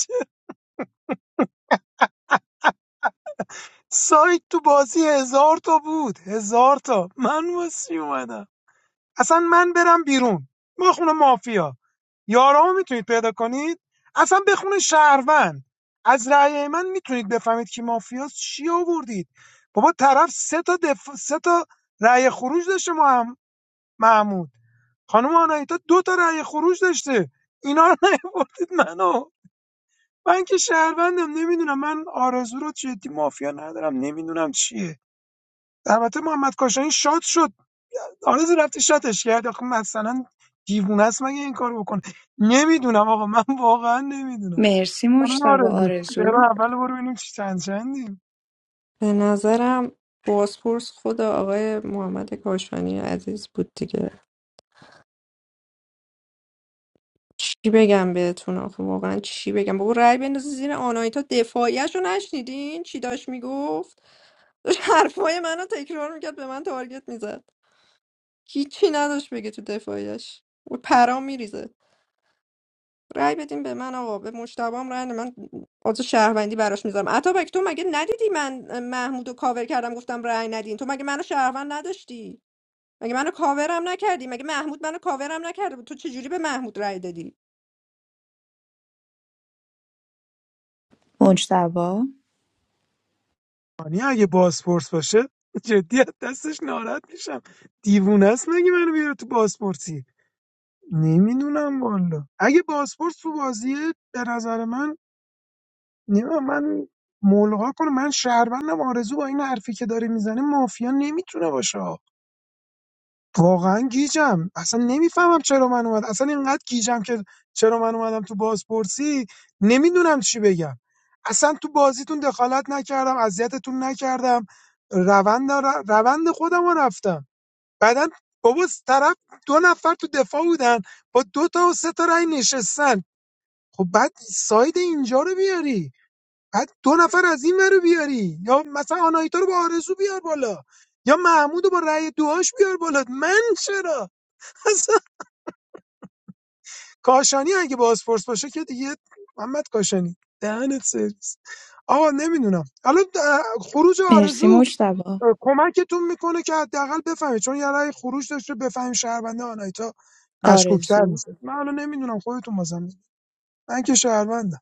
[SPEAKER 11] سایت تو بازی هزار تا بود هزار تا من واسی اومدم اصلا من برم بیرون ما خونه مافیا یارامو میتونید پیدا کنید اصلا بخونه شهروند از رأی من میتونید بفهمید که مافیاس چی آوردید بابا طرف سه تا دف... سه تا رأی خروج داشته مهم... محمود خانم آنایتا دو تا رأی خروج داشته اینا رو نیاوردید منو من که شهروندم نمیدونم من آرزو رو جدی مافیا ندارم نمیدونم چیه البته محمد کاشانی شاد شد آرزو رفتی شاتش کرد آخه مثلا دیوونه است مگه این کارو بکنه نمیدونم آقا من واقعا نمیدونم
[SPEAKER 18] مرسی
[SPEAKER 11] خانم
[SPEAKER 18] مجتبا
[SPEAKER 11] آرزو برو
[SPEAKER 18] آرزو
[SPEAKER 11] اول برو ببینیم چی چند چندیم
[SPEAKER 10] به نظرم بازپرس خود آقای محمد کاشانی عزیز بود دیگه چی بگم بهتون آخه واقعا چی بگم بابا رأی بندازی زیر آنایتا دفاعیش رو نشنیدین چی داشت میگفت داشت حرفای منو تکرار میکرد به من تارگت میزد هیچی نداشت بگه تو دفاعیش و پرام میریزه رأی بدین به من آقا به مشتبام رأی نده. من آز شهروندی براش میذارم اتابک تو مگه ندیدی من محمود رو کاور کردم گفتم رأی ندین تو مگه منو شهروند نداشتی مگه منو کاورم نکردی مگه محمود منو کاورم نکرده بود تو چجوری به محمود رأی دادی
[SPEAKER 18] مجتبی.
[SPEAKER 11] یعنی اگه بازپرس باشه جدی از دستش ناراحت میشم دیوونه است مگه منو بیاره تو بازپرسی نمیدونم والا اگه بازپرس تو بازیه به نظر من نمیدونم من ملغا کنه من شهروندم آرزو با این حرفی که داره میزنه مافیا نمیتونه باشه واقعا گیجم اصلا نمیفهمم چرا من اومد اصلا اینقدر گیجم که چرا من اومدم تو بازپرسی نمیدونم چی بگم اصلا تو بازیتون دخالت نکردم اذیتتون نکردم روند ر- روند خودم رو رفتم بعدا بابا طرف دو نفر تو دفاع بودن با دو تا و سه تا رای نشستن خب بعد ساید اینجا رو بیاری بعد دو نفر از این ور رو بیاری یا مثلا آنایتا رو با آرزو بیار بالا یا محمود رو با رأی دوهاش بیار بالا من چرا اصلا کاشانی اگه بازپرس باشه که دیگه محمد کاشانی دهنت سرویس آقا نمیدونم حالا خروج
[SPEAKER 18] مرسی
[SPEAKER 11] آرزو
[SPEAKER 18] مجتبی.
[SPEAKER 11] کمکتون میکنه که حداقل بفهمید چون یه رأی خروج داشته بفهمیم شهربنده آنایتا مشکوکتر
[SPEAKER 18] آرزو
[SPEAKER 11] میشه من الان نمیدونم خودتون بازم می‌دونید. من که شهروندم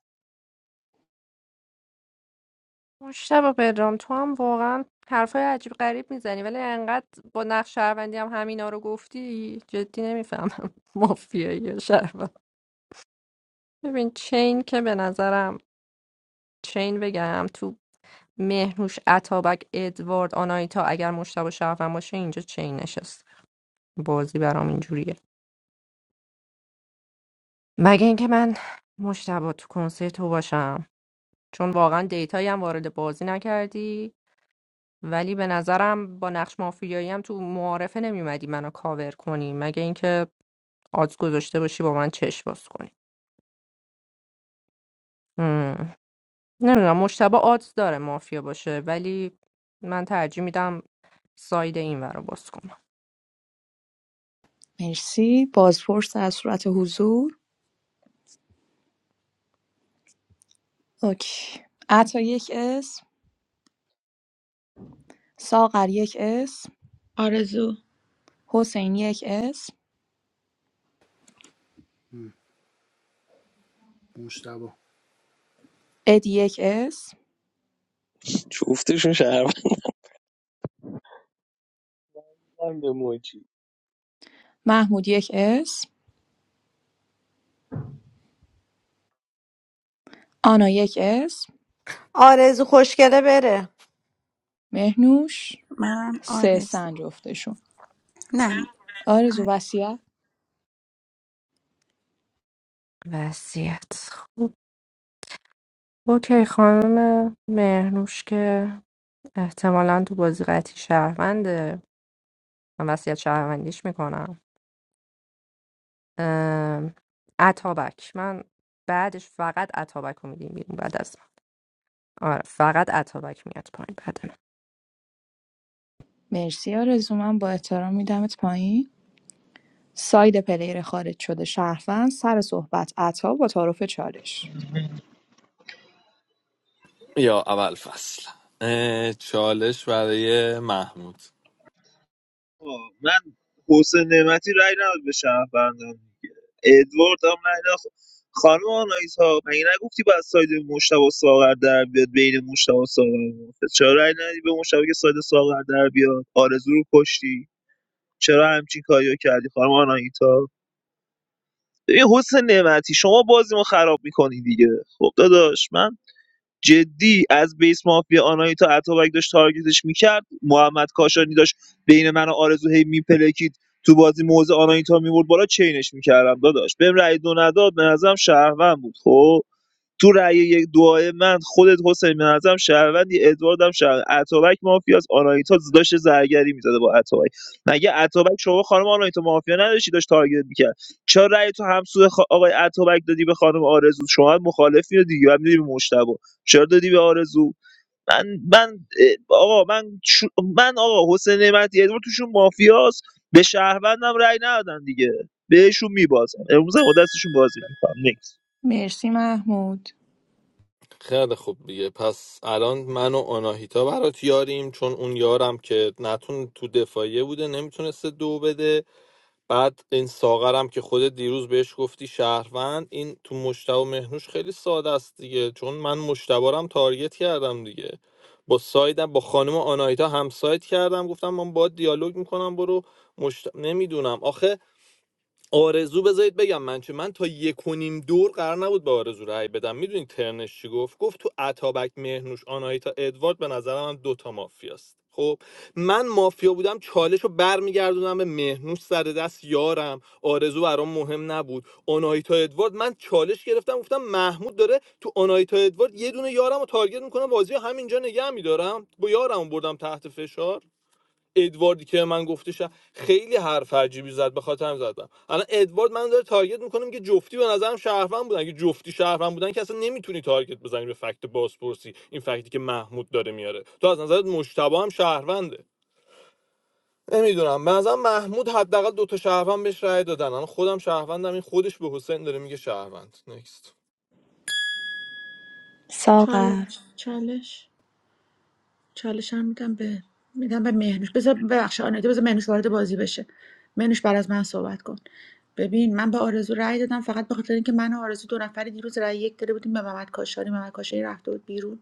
[SPEAKER 10] مشتبه پدرام تو هم واقعا حرفای عجیب غریب میزنی ولی انقدر با نقش شهروندی هم همینا رو گفتی جدی نمیفهمم مافیایی یا شهروند ببین چین که به نظرم چین بگم تو مهنوش اتابک ادوارد آنایتا اگر مشتبه شهروند باشه اینجا چین نشست بازی برام اینجوریه مگه اینکه من مشتبه تو کنسرت تو باشم چون واقعا دیتایی هم وارد بازی نکردی ولی به نظرم با نقش مافیایی هم تو معارفه نمیومدی منو کاور کنی مگه اینکه آدز گذاشته باشی با من چش باز کنی نمیدونم مشتبه آدز داره مافیا باشه ولی من ترجیح میدم ساید این ور رو باز کنم
[SPEAKER 18] مرسی بازپرس در صورت حضور اوکی عطا یک اسم ساغر یک اسم
[SPEAKER 13] آرزو
[SPEAKER 18] حسین یک اسم
[SPEAKER 1] هم، مشتبه
[SPEAKER 18] ادی یک اسم
[SPEAKER 12] جفتشون شهروندم به موجی
[SPEAKER 18] محمود یک اسم آنا یک اسم
[SPEAKER 4] آرزو خوشگله بره
[SPEAKER 18] مهنوش سه سنج جفتشون آرزو وسیعت
[SPEAKER 10] وضعیت خوب اوکی خانم مهرنوش که احتمالا تو بازی قطعی شهرونده من وصیت شهروندیش میکنم اتابک من بعدش فقط اتابک رو میدیم بیرون بعد از من. آره فقط اتابک میاد پایین بدن
[SPEAKER 18] مرسی آرزو من با احترام میدمت پایین ساید پلیر خارج شده شهروند سر صحبت عطا با تعارف چالش
[SPEAKER 14] یا اول فصل اه، چالش برای محمود
[SPEAKER 15] آه، من حسین نعمتی رای نداد به شهروندان ادوارد هم نگه خانم آنایت ها مگه نگفتی باید ساید مشتبه ساغر در بیاد بین مشتبه ساغر و مافیا؟ چرا رای ندی به مشتبه که ساید ساغر در بیاد آرزو رو کشتی چرا همچین کاریو کردی خانم آنایتا ببین حسن نعمتی شما بازی ما خراب میکنی دیگه خب داداش من جدی از بیس مافیا آناهیتا اتابک داشت تارگتش میکرد محمد کاشانی داشت بین من و آرزو هی میپلکید تو بازی موزه آناهیتا میبرد بالا چینش میکردم داداش بهم رأی دو نداد به نظرم شهروند بود خب تو رأی یک دعای من خودت حسین به نظرم شهروندی ادوارد هم شهروند اتابک مافیاست آنایتا داشت زرگری میزده با اتابک مگه اتابک شما خانم آنایتا مافیا نداشتی داشت تارگت میکرد چرا رأی تو همسود خا... آقای اتابک دادی به خانم آرزو شما هم مخالفی رو دیگه هم دیدی به مشتبه چرا دادی به آرزو من من اه، آقا من شو- من آقا حسین نعمتی ادوارد توشون مافیاس به شهروندم رأی ندادن دیگه بهشون میبازن امروز هم با دستشون بازی میکنم نیکس
[SPEAKER 18] مرسی محمود
[SPEAKER 14] خیلی خوب دیگه پس الان من و آناهیتا برات یاریم چون اون یارم که نتون تو دفاعیه بوده نمیتونسته دو بده بعد این ساغرم که خود دیروز بهش گفتی شهروند این تو مشتبه و مهنوش خیلی ساده است دیگه چون من مشتبارم تارگت کردم دیگه با سایدم با خانم آناهیتا هم ساید کردم گفتم من با دیالوگ میکنم برو مشت... نمیدونم آخه آرزو بذارید بگم من چه من تا یک و نیم دور قرار نبود به آرزو رأی بدم میدونی ترنش چی گفت گفت تو اتابک مهرنوش آناهیتا ادوارد به نظرم هم دوتا مافیاست خب من مافیا بودم چالش رو برمیگردونم به مهنوش سر دست یارم آرزو برام مهم نبود آناهیتا ادوارد من چالش گرفتم گفتم محمود داره تو آناهیتا ادوارد یه دونه یارم رو تارگت میکنم بازی رو همینجا نگه میدارم با یارم رو بردم تحت فشار ادواردی که من گفته شد خیلی حرف عجیبی زد به خاطر هم زدم الان ادوارد من داره تارگت میکنم که جفتی به نظرم شهروند بودن که جفتی شهروند بودن که اصلا نمیتونی تارگت بزنی به فکت بازپرسی این فکتی که محمود داره میاره تو از نظرت مشتبه هم شهرونده نمیدونم به نظرم محمود حداقل دو تا شهروند بهش رأی دادن الان خودم شهروندم این خودش به حسین داره میگه شهروند نکست
[SPEAKER 18] ساغر
[SPEAKER 13] چالش چالش چالش هم میدم به میدم به مهنوش بذار ببخش آنایتا بذار مهنوش وارد بازی بشه مهنوش بعد از من صحبت کن ببین من به آرزو رأی دادم فقط به خاطر اینکه من و آرزو دو نفری دیروز رأی یک داده بودیم به محمد کاشانی محمد کاشانی رفته بود بیرون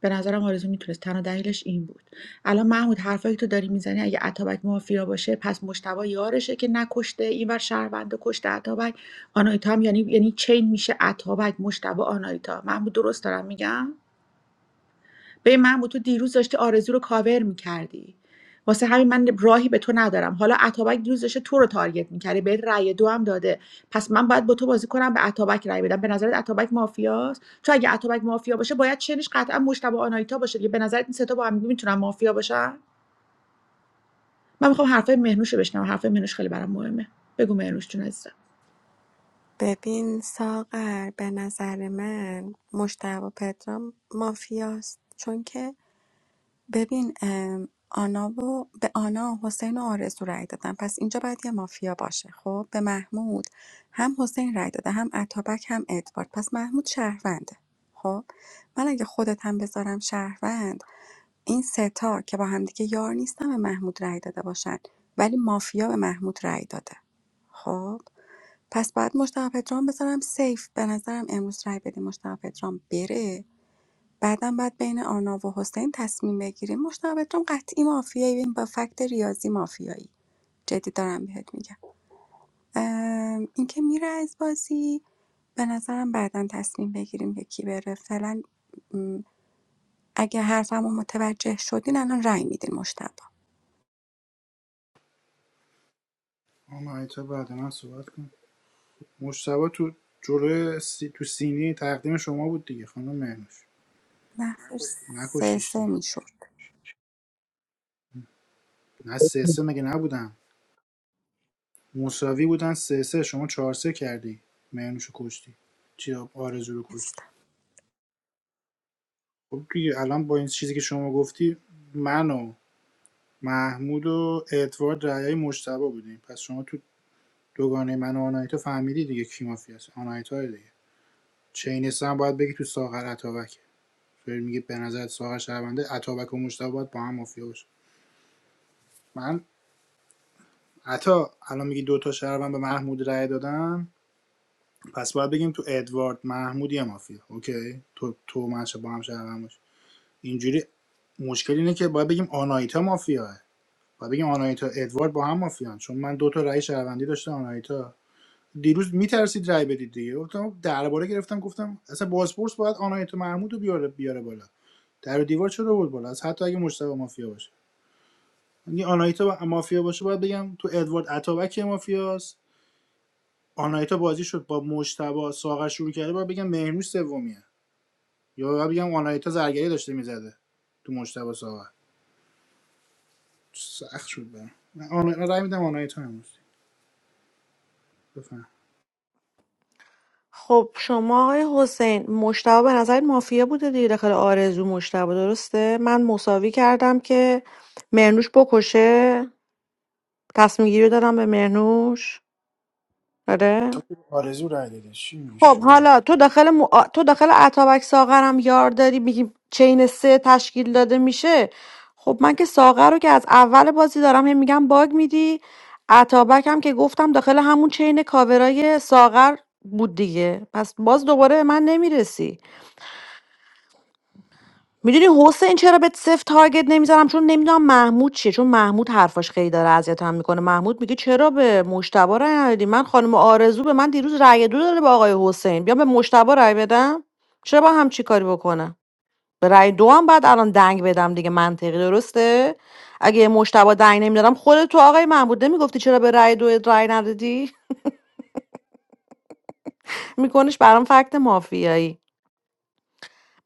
[SPEAKER 13] به نظرم آرزو میتونست تنها دلیلش این بود الان محمود حرفایی که تو داری میزنی اگه عطابک مافیا باشه پس مشتبا یارشه که نکشته اینور شهروند کشته عطابک آنایتا هم یعنی یعنی چین میشه عطابک مشتبا آنایتا محمود درست دارم میگم ببین محمود تو دیروز داشتی آرزو رو کاور میکردی واسه همین من راهی به تو ندارم حالا اتابک دیروز داشته تو رو تارگت میکرده بهت رأی دو هم داده پس من باید با تو بازی کنم به اتابک رأی بدم به نظرت اتابک مافیاست چون اگه اتابک مافیا باشه باید چنش قطعا مشتبه آنایتا باشه دیگه به نظرت این سه تا با هم میتونن مافیا باشن من میخوام حرفای مهنوش رو بشنوم حرفای مهنوش خیلی برام مهمه بگو مهنوش جون عزیزم
[SPEAKER 2] ببین ساغر به نظر من مشتبه پدرام مافیاست چون که ببین ام، آنا و به آنا حسین و آرزو رای دادن پس اینجا باید یه مافیا باشه خب به محمود هم حسین رای داده هم اتابک هم ادوارد پس محمود شهرونده خب من اگه خودت هم بذارم شهروند این سه تا که با همدیگه یار نیستن به محمود رای داده باشن ولی مافیا به محمود رای داده خب پس بعد مشتاق پدرام بذارم سیف به نظرم امروز رای بدیم مشتاق پدرام بره بعدم باید بین آرناو و حسین تصمیم بگیری مشتبهتون قطعی مافیایی این با فکت ریاضی مافیایی جدی دارم بهت میگم ام، اینکه میره از بازی به نظرم بعدا تصمیم بگیریم که کی بره فعلا م، اگه حرفم رو متوجه شدین الان رأی میدین مشتبه
[SPEAKER 1] آنایتا بعد من صحبت کن مشتبه تو جوره سی... تو سینی تقدیم شما بود دیگه خانم مهنوش
[SPEAKER 2] نه سه
[SPEAKER 1] نکشتیش
[SPEAKER 2] سه
[SPEAKER 1] دیگه
[SPEAKER 2] میشد
[SPEAKER 1] نه سه سه مگه نبودم مساوی بودن سه سه شما چهار سه کردی مهنوش رو کشتی چی آرزو رو کشتی
[SPEAKER 2] نیستم
[SPEAKER 1] خب دیگه الان با این چیزی که شما گفتی من و محمود و ادوارد رأیای مشتبه بودیم پس شما تو دوگانه من و آنایتا فهمیدی دیگه کی مافیاست آنایتا دیگه چینست هم باید بگی تو ساغر اتابک فری میگه به نظر ساغر شهرونده اتابک و مشتبه باید با هم مافیا باشه من عطا الان میگی دوتا شهروند به محمود رأی دادن پس باید بگیم تو ادوارد محمود یه مافیا اوکی تو تو منشه با هم شهروند باشه اینجوری مشکل اینه که باید بگیم آنایتا مافیاه باید بگیم آنایتا ادوارد با هم مافیان چون من دوتا تا رأی شهروندی داشته آنایتا دیروز میترسید رای بدید دیگه گفتم خب درباره گرفتم گفتم اصلا بازپرس باید آنایتا محمود بیاره بیاره بالا در و دیوار چرا بود بالا از حتی اگه مشتبه مافیا باشه یعنی آنایتا با- مافیا باشه باید بگم تو ادوارد اتابک مافیاست آنایتا بازی شد با مشتبه ساغر شروع کرده باید بگم مهرنوش سومیه یا باید بگم آنایتا زرگری داشته میزده تو مشتبه ساغر سخت شد برم من آنا... رای میدم آنایتا امروز بفهم
[SPEAKER 4] خب شما آقای حسین مشتبه به نظر مافیا بوده دیگه داخل آرزو مشتبه درسته من مساوی کردم که مرنوش بکشه تصمیم گیری دادم به مرنوش آره
[SPEAKER 1] تو آرزو رای داده چی میگی
[SPEAKER 4] خب
[SPEAKER 1] شروع
[SPEAKER 4] حالا تو داخل مو... آ- تو داخل اتابک ساغرم یار داری میگی چین سه تشکیل داده میشه خب من که ساغر رو که از اول بازی دارم هم میگم باگ میدی اتابک هم که گفتم داخل همون چین کاورای ساغر بود دیگه پس باز دوباره به من نمیرسی میدونی حسین چرا بهت صفر تارگت نمیزنم چون نمیدونم محمود چیه چون محمود حرفاش خیلی داره اذیتم میکنه محمود میگه چرا به مشتبه رای ندادی من خانم آرزو به من دیروز رای دو داده به آقای حسین بیام به مشتبه رای بدم چرا با هم چی کاری بکنه به رای دو هم بعد الان دنگ بدم دیگه منطقی درسته اگه مشتبه دنگ نمیدادم خودت تو آقای محمود نمیگفتی چرا به رای دو رای ندادی میکنش برام فکت مافیایی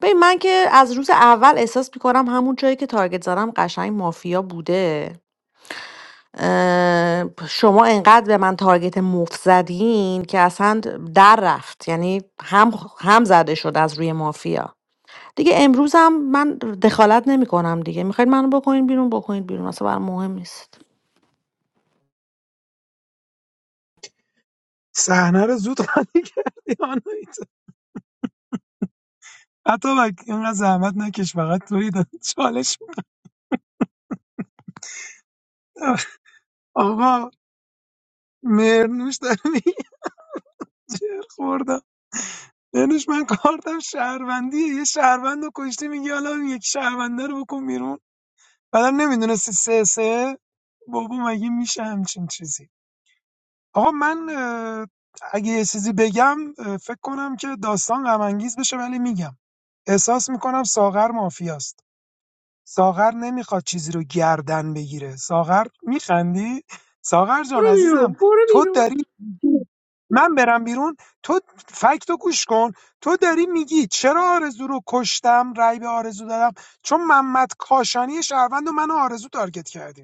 [SPEAKER 4] ببین من که از روز اول احساس میکنم همون جایی که تارگت زدم قشنگ مافیا بوده اه، شما انقدر به من تارگت مفت زدین که اصلا در رفت یعنی هم هم زده شد از روی مافیا دیگه امروز هم من دخالت نمی کنم دیگه میخواید منو بکنین بیرون بکنین بیرون اصلا برام مهم نیست
[SPEAKER 11] صحنه رو زود خالی کردی آنایتا حتی بک اینقدر زحمت نکش فقط توی داد چالش می‌دم. آقا مرنوش داره میگه دانش من کارتم شهروندیه یه شهروند رو کشتی میگه حالا اون یک شهرونده رو بکن بیرون بعدا نمیدونستی سه سه بابا مگه میشه همچین چیزی آقا من اه، اگه یه چیزی بگم اه، فکر کنم که داستان غمانگیز بشه ولی میگم احساس میکنم ساغر مافیاست ساغر نمیخواد چیزی رو گردن بگیره ساغر میخندی ساغر جان
[SPEAKER 13] برو بیرون
[SPEAKER 11] عزیزم
[SPEAKER 13] برو
[SPEAKER 11] تو
[SPEAKER 13] بیرون
[SPEAKER 11] داری من برم بیرون تو فکتو گوش کن تو داری میگی چرا آرزو رو کشتم رای به آرزو دادم چون محمد کاشانی شهروند و من و آرزو تارگت کردیم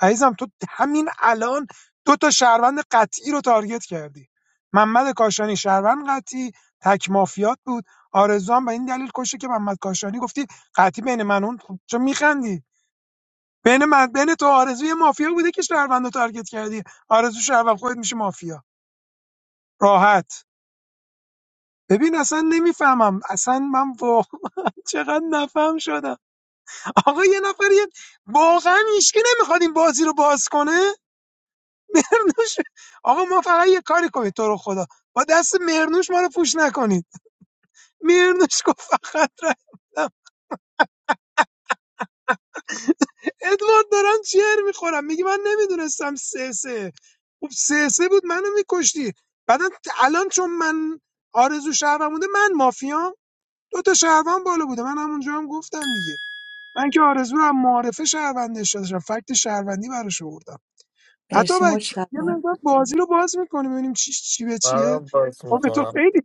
[SPEAKER 11] عزیزم تو همین الان دو تا شهروند قطعی رو تارگت کردی محمد کاشانی شهروند قطعی تک مافیات بود آرزو هم به این دلیل کشه که محمد کاشانی گفتی قطعی بین من و اون خب چرا میخندی بین من بین تو و آرزو یه مافیا بوده که شهروند رو تارگت کردی آرزو شهروند خودت میشه مافیا راحت ببین اصلا نمیفهمم اصلا من واقعا چقدر نفهم شدم آقا یه نفر یه واقعا هیچکی نمیخواد این بازی رو باز کنه مرنوش آقا ما فقط یه کاری کنید تو رو خدا با دست مرنوش ما رو پوش نکنید مرنوش گفت فقط رای میدم. ادوارد دارم چیر میخورم میگه من نمیدونستم سه سه خب سه سه بود منو میکشتی بعدا الان چون من آرزو شهرم بوده من مافیام دو تا شهروند بالا بوده من همونجا هم گفتم دیگه من که آرزو رو هم معارفه شهروندش داشتم فکت شهروندی براش آوردم حتی
[SPEAKER 18] مرسی
[SPEAKER 11] بچه یه
[SPEAKER 18] مجتبی
[SPEAKER 11] مقدار بازی رو باز میکنیم ببینیم چی چی به چیه
[SPEAKER 14] منم باز
[SPEAKER 11] آخه
[SPEAKER 14] میکنم
[SPEAKER 11] تو خیلی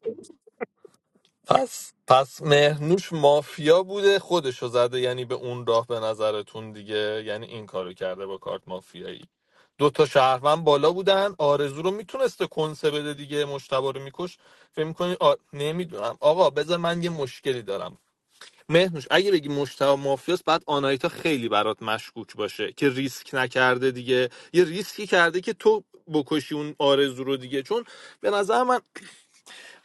[SPEAKER 14] پس پس مهرنوش مافیا بوده خودشو زده یعنی به اون راه به نظرتون دیگه یعنی این کارو کرده با کارت مافیایی دو تا شهروند بالا بودن آرزو رو میتونسته کنسه بده دیگه مشتبه رو میکش فکر میکنی آ... نمیدونم آقا بذار من یه مشکلی دارم مهنوش اگه بگی مشتبه مافیاست بعد آنایتا خیلی برات مشکوک باشه که ریسک نکرده دیگه یه ریسکی کرده که تو بکشی اون آرزو رو دیگه چون به نظر من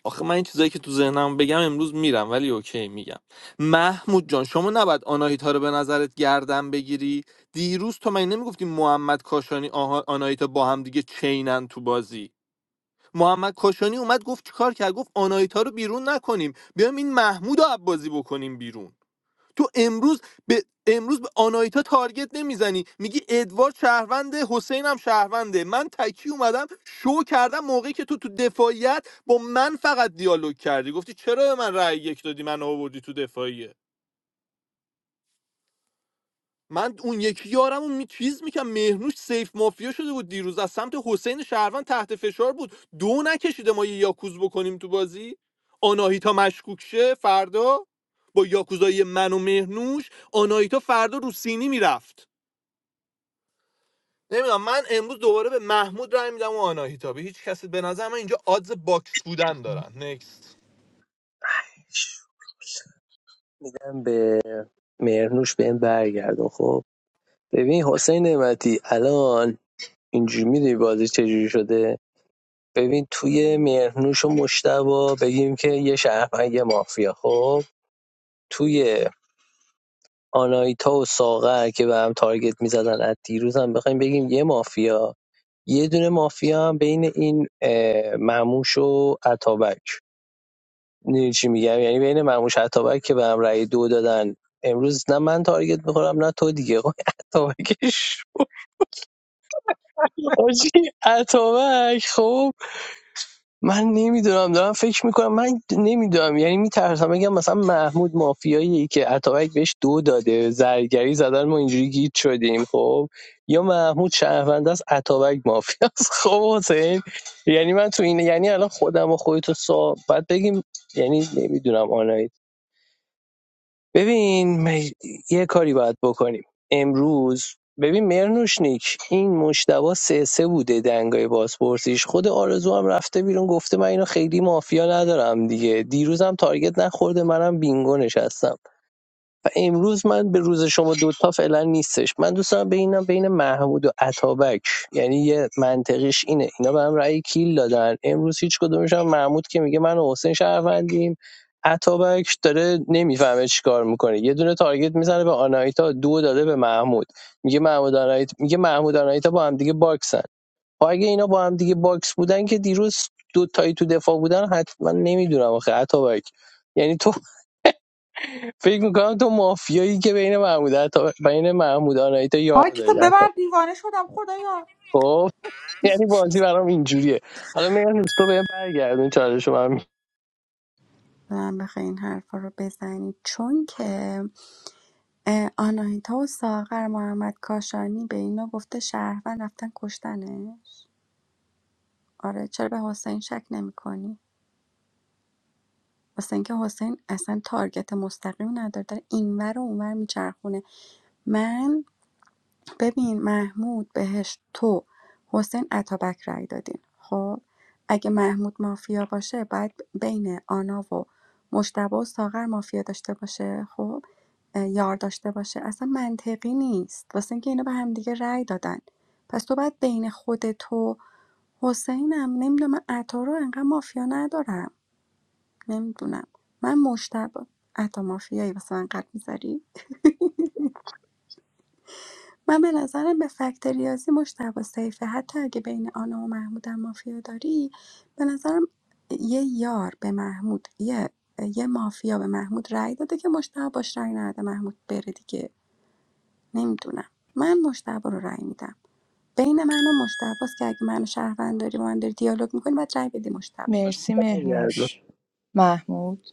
[SPEAKER 14] آخه من این چیزایی که تو ذهنم بگم امروز میرم ولی اوکی میگم محمود جان شما نباید آناهیتا رو به نظرت گردن بگیری دیروز تو من نمیگفتی محمد کاشانی آها- آناهیتا با هم دیگه چینن تو بازی محمد کاشانی اومد گفت چیکار کرد گفت آناهیتا رو بیرون نکنیم بیام این محمود رو از بازی بکنیم بیرون تو امروز به امروز به آنایتا تارگت نمیزنی میگی ادوارد شهرونده حسین هم شهرونده من تکی اومدم شو کردم موقعی که تو تو دفاعیت با من فقط دیالوگ کردی گفتی چرا به من رأی یک دادی من آوردی تو دفاعیه من اون یکی یارم اون می چیز میکنم مهرنوش سیف مافیا شده بود دیروز از سمت حسین شهروند تحت فشار بود دو نکشیده ما یه یاکوز بکنیم تو بازی آناهیتا مشکوک شه فردا با یاکوزای من و مهرنوش آناهیتا فردا رو سینی میرفت نمیدونم من امروز دوباره به محمود رای میدم و آناهیتا به هیچ کسی به نظر من اینجا آدز باکس بودن دارن نکست
[SPEAKER 12] من به مرنوش به این برگردم خب ببین حسین نعمتی الان اینجوری میدونی بازی چجوری شده ببین توی مرنوش و مشتبه بگیم که یه شهروند یه مافیا خب توی آناهیتا و ساغر که به هم تارگت میزدن از دیروز هم بخوایم بگیم یه مافیا یه دونه مافیا هم بین این اه، مموش و عطابک می‌دونی چی میگم یعنی بین مموش و عطابک که به هم رأی دو دادن امروز نه من تارگت میخورم نه تو دیگه خب، عطابکش آجی عطابک خب من نمیدونم دارم فکر میکنم من نمیدونم یعنی میترسم بگم مثلا محمود مافیایی که اتابک بهش دو داده زرگری زدن ما اینجوری گیت شدیم خب یا محمود شهرونده است اتابک مافیا است خب حسین یعنی من تو این یعنی الان خودم و خودتو سا باید بگیم یعنی نمیدونم ببین م- یه کاری باید بکنیم امروز ببین مرنوشنیک این مشتبه سه سه بوده دنگای بازپرسیش خود آرزو هم رفته بیرون گفته من اینو خیلی مافیا ندارم دیگه دیروزم تارگت نخورده منم بینگو نشستم و امروز من به روز شما دوتا فعلا نیستش من دوست دارم ببینم بین محمود و عطابک یعنی یه منطقیش اینه اینا به هم رأی کیل دادن امروز هیچ کدومش هم محمود که میگه من و حسین شهروندیم عطابک داره نمیفهمه چیکار میکنه یه دونه تارگت میزنه به آنایتا دو داده به محمود میگه محمود آنایتا میگه محمود آنایتا با هم دیگه باکسن خب اگه اینا با هم دیگه باکس بودن که دیروز دو تایی تو دفاع بودن حتما نمیدونم آخه عطابک یعنی تو فکر میکنم تو مافیایی که بین محمود عطا بین محمود آنایتا یار
[SPEAKER 13] آه کتاب
[SPEAKER 12] داری
[SPEAKER 13] ببر
[SPEAKER 12] عطا
[SPEAKER 13] دیوانه شدم خدایا
[SPEAKER 12] خب یعنی بازی برام اینجوریه حالا مهرنوز تو بهم برگردون چالش رو من
[SPEAKER 2] من بخوای این حرفا رو بزنی چون که اه، آناهیتا و ساغر محمد کاشانی به اینا گفته شهروند رفتن کشتنش آره چرا به حسین شک نمیکنی واسه اینکه حسین اصلا تارگت مستقیم نداره داره اینور و اونور میچرخونه من ببین محمود بهش تو حسین اتابک رای دادین خب اگه محمود مافیا باشه باید بین آنا و مشتبه و ساغر مافیا داشته باشه خب اه، یار داشته باشه اصلا منطقی نیست واسه اینکه اینا به همدیگه رای دادن پس تو باید بین خود تو حسینم نمیدونم من عطا رو انقدر مافیا ندارم نمی‌دونم من مشتبه. عطا مافیایی واسه من قلب می‌ذاری من به نظرم به فکت ریاضی مجتبی سیفه حتی اگه بین آنا و محمودم مافیا داری به نظرم یه یار به محمود یه یه مافیا به محمود رأی داده که مشتبه باش رأی نده محمود بره دیگه نمیدونم من مشتبه رو رأی میدم بین من و مجتبی است که اگه منو شهروند داری و من داری دیالوگ میکنی باید رأی بدی مشتبه.
[SPEAKER 18] مرسی
[SPEAKER 12] برگردون
[SPEAKER 18] مهنوش محمود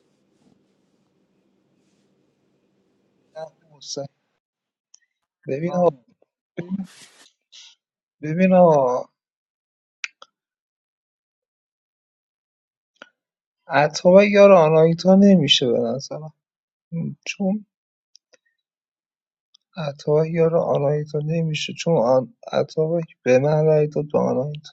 [SPEAKER 15] حسین. ببین آقا ببین آقا اتابک یار آناهیتا نمیشه به نظرم چون اتابک یار آناهیتا نمیشه چون آن اتابک به من رای داد به آناهیتا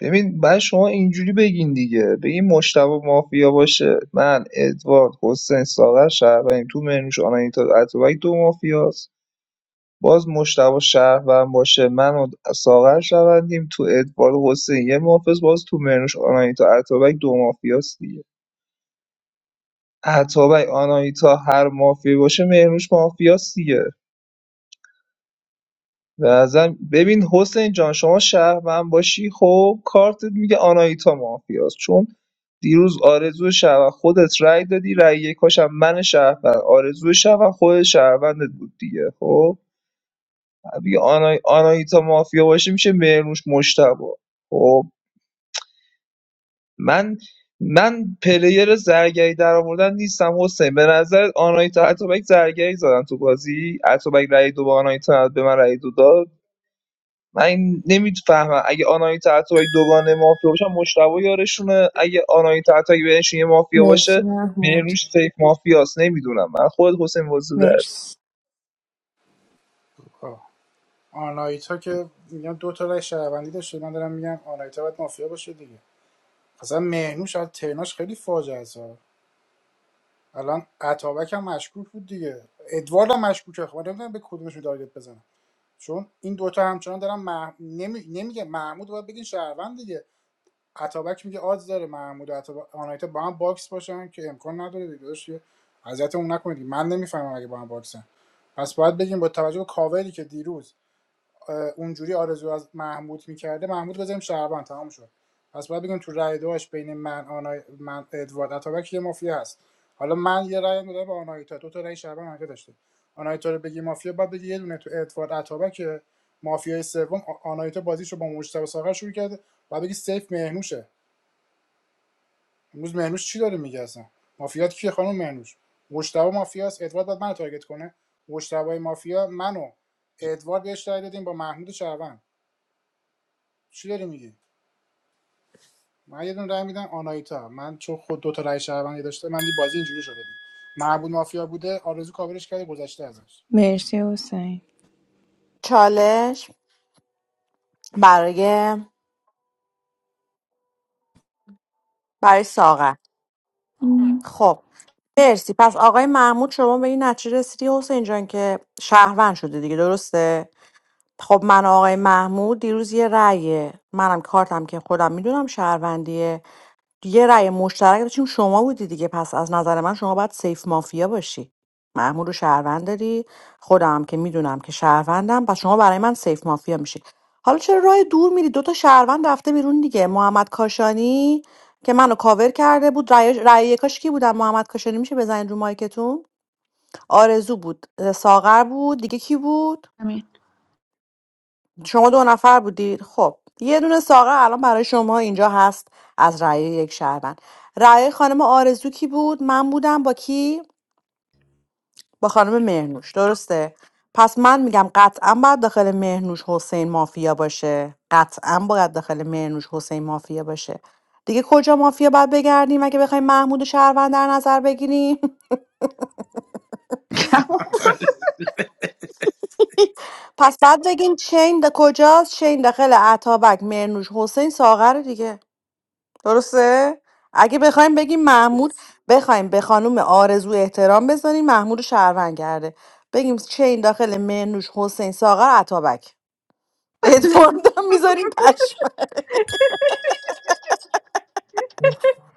[SPEAKER 15] ببین بعد شما اینجوری بگین دیگه بگین مشتبه مافیا باشه من ادوارد حسین ساغر شهروندیم تو منوش آناهیتا اتابک دو مافیاست باز مشتبه شهروند باشه من و ساغر شوندیم تو ادوارد حسین یه مافیاست باز تو منوش آناهیتا اتابک دو مافیاست دیگه اتابک آناهیتا هر مافیایی باشه مهرنوش مافیاست دیگه به نظرم- ببین حسین جان شما شهروند باشی خب کارتت میگه آناهیتا مافیاست چون دیروز آرزو شهروند خودت رأی دادی رأی یکاشم من شهروند آرزو شهروند خود شهروندت بود دیگه خب دیگه آنا... آناهیتا مافیا باشه میشه مهرنوش مشتبا خب من من پر زرد آناهیتا زرگری زدم تو بازی اتابک رأی دو به آناهیتا نداد، به من دو داد من نمیفهمم اگه آنایی تعتبایی دوگانه مافیا باشن مشتبه یارشونه اگه آنایی تعتبایی بینشون یه مافیا
[SPEAKER 18] مرسی
[SPEAKER 15] باشه
[SPEAKER 18] محمود
[SPEAKER 15] بینروش فیک مافیاست نمیدونم من خود حسین وزوده
[SPEAKER 18] مرسی
[SPEAKER 1] آنایتا که میگم دو تا رای شهروندی داشته من دارم میگم آنایتا باید مافیا باشه دیگه اصلا مهنوش شاید ترناش خیلی فاجعه است الان عطابک هم مشکوک بود دیگه ادوارد هم مشکوکه خب من نمیدونم به کدومشون تارگت بزنم چون این دوتا همچنان دارن مح... نمی... نمیگه محمود رو باید بگین شهروند دیگه عطابک میگه آز داره محمود و عطا- آنایتا با هم باکس باشن که امکان نداره دیگه داداش یه اذیتمون نکنید من نمیفهمم اگه با هم باکسن پس باید بگیم با توجه به کاوری که دیروز اونجوری آرزو از محمود میکرده محمود بذاریم شعبان تمام شد پس باید بگیم تو رای دوش بین من آنای من ادوارد اتابک یه مافیا هست حالا من یه رای میدم به آنایتا دو تا رای شعبان منفی داشته آنایتا رو بگی مافیا بعد بگی یه دونه تو ادوارد اتابک مافیای سوم آ- آنایتا بازیش رو با مجتبی ساغر شروع کرده بعد بگی سیف مهنوشه امروز مهنوش چی داره میگه اصلا مافیات کیه خانم مهنوش مجتبی مافیاست ادوارد بعد منو تارگت کنه مجتبی مافیا منو ادوارد بهش رأی دادیم با محمود شهروند چی داری میگی من یه دونه رای میدم آنایتا من چون خود دو تا رای شهروندی داشته من دی بازی اینجوری شده دی معبود مافیا بوده آرزو کاورش کرده گذشته ازش
[SPEAKER 18] مرسی حسین
[SPEAKER 4] چالش برای برای ساغر خب مرسی پس آقای محمود شما به این نتیجه رسیدی حسین جان که شهروند شده دیگه درسته خب من و آقای محمود دیروز یه رأی منم کارتم که خودم میدونم شهروندیه یه رأی مشترک داشتیم شما بودی دیگه پس از نظر من شما باید سیف مافیا باشی محمود رو شهروند داری خودم هم که میدونم که شهروندم پس شما برای من سیف مافیا میشی حالا چرا راه دور میری دوتا شهروند رفته بیرون دیگه محمد کاشانی که منو کاور کرده بود رأی رأی یکاش کی بودم محمد کاشانی میشه بزنید رو مایکتون آرزو بود ساغر بود دیگه کی بود شما دو نفر بودید خب یه دونه ساقه الان برای شما اینجا هست از رأی یک شهروند رأی خانم آرزو کی بود من بودم با کی با خانم مهرنوش درسته پس من میگم قطعا باید داخل مهرنوش حسین مافیا باشه قطعا باید داخل مهرنوش حسین مافیا باشه دیگه کجا مافیا باید بگردیم اگه بخوایم محمود و شهروند در نظر بگیریم پس بعد بگین چین دا کجاست چین داخل عطابک مهرنوش حسین ساغر دیگه درسته اگه بخوایم بگیم محمود بخوایم به خانم آرزو احترام بذاریم محمود رو شهروند کرده بگیم چه این داخل منوش حسین ساغر عطابک ادوارد هم میذاریم پشم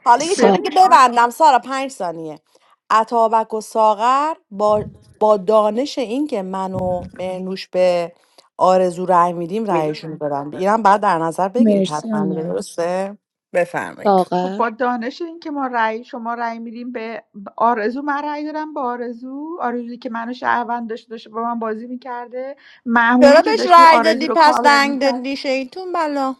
[SPEAKER 4] حالا یه چیز
[SPEAKER 18] سا...
[SPEAKER 4] دیگه ببندم سارا پنج ثانیه عطابک و ساغر با, با دانش این که من و منوش به آرزو رأی میدیم رأیشون رو بدن اینم بعد در نظر بگیرید
[SPEAKER 18] مرسی
[SPEAKER 4] حتما دیگه،
[SPEAKER 18] آنا
[SPEAKER 4] درسته بفرمایید
[SPEAKER 13] خب
[SPEAKER 18] ساغر
[SPEAKER 13] با دانش این که ما رأی شما رأی میدیم به آرزو من رأی دادم به آرزو آرزویی که منو شهروند داشته داشته با من بازی میکرده
[SPEAKER 4] چرا
[SPEAKER 13] محمودی که
[SPEAKER 4] بهش
[SPEAKER 13] داشته
[SPEAKER 4] رای
[SPEAKER 13] آرزو
[SPEAKER 4] دادی
[SPEAKER 13] رو
[SPEAKER 4] پس
[SPEAKER 13] کاور
[SPEAKER 4] دنگ
[SPEAKER 13] میکرد
[SPEAKER 4] دادی شیطون بلا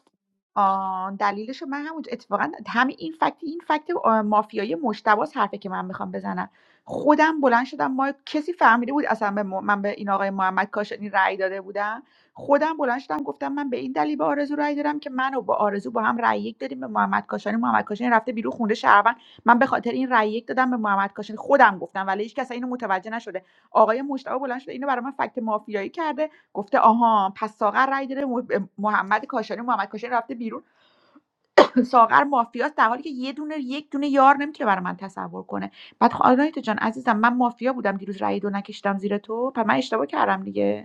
[SPEAKER 13] آه، دلیلشو من همونجا اتفاقا همین این فکت این فکت آه، مافیایی مجتبی است حرفی که من میخوام بزنم خودم بلند شدم ما کسی فهمیده بود اصلا به م- من به این آقای محمد کاشانی رأی داده بودم خودم بلند شدم گفتم من به این دلیل به آرزو رأی دادم که من و با آرزو با هم رأی یک دادیم به محمد کاشانی محمد کاشانی رفته بیرون خونده شهروند من به خاطر این رأی یک دادم به محمد کاشانی خودم گفتم ولی هیچ کس اینو متوجه نشده آقای مجتبی بلند شده اینو برای من فکت مافیایی کرده گفته آها پس ساغر رای داره مح- محمد کاشانی محمد کاشانی رفته بیرون ساغر مافیاست در حالی که یه دونه یک دونه یار نمیتونه برای من تصور کنه بعد خ- آنایتا جان عزیزم من مافیا بودم دیروز رای دو نکشتم زیر تو پس من اشتباه کردم دیگه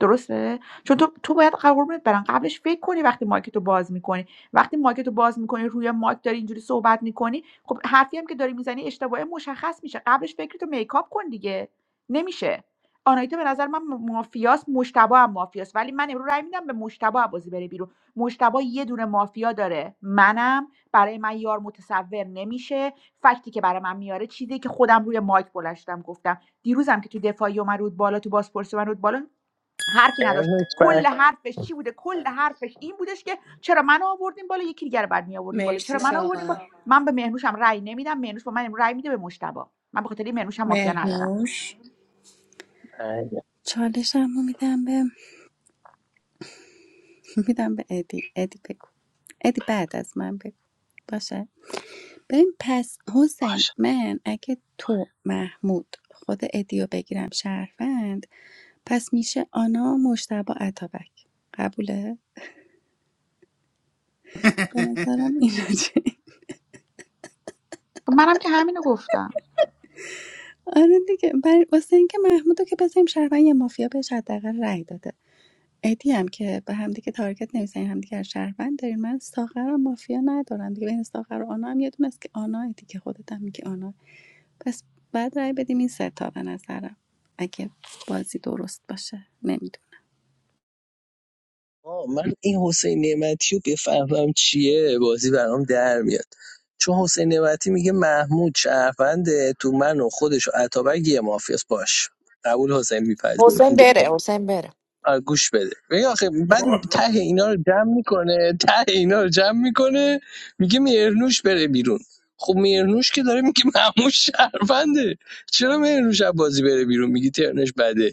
[SPEAKER 13] درسته چون تو تو باید قربونت برن قبلش فکر کنی وقتی مایکتو باز میکنی وقتی مایکتو باز میکنی روی مایک داری اینجوری صحبت میکنی خب حرفی هم که داری میزنی اشتباهه مشخص میشه قبلش فکرتو میکاپ کن دیگه نمیشه آنایتا به نظر من مافیاس مشتبه هم مافیاس ولی من امروز رای میدم به مشتبه بازی بره بیرون مشتبه یه دونه مافیا داره منم برای من یار متصور نمیشه فکتی که برای من میاره چیزی که خودم روی مایک بلشتم گفتم دیروزم که تو دفاعی اومد رود بالا تو بازپرسی اومد رود بالا حرفی نداشت
[SPEAKER 12] مهرنوز
[SPEAKER 13] کل
[SPEAKER 12] بر-
[SPEAKER 13] نفر حرفش چی بوده کل حرفش این بودش که چرا من آوردیم بالا یکی دیگر بعد می آوردیم بالا چرا
[SPEAKER 18] مرسی
[SPEAKER 13] من آوردیم
[SPEAKER 18] ساغر
[SPEAKER 13] بالا من به مهنوشم رأی نمیدم مهنوش با من رأی میده به مشتبا من به خاطر این مهنوشم مافیا ندارم
[SPEAKER 18] مهنوش
[SPEAKER 12] برگرد.
[SPEAKER 2] چالشم رو میدم به میدم به ادی ادی بگو ادی بعد از من بگو باشه ببین پس حسین
[SPEAKER 12] باشه
[SPEAKER 2] من اگه تو محمود خود ادیو بگیرم شهروند پس میشه آنا مشتبه اتابک قبوله؟ به نظرم اینا چی؟
[SPEAKER 13] خب منم که همینو گفتم
[SPEAKER 2] آره دیگه بر... واسه اینکه محمودو که بذاریم شهروند یه مافیا بهش حداقل رأی داده ادی هم که به هم دیگه تارگت نمیزنیم هم دیگه رو شهروند داریم من ساغر و مافیا ندارم دیگه بین ساغر و آنا هم یه دونه است که آنا ادی که خودت هم میگی آنا پس بعد رای بدیم این سه تا به نظرم اگه بازی درست باشه نمیدونم
[SPEAKER 12] آه، من این حسین نعمتی رو بفهمم چیه بازی برام در میاد چون حسین نعمتی میگه محمود شهرونده تو من و خودش و عطابک یه مافیاس باش قبول حسین
[SPEAKER 4] حسین
[SPEAKER 12] میپذیر
[SPEAKER 4] بره حسین بره
[SPEAKER 12] آره، گوش بده ببین آخه بعد ته اینا رو جمع میکنه ته اینا رو جمع میکنه میگه مهرنوش بره بیرون خب مهرنوش که داره میگه مهموش شهرونده چرا مهرنوش از بازی بره بیرون میگی ترنش بده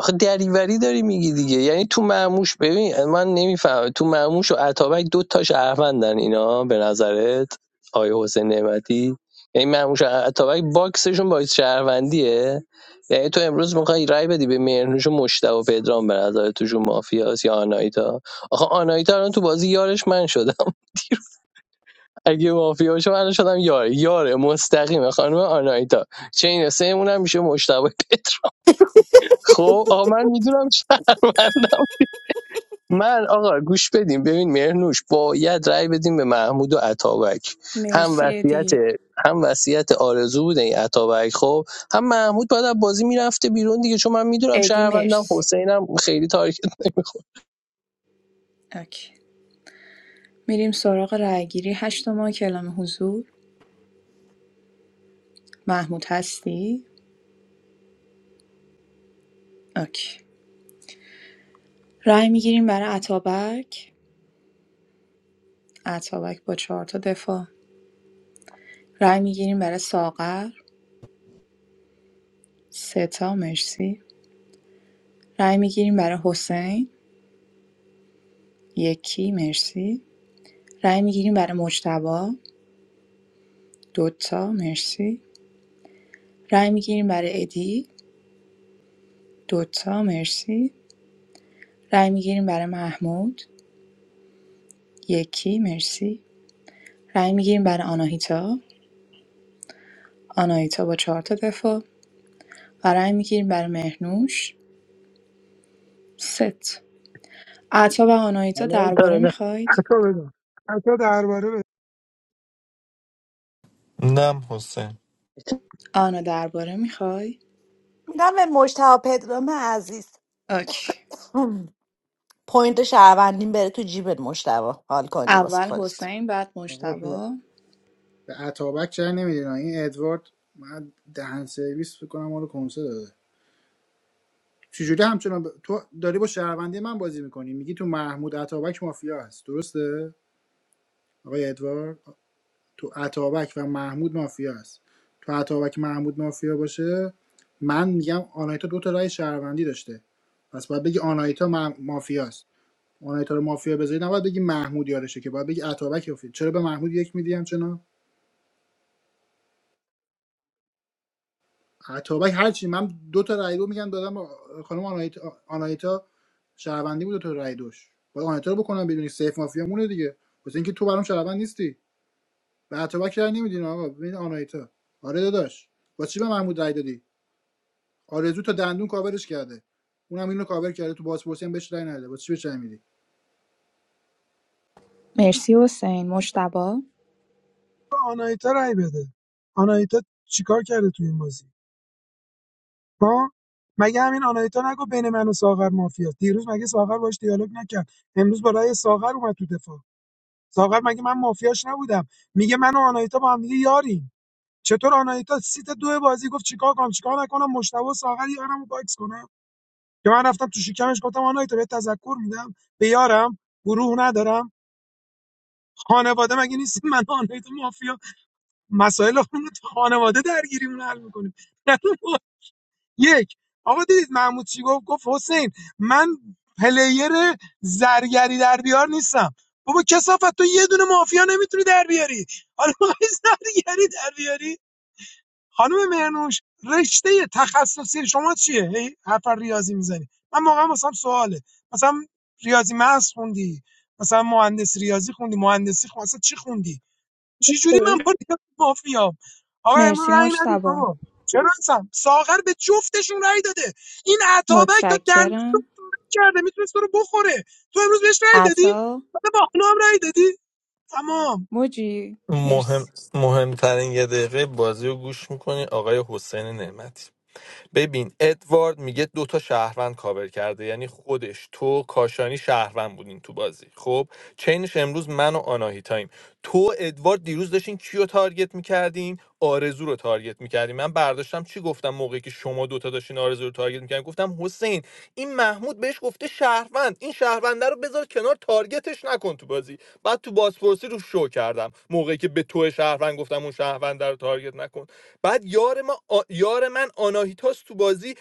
[SPEAKER 12] آخه دریوری داری میگی دیگه یعنی تو معموش ببین من نمیفهمم تو معموش و اتابک دو تا شهروندن اینا به نظرت آیه حسین نعمتی یعنی معموش و اتابک باکسشون باعث شهروندیه یعنی تو امروز میخوای رای بدی به مهرنوش و مشتبه و پدرام به نظر توشون مافیاس یا آنایتا آخه آنایتا الان تو بازی یارش من شدم اگه مافیا باشه من شدم یار یار مستقیم خانم آنایتا چه این سه هم میشه مشتبه و پدرام خب آقا من میدونم شهروند من آقا گوش بدیم ببین مهرنوش باید رأی بدیم به محمود و عطابک هم
[SPEAKER 18] مرسی
[SPEAKER 12] وصیت
[SPEAKER 18] ادی
[SPEAKER 12] هم وصیت آرزو بوده این عطابک خب هم محمود باید از بازی میرفته بیرون دیگه چون من میدونم
[SPEAKER 18] ادی
[SPEAKER 12] شهروندم
[SPEAKER 18] مرسی
[SPEAKER 12] حسینم خیلی تارکت
[SPEAKER 18] اوکی میریم سراغ رأیگیری هشت ماه کلام حضور محمود هستی اوکی رأی میگیریم برای عطابک عطابک با چهار تا دفاع رأی میگیریم برای ساغر سه تا مرسی رای میگیریم برای حسین یکی مرسی رای میگیریم برای مجتبا دوتا مرسی رای میگیریم برای ادی دوتا مرسی رای میگیریم برای محمود یکی مرسی رای میگیریم برای آناهیتا آناهیتا با چهار تا دفاع و رای میگیریم برای مهنوش ست عطا و آناهیتا درباره
[SPEAKER 12] نمیخوره
[SPEAKER 11] حتی
[SPEAKER 18] میخواید
[SPEAKER 11] بدون حتی درباره بده
[SPEAKER 14] نم حسین
[SPEAKER 18] آنا درباره میخوای
[SPEAKER 4] میدم به مشتبه پدرام عزیز
[SPEAKER 18] اوکی
[SPEAKER 4] هم، پوینت شهروندین بره تو جیبت مشتبا حال کنی واسه
[SPEAKER 18] اول
[SPEAKER 4] خودت
[SPEAKER 18] حسین بعد
[SPEAKER 1] آقا به
[SPEAKER 18] مجتبی
[SPEAKER 1] به اتابک چرا نمیدین این ادوارد من دهن سرویس میکنم ما رو کنسه داده چجوری همچنان ب- تو داری با شهروندی من بازی میکنی میگی تو محمود اتابک مافیا هست درسته آقای ادوارد تو اتابک و محمود مافیاست تو اتابک محمود مافیا باشه من میگم آنایتا دو تا رأی شهروندی داشته پس باید بگی آنایتا مافیاست آنایتا رو مافیا بذاری نباید بگی محمود یارشه که باید بگی اتابک مافیا چرا به محمود یک میدیم چنا اتابک هرچی من دو تا رأی دو میگم دادم به خانم آنایتا آنایتا شهروندی بود دو تا رأی دوش باید آنایتا رو بکنم بدونی سیف مافیا مونه دیگه واسه اینکه تو برام شهروند نیستی به اتابک رأی نمیدین آقا ببین آنایتا آره داداش واسه چی به محمود رأی دادی آرزو تا دندون کاورش کرده اونم اینو کاور کرده تو بازپرسی هم بهش رای نده با چی بهش رای میدی
[SPEAKER 18] مرسی حسین مجتبی
[SPEAKER 11] به آنایتا رای بده آنایتا چیکار کرده تو این بازی ها مگه همین آنایتا نگو بین من و ساغر مافیاست دیروز مگه ساغر باش دیالوگ نکرد امروز با رأی ساغر اومد تو دفاع ساغر مگه من مافیاش نبودم میگه من و آنایتا با هم دیگه یاریم چطور آنایتا سیت دو بازی گفت چیکار کنم چیکار نکنم مشتبه و ساغر یارمو باکس کنم که من رفتم تو شکمش گفتم آنایتا بهت تذکر میدم به یارم گروه ندارم خانواده مگه نیست من و آنایتا مسائل خودمون تو خانواده درگیریمون حل میکنیم یک آقا دیدید محمود چی گفت گفت حسین من پلیر زرگری در بیار نیستم بابا کسافت تو یه دونه مافیا نمیتونی در بیاری حالا می‌خوای زرگری در بیاری خانم مهرنوش رشته تخصصی شما چیه هی حرف ریاضی میزنی من واقعا مثلا سواله مثلا ریاضی محض خوندی مثلا مهندس ریاضی خوندی مهندسی خوندی اصلا چی خوندی چجوری من مافیا مافیام آقا امروز
[SPEAKER 18] مرسی
[SPEAKER 11] رأی ندید
[SPEAKER 18] مجتبا
[SPEAKER 11] بابا چرا اصلا ساغر به جفتشون رأی داده این عطابک تا دندون رو
[SPEAKER 18] متشکرم
[SPEAKER 11] پاره کرده میتونست تو رو بخوره تو امروز بهش رأی دادی
[SPEAKER 18] عطا
[SPEAKER 11] بعد با هم رأی دادی تمام
[SPEAKER 18] موجی
[SPEAKER 14] مهم
[SPEAKER 18] مرسی
[SPEAKER 14] مهمترین یه دقیقه بازی رو گوش میکنی آقای حسین نعمتی ببین ادوارد میگه دوتا شهروند کاور کرده یعنی خودش تو کاشانی شهروند بودین تو بازی خب چینش امروز من و آناهیتاییم تو ادوارد دیروز داشتین کیو تارگت میکردین آرزو رو تارگت میکردین من برداشتم چی گفتم موقعی که شما دوتا داشتین آرزو رو تارگت میکردین گفتم حسین این محمود بهش گفته شهروند این شهرونده رو بذار کنار تارگتش نکن تو بازی بعد تو بازپرسی رو شو کردم موقعی که به تو شهروند گفتم اون شهرونده رو تارگت نکن بعد یار ما آ... یار من آناهیتاس تو بازی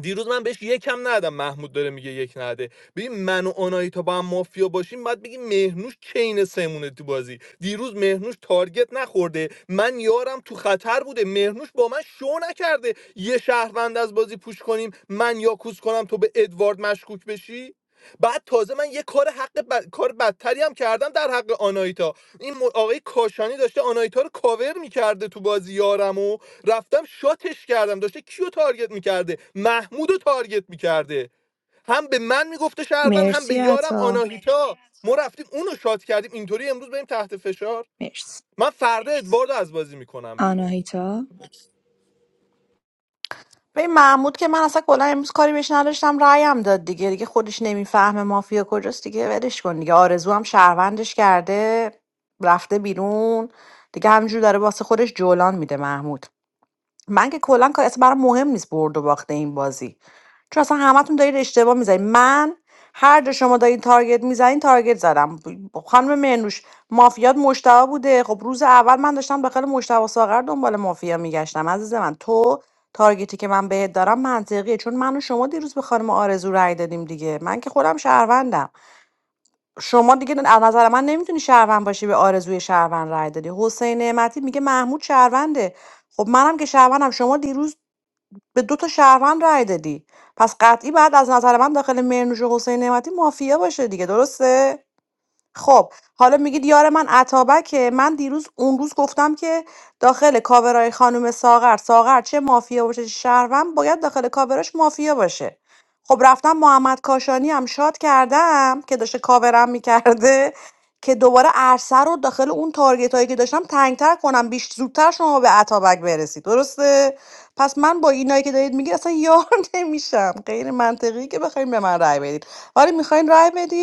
[SPEAKER 14] دیروز من بهش یکم ندادم محمود داره میگه یک نده ببین من و آناهیتا با هم مافیا باشیم بعد بگیم مهنوش چین سمونه تو بازی دیروز مهنوش تارگت نخورده من یارم تو خطر بوده مهنوش با من شو نکرده یه شهروند از بازی پوش کنیم من یاکوز کنم تو به ادوارد مشکوک بشی بعد تازه من یه کار حق ب- کار بدتری هم کردم در حق آنایتا این م- آقای کاشانی داشته آنایتا رو کاور میکرده تو بازی یارمو رفتم شاتش کردم داشته کیو تارگت میکرده محمودو تارگت میکرده هم به من میگفته شهروند هم به
[SPEAKER 18] مرسی
[SPEAKER 14] یارم
[SPEAKER 18] عطا
[SPEAKER 14] آناهیتا ما رفتیم اونو شات کردیم اینطوری امروز بریم تحت فشار
[SPEAKER 18] مرسی
[SPEAKER 14] من فردا ادواردو از بازی میکنم بیرون
[SPEAKER 18] آناهیتا
[SPEAKER 4] به محمود که من اصلا کلا امروز کاری بهش نداشتم رایم داد دیگه دیگه خودش نمیفهمه مافیا کجاست دیگه ولش کن دیگه آرزو هم شهروندش کرده رفته بیرون دیگه همینجور داره واسه خودش جولان میده محمود من که کلا کار اصلا برام مهم نیست برد و باخت این بازی چون اصلا همتون دارید اشتباه میزنید من هر جا شما دارین تارگت میزنین تارگت زدم ب- خانم مرنوش مافیات مشتبه بوده خب روز اول من داشتم داخل مشتبه ساغر دنبال مافیا میگشتم عزیز من تو تارگتی که من بهت دارم منطقیه چون من و شما دیروز به خانم آرزو رأی دادیم دیگه من که خودم شهروندم شما دیگه از نظر من نمیتونی شهروند باشی به آرزوی شهروند رأی دادی حسین نعمتی میگه محمود شهرونده خب منم که شهروندم شما دیروز به دو تا شهروند رأی دادی پس قطعی بعد از نظر من داخل مهرنوش و حسین نعمتی مافیا باشه دیگه درسته خب حالا میگید یار من عطابکه من دیروز اون روز گفتم که داخل کاورای خانم ساغر ساغر چه مافیا باشه چه شهروند باید داخل کاوراش مافیا باشه خب رفتم محمد کاشانی هم شاد کردم که داشته کاورم میکرده که دوباره عرصه رو داخل اون تارگت هایی که داشتم تنگتر کنم بیش زودتر شما به عطابک برسید درسته پس من با اینایی که دارید میگید اصلا یار نمیشم غیر منطقی که بخواین به من رای بدید ولی میخواین رای بدید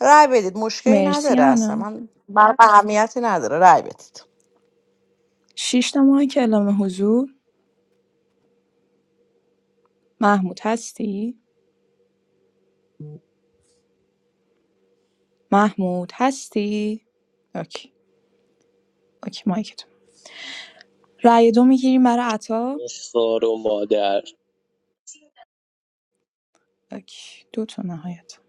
[SPEAKER 4] رای بدید مشکلی
[SPEAKER 18] مرسی
[SPEAKER 4] نداره اصلا
[SPEAKER 18] آنا
[SPEAKER 4] من برام اهمیتی نداره رای بدید
[SPEAKER 18] شیش تا ماه کلام حضور محمود هستی؟ محمود هستی؟ اوکی اوکی مایکتون رأی دو میگیریم برای عطا
[SPEAKER 12] خار و مادر
[SPEAKER 18] اوکی دو تا نهایت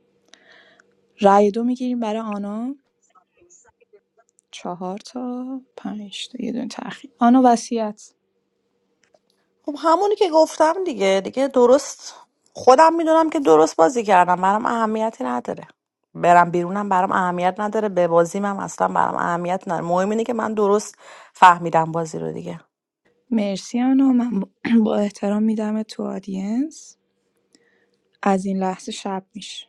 [SPEAKER 18] رأی دو میگیریم برای آنا چهار تا پنج تا یه دونه تأخیر آنا وصیت
[SPEAKER 4] خب همونی که گفتم دیگه دیگه درست خودم میدونم که درست بازی کردم برام اهمیتی نداره برم بیرونم برام اهمیت نداره به بازیم هم اصلا برام اهمیت نداره مهم اینه که من درست فهمیدم بازی رو دیگه
[SPEAKER 18] مرسی آنا من با با احترام میدمت تو آدینس از این لحظه شب میشه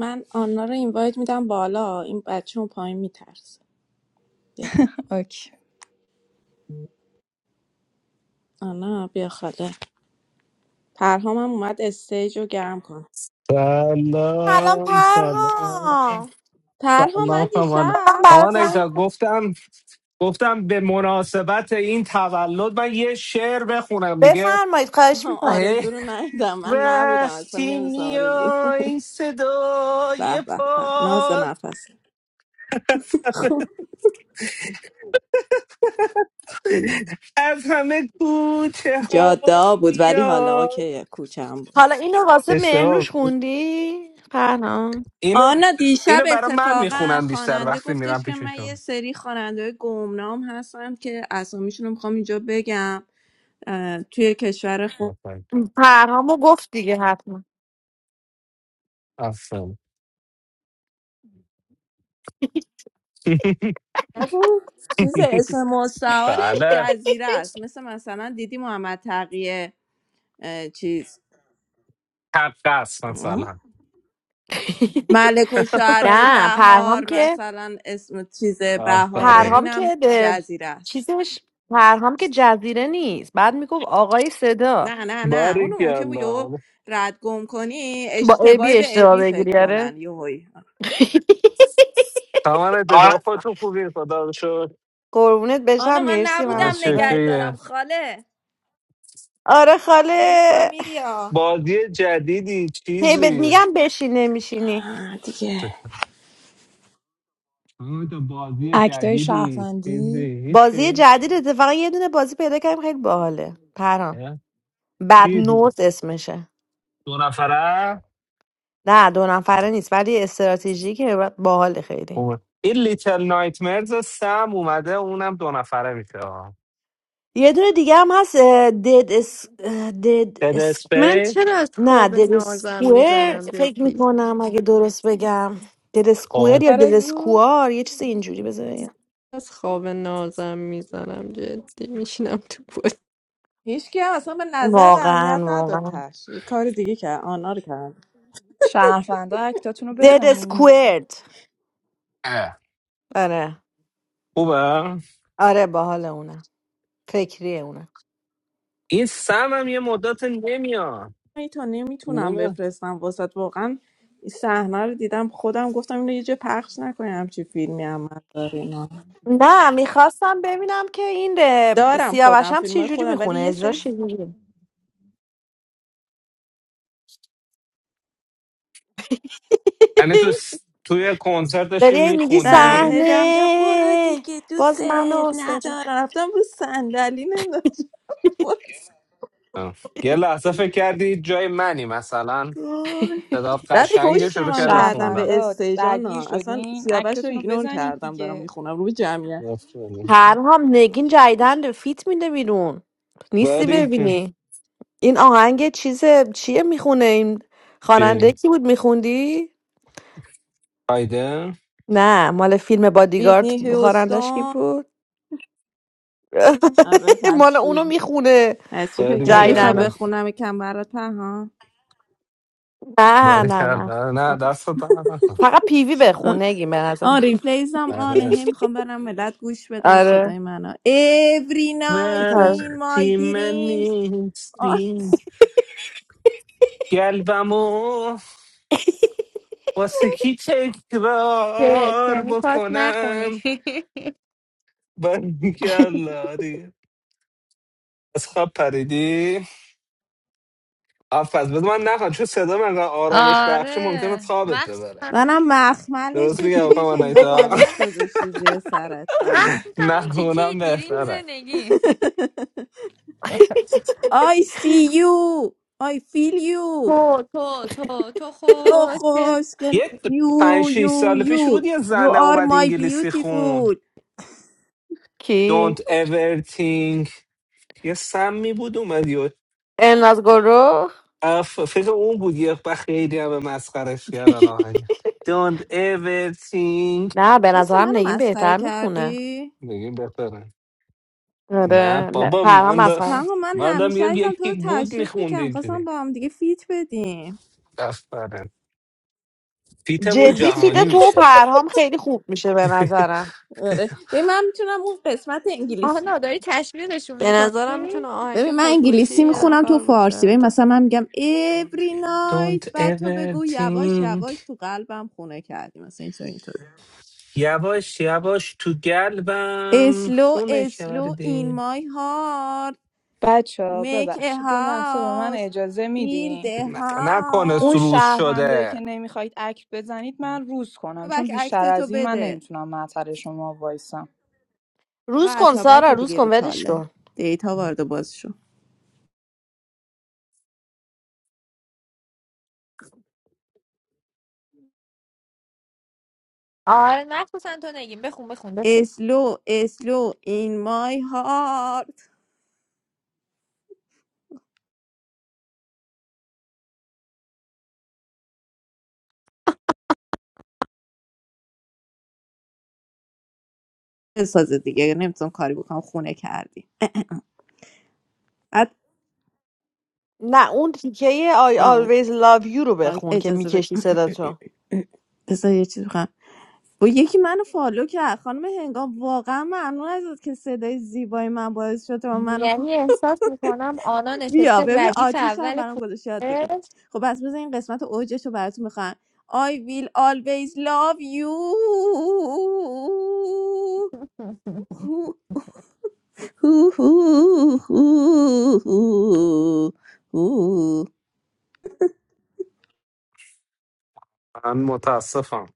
[SPEAKER 9] من آنا رو اینوایت میدم بالا این بچه اون پایین میترسه بیا
[SPEAKER 18] اوکی
[SPEAKER 9] آنا بیا خاله پرهامم اومد استیج رو گرم کن
[SPEAKER 4] الان
[SPEAKER 22] سلام سلام
[SPEAKER 4] پرها
[SPEAKER 9] پرهام
[SPEAKER 22] سلام
[SPEAKER 9] من
[SPEAKER 22] خوانا
[SPEAKER 4] من
[SPEAKER 9] دیشب
[SPEAKER 22] خوانا
[SPEAKER 4] برات
[SPEAKER 22] ایجا گفتم گفتم به مناسبت این تولد من یه شعر بخونم دیگه
[SPEAKER 4] بفرمایید خواهش میکنم
[SPEAKER 9] آرزو
[SPEAKER 22] هی،
[SPEAKER 9] رو ندیدم من نبودم اصلا
[SPEAKER 22] وقتی
[SPEAKER 9] نمیدونستم آرزو
[SPEAKER 22] میای این صدای
[SPEAKER 9] به به به ناز
[SPEAKER 22] پاد
[SPEAKER 9] نفس خب
[SPEAKER 22] از همه گوته ها
[SPEAKER 9] جادا بود ولی حالا
[SPEAKER 22] میاد
[SPEAKER 9] اوکی کوچم بود
[SPEAKER 4] حالا اینو واسه
[SPEAKER 22] اشتباه
[SPEAKER 4] مهنوش
[SPEAKER 22] بود.
[SPEAKER 4] خوندی پرهام
[SPEAKER 22] اینو
[SPEAKER 9] آنا دیشب
[SPEAKER 22] اینو برای من
[SPEAKER 9] اتفاقا
[SPEAKER 22] میخونم بیشتر
[SPEAKER 9] خواننده
[SPEAKER 22] وقتی میرم
[SPEAKER 9] گفتش که من یه
[SPEAKER 22] پیششون
[SPEAKER 9] سری خواننده گمنام هستم که اسامیشون رو میخوام اینجا بگم اه، توی کشور خود
[SPEAKER 22] آفرین
[SPEAKER 4] پرهامو گفت دیگه حتما
[SPEAKER 22] آفرین.
[SPEAKER 9] چیز اسم مستعارش
[SPEAKER 22] بله
[SPEAKER 9] جزیره است مثل مثلا دیدی محمد تقیه اه، چیز
[SPEAKER 22] حق است مثلا
[SPEAKER 9] ملک و شعرهای
[SPEAKER 4] نه پرهام
[SPEAKER 9] بهار
[SPEAKER 4] که
[SPEAKER 9] مثلا اسم چیز بهاره
[SPEAKER 22] آفرین
[SPEAKER 4] پرهام
[SPEAKER 9] اینم
[SPEAKER 4] که به
[SPEAKER 9] جزیره است
[SPEAKER 4] چیزش پرهام که جزیره نیست بعد میگفت آقای صدا
[SPEAKER 9] نه نه نه اونو ممکن بود یهو
[SPEAKER 22] باریکلا
[SPEAKER 9] رد گم کنی
[SPEAKER 4] با
[SPEAKER 9] اشتباهی
[SPEAKER 4] ابی
[SPEAKER 9] به
[SPEAKER 4] اشتباه
[SPEAKER 9] ابی فکر
[SPEAKER 4] بگیری آره
[SPEAKER 9] کنن یهویی
[SPEAKER 22] تمام اتجاه خودتون خوبی خدا رو شکر
[SPEAKER 4] قربونت
[SPEAKER 9] آنا
[SPEAKER 4] بشم
[SPEAKER 9] من
[SPEAKER 4] مرسی
[SPEAKER 22] همه
[SPEAKER 4] منم
[SPEAKER 9] نبودم
[SPEAKER 22] چی
[SPEAKER 9] نگه
[SPEAKER 4] خوبم
[SPEAKER 22] اوکیه
[SPEAKER 9] دارم خاله
[SPEAKER 4] آره
[SPEAKER 9] من نیستم
[SPEAKER 4] خاله
[SPEAKER 9] میری ها
[SPEAKER 22] بازی جدیدی
[SPEAKER 4] هی بهت
[SPEAKER 22] چیزی
[SPEAKER 4] میگم بشین نمیشینی
[SPEAKER 9] آه، دیگه
[SPEAKER 22] تو بازی
[SPEAKER 18] اکتای
[SPEAKER 22] جدیدی چیزی
[SPEAKER 18] شهروندی
[SPEAKER 4] بازی
[SPEAKER 22] هیچی
[SPEAKER 4] جدید اتفاقا یه دونه بازی پیدا کردیم خیلی باحاله پرام
[SPEAKER 22] نه؟
[SPEAKER 4] بد
[SPEAKER 22] چی
[SPEAKER 4] نوت اسمشه
[SPEAKER 22] دو نفره
[SPEAKER 4] نه دو نفره نیست ولی استراتژی که با- باحاله خیلی
[SPEAKER 22] خوبه. این لیتل نایتمرز سم اومده اونم دو نفره میشه
[SPEAKER 4] یه دونه دیگه هم هست اه، دد اس اه، دد
[SPEAKER 22] دد
[SPEAKER 4] اس
[SPEAKER 10] من من
[SPEAKER 22] اسپیس
[SPEAKER 10] چرا از
[SPEAKER 4] نه
[SPEAKER 10] خواب
[SPEAKER 4] دد
[SPEAKER 10] نازم
[SPEAKER 4] اسکوئر
[SPEAKER 10] میزنم
[SPEAKER 4] فکر
[SPEAKER 10] جدی
[SPEAKER 4] میکنم اگه درست بگم دد اسکوئر یا دد
[SPEAKER 9] آرزو
[SPEAKER 4] اسکوار یه چیز اینجوری بذار بگم.
[SPEAKER 10] از خواب نازم میزنم جدی میشینم تو بود
[SPEAKER 9] هیچ که اصلا به نظر اهمیت
[SPEAKER 4] واقعا
[SPEAKER 9] نداد
[SPEAKER 4] واقعا
[SPEAKER 9] تش یه کار دیگه کرد آنا رو کرد
[SPEAKER 18] شهروندا اکتاتون رو
[SPEAKER 4] دد
[SPEAKER 18] بزنید
[SPEAKER 4] اسکوئرد آره
[SPEAKER 22] خوبه
[SPEAKER 4] آره باحال اونم فکریه اونم
[SPEAKER 22] این سم هم یه مدت نمیاد
[SPEAKER 9] ای تا نمیتونم بفرستم واسط واقعا این صحنه رو دیدم خودم گفتم اینو یه جا پخش نکنیم همچی فیلمی هم من داریم
[SPEAKER 4] نه میخواستم ببینم که این اه،
[SPEAKER 9] دارم خودم
[SPEAKER 4] سیاوشم
[SPEAKER 9] فیلم
[SPEAKER 4] چی
[SPEAKER 9] های
[SPEAKER 4] جوری
[SPEAKER 9] خودم ولی
[SPEAKER 4] میخونه
[SPEAKER 9] یه سری
[SPEAKER 4] اجراش چی
[SPEAKER 9] ف-
[SPEAKER 4] جوری
[SPEAKER 22] یعنی تو س- توی کنسرت داشتی
[SPEAKER 4] داری هی میگی
[SPEAKER 9] نه
[SPEAKER 22] میخوندی
[SPEAKER 9] هی دارم میگم برو
[SPEAKER 4] صحنه
[SPEAKER 9] دیگه دوست
[SPEAKER 4] باز منو سری
[SPEAKER 9] ندارم رفتم رو صندلی نمیدونم وای.
[SPEAKER 22] یه لحظه فکر کردی جای منی مثلا صدا
[SPEAKER 9] بعد
[SPEAKER 22] قشنگ
[SPEAKER 9] پشتم
[SPEAKER 22] شروع
[SPEAKER 9] هم
[SPEAKER 22] کرده به
[SPEAKER 9] کردم
[SPEAKER 22] خوندن
[SPEAKER 9] به
[SPEAKER 18] شهروندا
[SPEAKER 9] استیجان
[SPEAKER 18] درگیر
[SPEAKER 9] ها اصلا
[SPEAKER 18] شدین
[SPEAKER 9] سیاوش رو
[SPEAKER 18] اکتتون رو
[SPEAKER 9] ایگنور
[SPEAKER 18] بزنید
[SPEAKER 9] کردم دارم
[SPEAKER 18] دیگه
[SPEAKER 9] میخونم رو جمعیت
[SPEAKER 4] پرهام نگین جدیدن فیت میده بیرون نیستی
[SPEAKER 22] باری
[SPEAKER 4] ببینی این آهنگ چیز چیه میخونه این خواننده کی بود میخوندی
[SPEAKER 22] فایده
[SPEAKER 4] نه مال فیلم بادیگارد
[SPEAKER 9] ویتنی
[SPEAKER 4] خوانندش کی
[SPEAKER 9] هیوستون
[SPEAKER 4] بود
[SPEAKER 9] آره
[SPEAKER 4] مال
[SPEAKER 9] پس
[SPEAKER 4] اونو
[SPEAKER 9] چی؟
[SPEAKER 4] میخونه
[SPEAKER 9] پس چی فکر
[SPEAKER 22] باری
[SPEAKER 9] کرد میخوای
[SPEAKER 22] کردن
[SPEAKER 4] جدیدن
[SPEAKER 9] بخونم کم برات پهان
[SPEAKER 4] نه
[SPEAKER 22] باری
[SPEAKER 4] نه نه
[SPEAKER 22] کردن نه دست رو در نکن.
[SPEAKER 4] فقط پیوی بخون نگین به نظر
[SPEAKER 9] آن ریپلیز هم آنه
[SPEAKER 22] آره.
[SPEAKER 9] هی میخوام برم ملت گوش بدن
[SPEAKER 4] آره
[SPEAKER 9] صدای منو every night
[SPEAKER 4] آره.
[SPEAKER 9] in
[SPEAKER 22] وقتی
[SPEAKER 9] my
[SPEAKER 22] من
[SPEAKER 9] dreams آه.
[SPEAKER 22] نیستی قلبمو واسه کی
[SPEAKER 23] شت
[SPEAKER 22] تکرار
[SPEAKER 23] یعنی پاس نخونی
[SPEAKER 22] بکنم باری کردن از خواب پریدی آفز بذار من نخوام چون صدا من انقدر آرامش بخشه ممکنه
[SPEAKER 23] آره
[SPEAKER 22] خوابت ببره
[SPEAKER 23] مخصوصا
[SPEAKER 9] منم مخملش
[SPEAKER 22] درست میگم
[SPEAKER 9] چطوری
[SPEAKER 22] خواهم
[SPEAKER 9] که انگار
[SPEAKER 22] آنایتا
[SPEAKER 9] بالش گذاشتی زیر سرت واقعا
[SPEAKER 23] مخصوصا اون
[SPEAKER 22] نه
[SPEAKER 23] تیکه
[SPEAKER 22] اونم
[SPEAKER 23] دیریم
[SPEAKER 22] بهتره
[SPEAKER 23] زندگی
[SPEAKER 9] I see you I feel you
[SPEAKER 23] تو تو تو تو
[SPEAKER 9] oh,
[SPEAKER 23] خوشگل
[SPEAKER 9] خوشگل
[SPEAKER 22] یه
[SPEAKER 9] you
[SPEAKER 22] پنج شیش
[SPEAKER 9] you
[SPEAKER 22] سال پیش بود
[SPEAKER 9] you
[SPEAKER 22] یه
[SPEAKER 9] you
[SPEAKER 22] زنه
[SPEAKER 9] are
[SPEAKER 22] اومد
[SPEAKER 9] my
[SPEAKER 22] انگلیسی خون
[SPEAKER 9] beautiful
[SPEAKER 4] کی
[SPEAKER 22] Don't ever think یه سمی بود اومد یه
[SPEAKER 4] ان از گروه
[SPEAKER 22] اف فکر اون بود یه وقت خیلی هم به مسخرش کردن آهنگ Don't ever think
[SPEAKER 4] نه به
[SPEAKER 9] وایسا
[SPEAKER 4] نظرم
[SPEAKER 9] منو
[SPEAKER 4] نگین
[SPEAKER 9] مسخره
[SPEAKER 4] بهتر میخونه
[SPEAKER 9] کردی؟
[SPEAKER 22] بگیم بهتره نه
[SPEAKER 4] آره نه
[SPEAKER 22] بابا
[SPEAKER 4] پرهام
[SPEAKER 22] من دا...
[SPEAKER 4] اصلا
[SPEAKER 9] پنگو من
[SPEAKER 22] من دا
[SPEAKER 9] همیشه
[SPEAKER 22] میگم
[SPEAKER 9] عزیزم تو
[SPEAKER 22] یکی
[SPEAKER 9] رو
[SPEAKER 22] بود
[SPEAKER 9] تشویق
[SPEAKER 22] میخوند
[SPEAKER 9] میکنم خواستم
[SPEAKER 22] اینجوری
[SPEAKER 9] با هم دیگه فیت بدیم
[SPEAKER 22] دست برن فیتمون
[SPEAKER 4] جدی فیده
[SPEAKER 22] جهانی
[SPEAKER 4] تو و
[SPEAKER 22] میشه
[SPEAKER 4] پرهام خیلی خوب میشه به نظرم
[SPEAKER 9] آره ببین من میتونم اون قسمت انگلیسی
[SPEAKER 23] آهنا داری تشویقشون
[SPEAKER 10] به نظرم
[SPEAKER 23] میکنی
[SPEAKER 10] میتونه
[SPEAKER 9] ببین
[SPEAKER 10] آهنگ
[SPEAKER 9] من
[SPEAKER 10] خودکشی
[SPEAKER 9] انگلیسی
[SPEAKER 10] یه
[SPEAKER 9] میخونم تو
[SPEAKER 10] نفر باشه
[SPEAKER 9] فارسی ببین
[SPEAKER 10] حتی
[SPEAKER 9] مثلا من میگم every
[SPEAKER 22] Don't
[SPEAKER 9] night بعد تو
[SPEAKER 22] ever
[SPEAKER 9] بگو یواش
[SPEAKER 22] think
[SPEAKER 9] یواش تو قلبم خونه کردی مثلا اینطور اینطور
[SPEAKER 22] یواش یواش تو گلبم
[SPEAKER 9] slow
[SPEAKER 22] خونه
[SPEAKER 9] slow in
[SPEAKER 22] کردی
[SPEAKER 9] my heart
[SPEAKER 18] بچه ها
[SPEAKER 9] make a
[SPEAKER 18] ببخشید یه لحظه به من
[SPEAKER 9] house
[SPEAKER 18] اجازه
[SPEAKER 9] build
[SPEAKER 18] میدین
[SPEAKER 9] a
[SPEAKER 22] نه- نکنه
[SPEAKER 18] اون
[SPEAKER 9] house
[SPEAKER 22] سروز
[SPEAKER 18] شهروندایی که
[SPEAKER 22] شده
[SPEAKER 18] نمیخواید اکت بزنید من روز کنم چون
[SPEAKER 9] بک
[SPEAKER 18] بیشتر
[SPEAKER 9] اکت تو
[SPEAKER 18] از این من
[SPEAKER 9] بده
[SPEAKER 18] نمیتونم معطل شما وایسم
[SPEAKER 9] آقا
[SPEAKER 4] روز کن
[SPEAKER 9] عطابک
[SPEAKER 4] سارا روز
[SPEAKER 9] دیگه
[SPEAKER 4] کن
[SPEAKER 9] رو
[SPEAKER 4] ولش
[SPEAKER 9] کاله
[SPEAKER 4] کن
[SPEAKER 9] دیتا وارد و باز شو
[SPEAKER 23] آره مخصوصا تو نگیم بخون بخون بخون
[SPEAKER 9] slow slow in my heart بسازه دیگه نمیتونم کاری بکنم خونه کردی بعد
[SPEAKER 4] نه اون تیکه I
[SPEAKER 9] آه
[SPEAKER 4] always love you رو
[SPEAKER 9] آه،
[SPEAKER 4] بخون که
[SPEAKER 9] اجازه بده
[SPEAKER 4] میکشی صدا تو
[SPEAKER 9] بذار یه چیز بخوام با یکی منو فالو کرد خانم هنگام واقعا ممنون ازت که صدای زیبای من باعث شد و منو فا...
[SPEAKER 23] یعنی احساس میکنم آنا
[SPEAKER 9] بیا
[SPEAKER 23] نشسته
[SPEAKER 9] ببین
[SPEAKER 23] ردیف
[SPEAKER 9] آتیش هم
[SPEAKER 23] اول
[SPEAKER 9] برام گذاشت یاد بگی
[SPEAKER 23] کوچه
[SPEAKER 9] خب بس بذار این قسمت اوجش رو براتون بخوام I will always love you
[SPEAKER 22] من متاسفم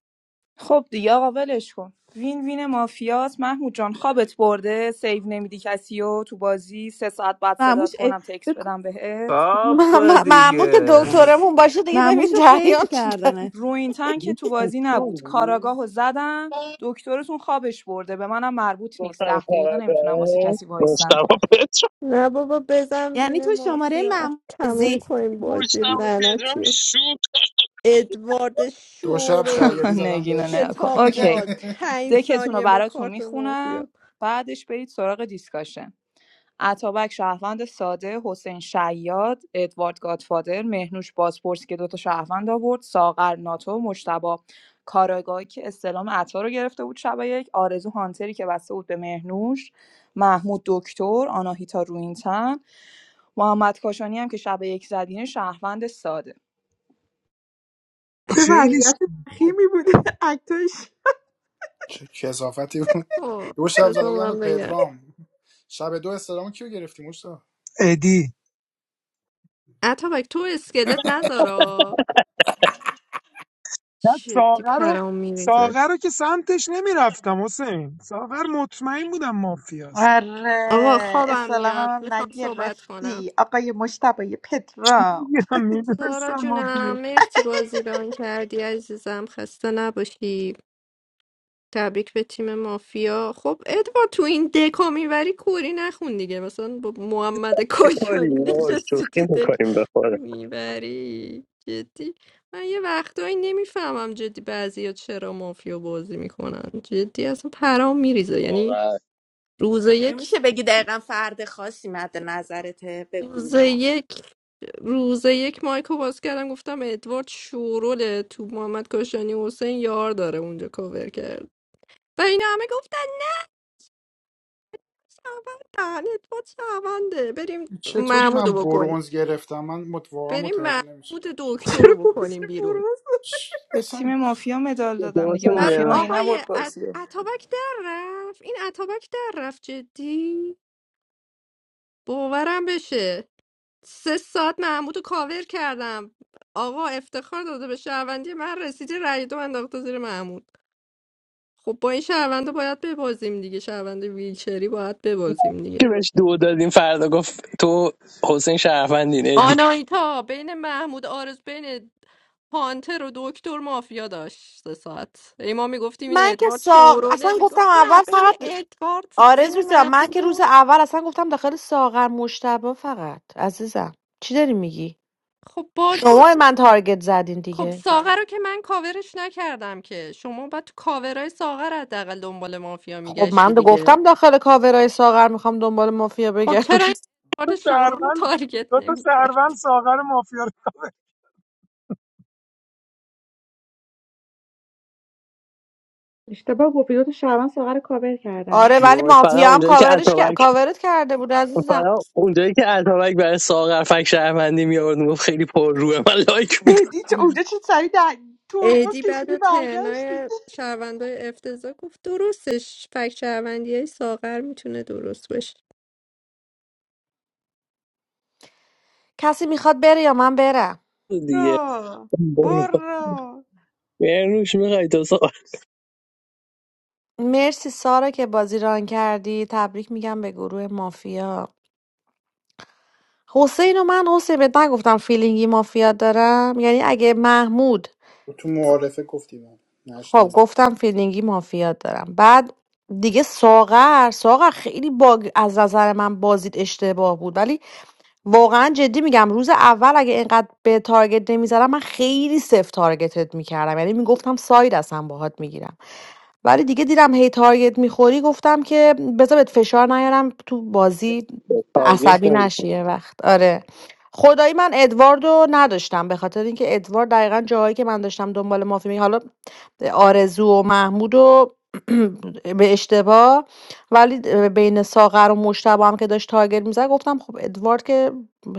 [SPEAKER 18] خب دیگه آقا ولش کن وین وین مافیاس محمود جان خوابت برده سیو نمیدی کسی و تو بازی سه ساعت بعد
[SPEAKER 9] فراموش
[SPEAKER 18] صدات
[SPEAKER 9] اه،
[SPEAKER 18] کنم تکس
[SPEAKER 9] فکر
[SPEAKER 18] بدم بهت
[SPEAKER 4] م-
[SPEAKER 22] آب
[SPEAKER 4] م- محمود که
[SPEAKER 22] دیگه
[SPEAKER 4] دکترمون باشه دیگه ببین
[SPEAKER 9] مموشو پیج
[SPEAKER 4] جریان چی داری
[SPEAKER 9] کردنت
[SPEAKER 18] رو این تنگ که تو بازی نبود کاراگاه زدم دکترتون خوابش برده به منم مربوط نیست
[SPEAKER 12] گفتم
[SPEAKER 18] ده دقیقه نمیتونم واسه
[SPEAKER 12] کارده
[SPEAKER 18] کسی وایسم
[SPEAKER 12] مجتمع پدرام
[SPEAKER 10] نه بابا بزن
[SPEAKER 9] یعنی
[SPEAKER 10] بین
[SPEAKER 9] تو شماره
[SPEAKER 10] مافیا اه،
[SPEAKER 9] مم
[SPEAKER 10] تموم
[SPEAKER 4] زی
[SPEAKER 10] کنیم بازی
[SPEAKER 12] مجتمع پدرام
[SPEAKER 10] لعنتی رو.
[SPEAKER 12] شوک
[SPEAKER 10] ادوارد
[SPEAKER 1] دو شب
[SPEAKER 10] شورول
[SPEAKER 1] شریعتی زدم
[SPEAKER 18] نگینه
[SPEAKER 1] بهش
[SPEAKER 18] نکن
[SPEAKER 10] کتاب
[SPEAKER 18] اوکی
[SPEAKER 10] باز پنج
[SPEAKER 18] دکتون رو
[SPEAKER 10] ثانیه با
[SPEAKER 18] براتون
[SPEAKER 10] کارت
[SPEAKER 18] میخونم
[SPEAKER 10] مافیا
[SPEAKER 18] بعدش برید سراغ دیسکاشن اتابک شهروند ساده حسین شیاد ادوارد گادفادر مهنوش بازپرس که دوتا شهروند آورد ساغر ناتو مشتبا کاراگاهی که استلام عطا رو گرفته بود شب یک آرزو هانتری که بسته بود به مهنوش محمود دکتر آناهیتا روینتن محمد کاشانی هم که شب یک زدین شهروند ساده
[SPEAKER 11] خیلی شو
[SPEAKER 1] چه کسافتی بود
[SPEAKER 10] آه،
[SPEAKER 1] دو شب زده
[SPEAKER 10] بذار
[SPEAKER 1] بودم به
[SPEAKER 10] من بگم
[SPEAKER 1] پدرام شب دو استرامو کیو گرفتی مشتا
[SPEAKER 11] ادی
[SPEAKER 10] اتابک تو اسکلت نذارا
[SPEAKER 11] من
[SPEAKER 10] جدی
[SPEAKER 11] ساغر رو
[SPEAKER 10] پرام میریزه
[SPEAKER 11] ساغر رو که سمتش نمیرفتم حسین ساغر مطمئن بودم مافیاست
[SPEAKER 10] آقا خوابم میاد میخوام صحبت کنم
[SPEAKER 11] چی
[SPEAKER 13] پترا
[SPEAKER 11] بگم
[SPEAKER 10] سارا
[SPEAKER 11] میدونستم مافیا
[SPEAKER 10] جونم مرسی بازی ران کردی عزیزم خسته نباشی تبریک به تیم مافیا خب ادوار تو این دکا میبری کوری نخون دیگه مثلا با محمد
[SPEAKER 12] بکنیم
[SPEAKER 10] کاشانی نشستی
[SPEAKER 12] شوخی
[SPEAKER 10] تو دک
[SPEAKER 12] میکنیم بخوره
[SPEAKER 10] میبری جدی من یه وقتایی نمیفهمم جدی بعضی چرا مافیا بازی میکنن جدی اصلا پرام میریزه یعنی
[SPEAKER 12] واقعا
[SPEAKER 10] روز یک
[SPEAKER 9] میشه بگی دقیقا فرد خاصی مد نظرته به
[SPEAKER 10] روز
[SPEAKER 9] گولا
[SPEAKER 10] یک روز یک مایکو باز کردم گفتم ادوارد شوروله تو محمد کاشانی حسین یار داره اونجا کاور کرد و اینا همه گفتن شعبندن ادوارد شعبنده بریم
[SPEAKER 1] چطوری
[SPEAKER 10] محمود رو
[SPEAKER 1] من
[SPEAKER 10] بکنیم
[SPEAKER 1] برونز گرفتم من مت... واقعا
[SPEAKER 10] بریم
[SPEAKER 1] متوجه نمیشم
[SPEAKER 10] محمود دکتر رو
[SPEAKER 1] خدا
[SPEAKER 10] بکنیم بیرون
[SPEAKER 1] چ-
[SPEAKER 18] به
[SPEAKER 1] اصلا
[SPEAKER 18] تیم مافیا مدال دادم
[SPEAKER 12] درست
[SPEAKER 18] دیگه
[SPEAKER 10] بعد
[SPEAKER 18] مافیا
[SPEAKER 12] میگم.
[SPEAKER 18] مگه
[SPEAKER 10] آقای
[SPEAKER 18] نبرد
[SPEAKER 10] ات...
[SPEAKER 18] بازی رو؟
[SPEAKER 10] اتابک در رفت این اتابک در رفت جدی باورم بشه سه ساعت محمود رو کاور کردم آقا افتخار داده به شهروندی من رسیده رای دو انداخته زیر محمود خب با این شهرونده باید ببازیم دیگه شهروند ویلچری باید ببازیم
[SPEAKER 12] که
[SPEAKER 10] دیگه
[SPEAKER 12] بهش دو دادیم فردا گفت تو حسین شرفندین ادی
[SPEAKER 10] آنایتا بین محمود آرز بین هانتر و دکتر مافیا داشت سه ساعت ای ما میگفتیم این
[SPEAKER 4] من که
[SPEAKER 10] ادوارد
[SPEAKER 4] ساق اصلا
[SPEAKER 10] شوروله
[SPEAKER 4] گفتم
[SPEAKER 10] میگفت نه
[SPEAKER 4] اول
[SPEAKER 10] بین
[SPEAKER 4] فقط
[SPEAKER 10] ادوارد بین
[SPEAKER 4] آرزو جان من که
[SPEAKER 10] محمود
[SPEAKER 4] روز
[SPEAKER 10] و
[SPEAKER 4] اول اصلا گفتم داخل ساغر مشتبه فقط عزیزم چی داری میگی
[SPEAKER 10] خب بازی
[SPEAKER 4] شما من تارگت زدین
[SPEAKER 10] خب
[SPEAKER 4] دیگه
[SPEAKER 10] ساغر رو که من کاورش نکردم که شما باید تو کاورای ساغر حداقل دنبال مافیا
[SPEAKER 4] خب
[SPEAKER 10] میگشتی
[SPEAKER 4] من دا
[SPEAKER 10] دیگه
[SPEAKER 4] گفتم داخل کاورای ساغر میخوام دنبال مافیا
[SPEAKER 10] خب
[SPEAKER 4] بگردم
[SPEAKER 10] چرا این
[SPEAKER 11] تو
[SPEAKER 10] ادوارد شورول رو
[SPEAKER 11] سرون
[SPEAKER 10] تارگت
[SPEAKER 11] دو تا
[SPEAKER 10] نمیکرد
[SPEAKER 11] سرون ساغر مافیا رو
[SPEAKER 4] آره ولی
[SPEAKER 12] وای، فقط
[SPEAKER 4] مافیا هم
[SPEAKER 12] اونجایی که
[SPEAKER 4] کاورش کر-
[SPEAKER 12] اتابک
[SPEAKER 4] کاورت کرده بود عزیزم
[SPEAKER 12] فقط اونجایی که اتابک برای ساغر فک شهروندی میآورد گفت خیلی پر روه من لایک میداد
[SPEAKER 13] ادی چه- اونجا چه سری در ترمز
[SPEAKER 10] ایدی
[SPEAKER 13] کشیدی
[SPEAKER 10] بعد
[SPEAKER 13] برگشتی
[SPEAKER 10] ترنای شهروندای افتضاح گفت درستش فکر شهروندی ساغر میتونه درست باشه
[SPEAKER 4] کسی میخواد بره یا من برم
[SPEAKER 12] دیگه
[SPEAKER 13] برو
[SPEAKER 12] برو
[SPEAKER 13] برو
[SPEAKER 12] یه روش میخوای تو ساغر
[SPEAKER 4] مرسی سارا که بازی ران کردی تبریک میگم به گروه مافیا حسین و من حسین بهت نگفتم فیلینگی مافیا دارم یعنی اگه محمود
[SPEAKER 1] تو معارفه گفتی من
[SPEAKER 4] خب
[SPEAKER 1] نشنیده
[SPEAKER 4] گفتم فیلینگی مافیات دارم بعد دیگه ساغر ساغر خیلی باگ از نظر من بازیت اشتباه بود ولی واقعا جدی میگم روز اول اگه اینقدر به تارگت نمیزدم من خیلی سفت تارگتت میکردم یعنی میگفتم ساید اصلا باهات میگیرم ولی دیگه دیدم هی تارگت میخوری گفتم که بذار بهت فشار نیارم تو بازی عصبی
[SPEAKER 12] تارگت
[SPEAKER 4] نشی یه وقت آره خدایی من ادواردو نداشتم به خاطر اینکه ادوارد دقیقا جاهایی که من داشتم دنبال مافی می حالا آرزو و محمود و به اشتباه ولی بین ساغر و مشتبه هم که داشت تارگت میزد گفتم خب ادوارد که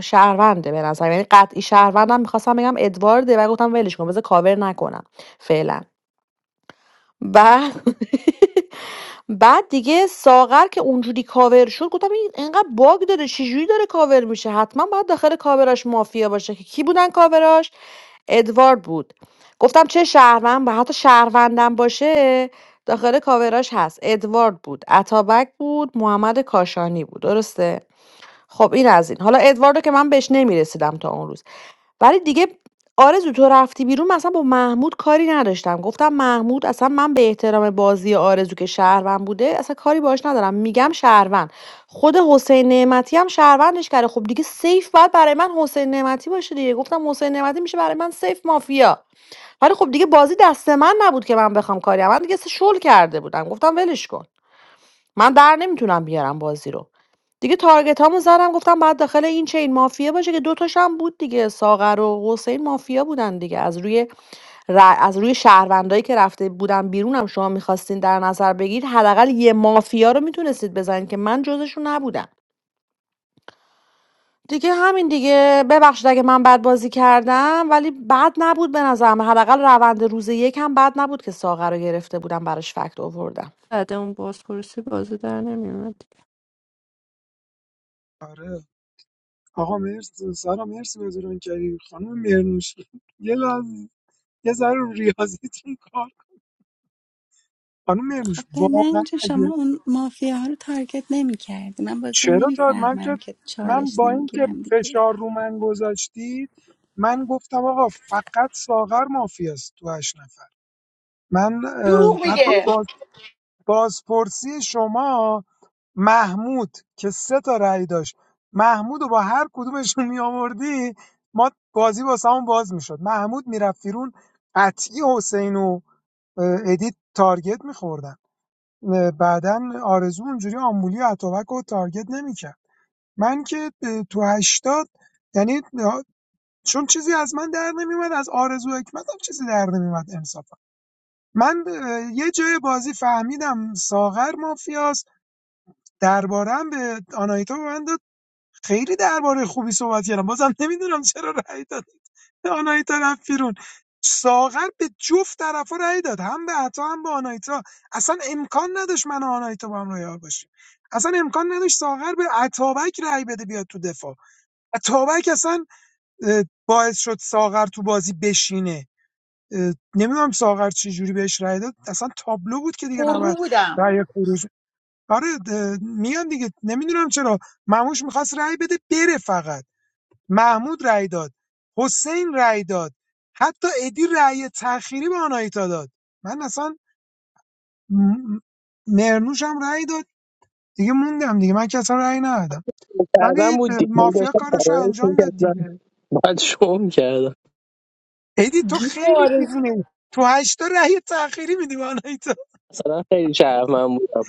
[SPEAKER 4] شهرونده به نظر یعنی قطعی شهروندم میخواستم بگم ادوارده و گفتم ولش کن بذار کاور نکنم فعلا بعد بعد دیگه ساغر که اونجوری کاور شد گفتم این انقدر باگ داره چجوری داره کاور میشه حتما باید داخل کاوراش مافیا باشه که کی بودن کاوراش ادوارد بود گفتم چه شهروند و حتی شهروندم باشه داخل کاوراش هست ادوارد بود اتابک بود محمد کاشانی بود درسته خب این از این حالا ادواردو که من بهش نمیرسیدم تا اون روز ولی دیگه آرزو تو رفتی بیرون مثلا با محمود کاری نداشتم گفتم محمود اصلا من به احترام بازی آرزو که شهروند بوده اصلا کاری باش ندارم میگم شهروند خود حسین نعمتی هم شهروندش کرده خب دیگه سیف باید برای من حسین نعمتی باشه دیگه گفتم حسین نعمتی میشه برای من سیف مافیا ولی خب دیگه بازی دست من نبود که من بخوام کاری کنم. من دیگه شل کرده بودم گفتم ولش کن من در نمیتونم بیارم بازی رو دیگه تارگت هامو زدم گفتم بعد داخل این چین مافیا باشه که دوتاش هم بود دیگه ساغر و حسین مافیا بودن دیگه از روی ر- از روی شهروندایی که رفته بودن بیرونم شما میخواستین در نظر بگیرید حداقل یه مافیا رو میتونستید بزنید که من جزشون نبودم دیگه همین دیگه ببخشید اگه من بد بازی کردم ولی بد نبود به نظرم حداقل روند روز یکم بد نبود که ساغر رو گرفته بودم براش فکت آوردم
[SPEAKER 10] بعد اون بازپرسی بازی در نمیومد
[SPEAKER 11] آره آقا مرسی سارا مرسی بازی رو کردی خانم مرنوش یه لحظه یه ذره رو ریاضیتون کار کن. خانم
[SPEAKER 2] خب
[SPEAKER 11] مرنوش
[SPEAKER 2] به من
[SPEAKER 11] واقعا
[SPEAKER 2] چه
[SPEAKER 11] اگه
[SPEAKER 2] شما اون مافیا ها رو تارگت نمی کردی من بازی رو
[SPEAKER 11] چرا
[SPEAKER 2] نمی
[SPEAKER 11] تا من
[SPEAKER 2] فهمم
[SPEAKER 11] که
[SPEAKER 2] که
[SPEAKER 11] من
[SPEAKER 2] چالش
[SPEAKER 11] با اینکه
[SPEAKER 2] نمیگیرم دیگه
[SPEAKER 11] فشار رو من گذاشتید من گفتم آقا فقط ساغر مافیاست تو هشت نفر من
[SPEAKER 13] دروغ
[SPEAKER 11] اه،
[SPEAKER 13] میگه
[SPEAKER 11] حتی بازپرسی شما محمود که سه تا رأی داشت محمود رو با هر کدومشون می آوردی ما بازی واسه همون باز میشد محمود میرفت بیرون قطعی حسین و ادیت تارگت میخوردن بعدا آرزو اونجوری آمبولی و اتابک رو تارگت نمیکرد من که تو هشتاد یعنی چون چیزی از من در نمیومد از آرزو حکمت هم چیزی در نمیومد انصافا من یه جای بازی فهمیدم ساغر مافیاست درباره هم به آنایتا به من خیلی درباره خوبی صحبت کردم بازم نمیدونم چرا رأی دادید آنایتا رفت بیرون ساغر به جفت طرفا رأی داد هم به عطا هم به آنایتا اصلا امکان نداشت من و آنایتا با هم رویار باشیم اصلا امکان نداشت ساغر به عطابک رأی بده بیاد تو دفاع عطابک اصلا اه، باعث شد ساغر تو بازی بشینه نمیدونم ساغر چه جوری بهش رأی داد اصلا تابلو بود که دیگه
[SPEAKER 13] پررو
[SPEAKER 11] نباید
[SPEAKER 13] بودم
[SPEAKER 11] رأی خروج آره ده- میان دیگه نمیدونم چرا مموش میخواست رأی بده بره فقط محمود رأی داد حسین رأی داد حتی ادی رأی تأخیری به آناهیتا داد من اصلا م- مرنوش هم رأی داد دیگه موندم دیگه من که اصلا رأی ندادم
[SPEAKER 12] کردم
[SPEAKER 11] ولی
[SPEAKER 12] بود دیگه من
[SPEAKER 11] مافیا
[SPEAKER 12] داشتم
[SPEAKER 11] کارش رو
[SPEAKER 12] فرارش
[SPEAKER 11] انجام داد
[SPEAKER 12] میکردم
[SPEAKER 11] دیگه
[SPEAKER 12] بعد شو میکردم
[SPEAKER 11] ادی تو خیلی
[SPEAKER 13] بیمارز
[SPEAKER 11] دیوونه تو هشتا رأی تأخیری میدی به آناهیتا
[SPEAKER 12] مثلا خیلی شرفم بودم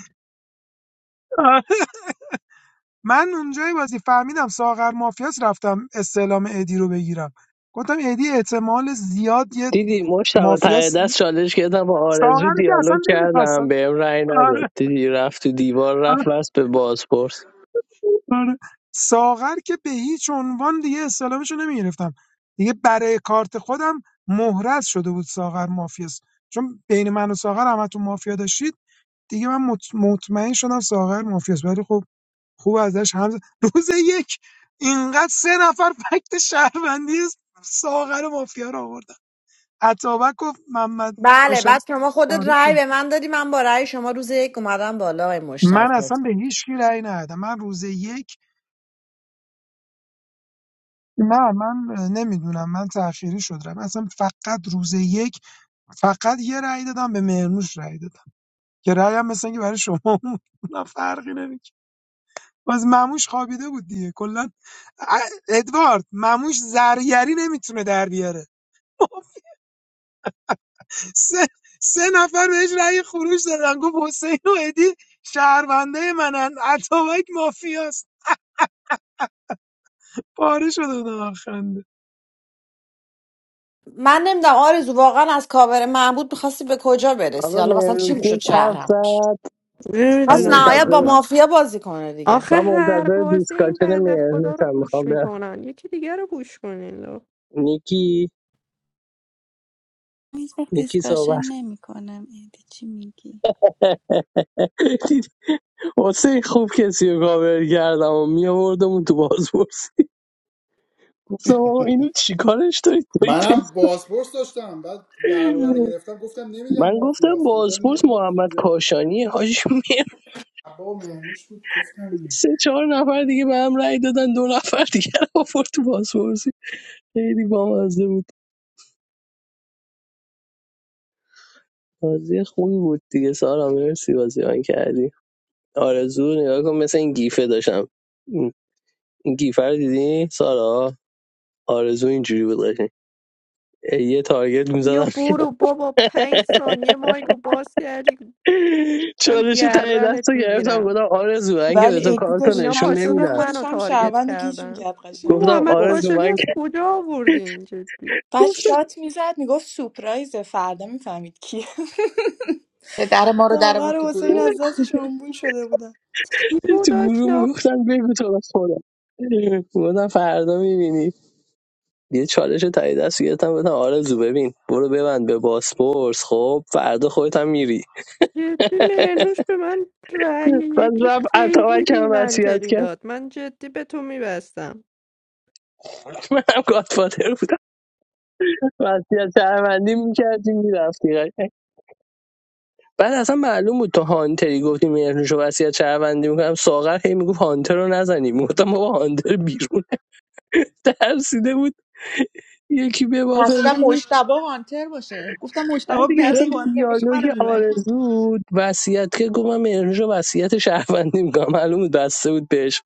[SPEAKER 11] من اونجای بازی فهمیدم ساغر مافیاس رفتم استعلام ادی رو بگیرم گفتم ادی احتمال زیاد یه
[SPEAKER 12] دیدی مشتبه ته
[SPEAKER 11] مافیاس
[SPEAKER 12] دست چالش گرفتم با آرزو
[SPEAKER 11] ساغر که اصلا
[SPEAKER 12] دیالوگ
[SPEAKER 11] نمیخواستم
[SPEAKER 12] کردم بهم رأی نداد
[SPEAKER 11] آره
[SPEAKER 12] دیدی رفت تو دیوار رفت بس به بازپرس
[SPEAKER 11] آره ساغر که به هیچ عنوان دیگه استعلامش رو نمیگرفتم دیگه برای کارت خودم مهرز شده بود ساغر مافیاس چون بین من و ساغر همتون مافیا داشتید دیگه من مط- مطمئن شدم ساغر مافیاس ولی خب خوب ازش هم ز- روز یک اینقدر سه نفر فکت شهروندی ساغر مافیا رو آوردن عطابک گفت محمد
[SPEAKER 4] بله
[SPEAKER 11] کاشانی
[SPEAKER 4] بعد شما خودت
[SPEAKER 11] وارد
[SPEAKER 4] رأی
[SPEAKER 11] شد.
[SPEAKER 4] به من دادی من با رأی شما روز یک اومدم بالا آقای مشتاق
[SPEAKER 11] من اصلا به هیچ کی رأی ندادم من روز یک نه من نمیدونم من تأخیری شد رم اصلا فقط روز یک فقط یه رأی دادم به مرنوش رأی دادم که رأی هم مثل اینکه برای شما بود. نه فرقی نمیکنه باز مموش خوابیده بود دیگه کلا ا- ادوارد مموش زرگری نمیتونه در بیاره سه, سه نفر بهش رأی خروج دادن گفت حسین و ادی شهرونده منن اتابک مافیاست پاره شد و خنده
[SPEAKER 4] من نمیدونم آرزو واقعا از کاور محمود میخواستی به کجا برسی
[SPEAKER 12] آقا
[SPEAKER 4] حالا مثلا چی میشد
[SPEAKER 12] مهرنوتی حرف
[SPEAKER 4] شهرم
[SPEAKER 12] زد من
[SPEAKER 4] پس نهایت
[SPEAKER 10] نمیدونم
[SPEAKER 4] با
[SPEAKER 12] منتظر
[SPEAKER 4] مافیا بازی کنه دیگه
[SPEAKER 10] آخه
[SPEAKER 12] من
[SPEAKER 10] هر
[SPEAKER 12] منتظر
[SPEAKER 10] بازی این
[SPEAKER 12] دیسکاشن
[SPEAKER 10] بنده خدا رو
[SPEAKER 12] مهرنوتم میخوام
[SPEAKER 10] پوش
[SPEAKER 12] برم
[SPEAKER 10] میکنن یکی دیگه رو پوش کنین لو
[SPEAKER 12] نیکی
[SPEAKER 2] هیچ وقت
[SPEAKER 12] نیکی
[SPEAKER 2] دیسکاشن
[SPEAKER 12] صحبت کن.
[SPEAKER 2] نمی کنم ایدی چی میگی
[SPEAKER 12] دیدی حسین خوب کسی رو کاور کردم و میاموردم تو بازپرس گفتم آقا اینو چیکارش دارید دارید پس-
[SPEAKER 1] منم بازپرس داشتم بعد درباره رو گرفتم گفتم نمیگم
[SPEAKER 12] من گفتم
[SPEAKER 1] مافیاست گفتم
[SPEAKER 12] بازپرس
[SPEAKER 1] میگم با
[SPEAKER 12] محمد
[SPEAKER 1] چیزایی
[SPEAKER 12] کاشانی حاجی میرم
[SPEAKER 1] با مهموش بود گفتم
[SPEAKER 12] سه چهار نفر دیگه به هم رأی دادن دو نفر دیگه رو آورد تو بازپرسی خیلی بامزه بود بازی خوبی بود دیگه سارا مرسی بازی آن کردی آرزو نگاه کن مثل این گیفه داشتم این این گیفه رو دیدی سارا آرزو اینجوری بود قشنگ. یه تارگت
[SPEAKER 10] بیا
[SPEAKER 12] میزدم
[SPEAKER 10] برو بابا پنج ثانیه مایکو باز کردی من
[SPEAKER 12] چالش تایی
[SPEAKER 10] گردنت
[SPEAKER 12] دست رو گرفتم
[SPEAKER 10] میگیرم
[SPEAKER 12] گفتم آرزو من که به
[SPEAKER 18] ولی
[SPEAKER 12] تو
[SPEAKER 18] ادی
[SPEAKER 12] کارتو
[SPEAKER 18] داشت
[SPEAKER 10] اینا
[SPEAKER 18] هم
[SPEAKER 10] پا
[SPEAKER 12] نشون
[SPEAKER 18] تیم
[SPEAKER 10] شدن
[SPEAKER 12] نمیدم
[SPEAKER 10] منو
[SPEAKER 18] خودش هم
[SPEAKER 10] تارگت
[SPEAKER 18] شهروند رو گیج
[SPEAKER 10] کردن
[SPEAKER 18] میکرد قشنگ
[SPEAKER 12] گفتم
[SPEAKER 18] خیلی
[SPEAKER 10] محمد
[SPEAKER 18] بازیش
[SPEAKER 12] آرزو
[SPEAKER 10] کاشانی
[SPEAKER 12] آره
[SPEAKER 10] از کجا آوردین جدی
[SPEAKER 18] بعد
[SPEAKER 12] گفتم
[SPEAKER 18] شات میزد میگفت سپرایزه فردا میفهمید کیه
[SPEAKER 13] در ما رو در
[SPEAKER 18] ساغر
[SPEAKER 13] آورد تو
[SPEAKER 18] و حسین
[SPEAKER 13] گروه
[SPEAKER 18] از دستش آمبول شده بودن
[SPEAKER 10] چی
[SPEAKER 12] تو گروه
[SPEAKER 10] بود
[SPEAKER 12] میگفتن بگو تو بس خودم گفتم فردا میبینی یه چالش تایی دست گرفتم گفتم آرزو ببین برو ببند به باسپورس خب فردا خودت هم میری
[SPEAKER 10] جدی مهروش به من رأی
[SPEAKER 12] بعد
[SPEAKER 10] یک
[SPEAKER 12] رفت
[SPEAKER 10] خیلی
[SPEAKER 12] اتابک هم وصیت
[SPEAKER 10] بیمنطقی
[SPEAKER 12] کرد
[SPEAKER 10] داد من جدی به تو میبستم
[SPEAKER 12] من هم گادفادر بودم وصیت شهروندی میکردی میرفتی بعد اصلا معلوم بود تو هانتری گفتی مهرنوشو وصیت شهروندی میکنم ساغر هی میگفت هانتر رو نزنیم گفتم بابا هانتر بیرون ترسیده بود یکی ببافه
[SPEAKER 13] گفتم
[SPEAKER 12] بره.
[SPEAKER 13] مشتبا هانتر باشه گفتم
[SPEAKER 12] بعد
[SPEAKER 13] مشتبه
[SPEAKER 12] دیگه
[SPEAKER 13] بره
[SPEAKER 12] اصلا
[SPEAKER 13] هانتر باشه
[SPEAKER 12] دیالوگ
[SPEAKER 13] منو می‌بره.
[SPEAKER 12] آرزو وصیت که گفتم من مهرنوشو وصیت شهروندی میکنم معلوم بود بسته بود بهش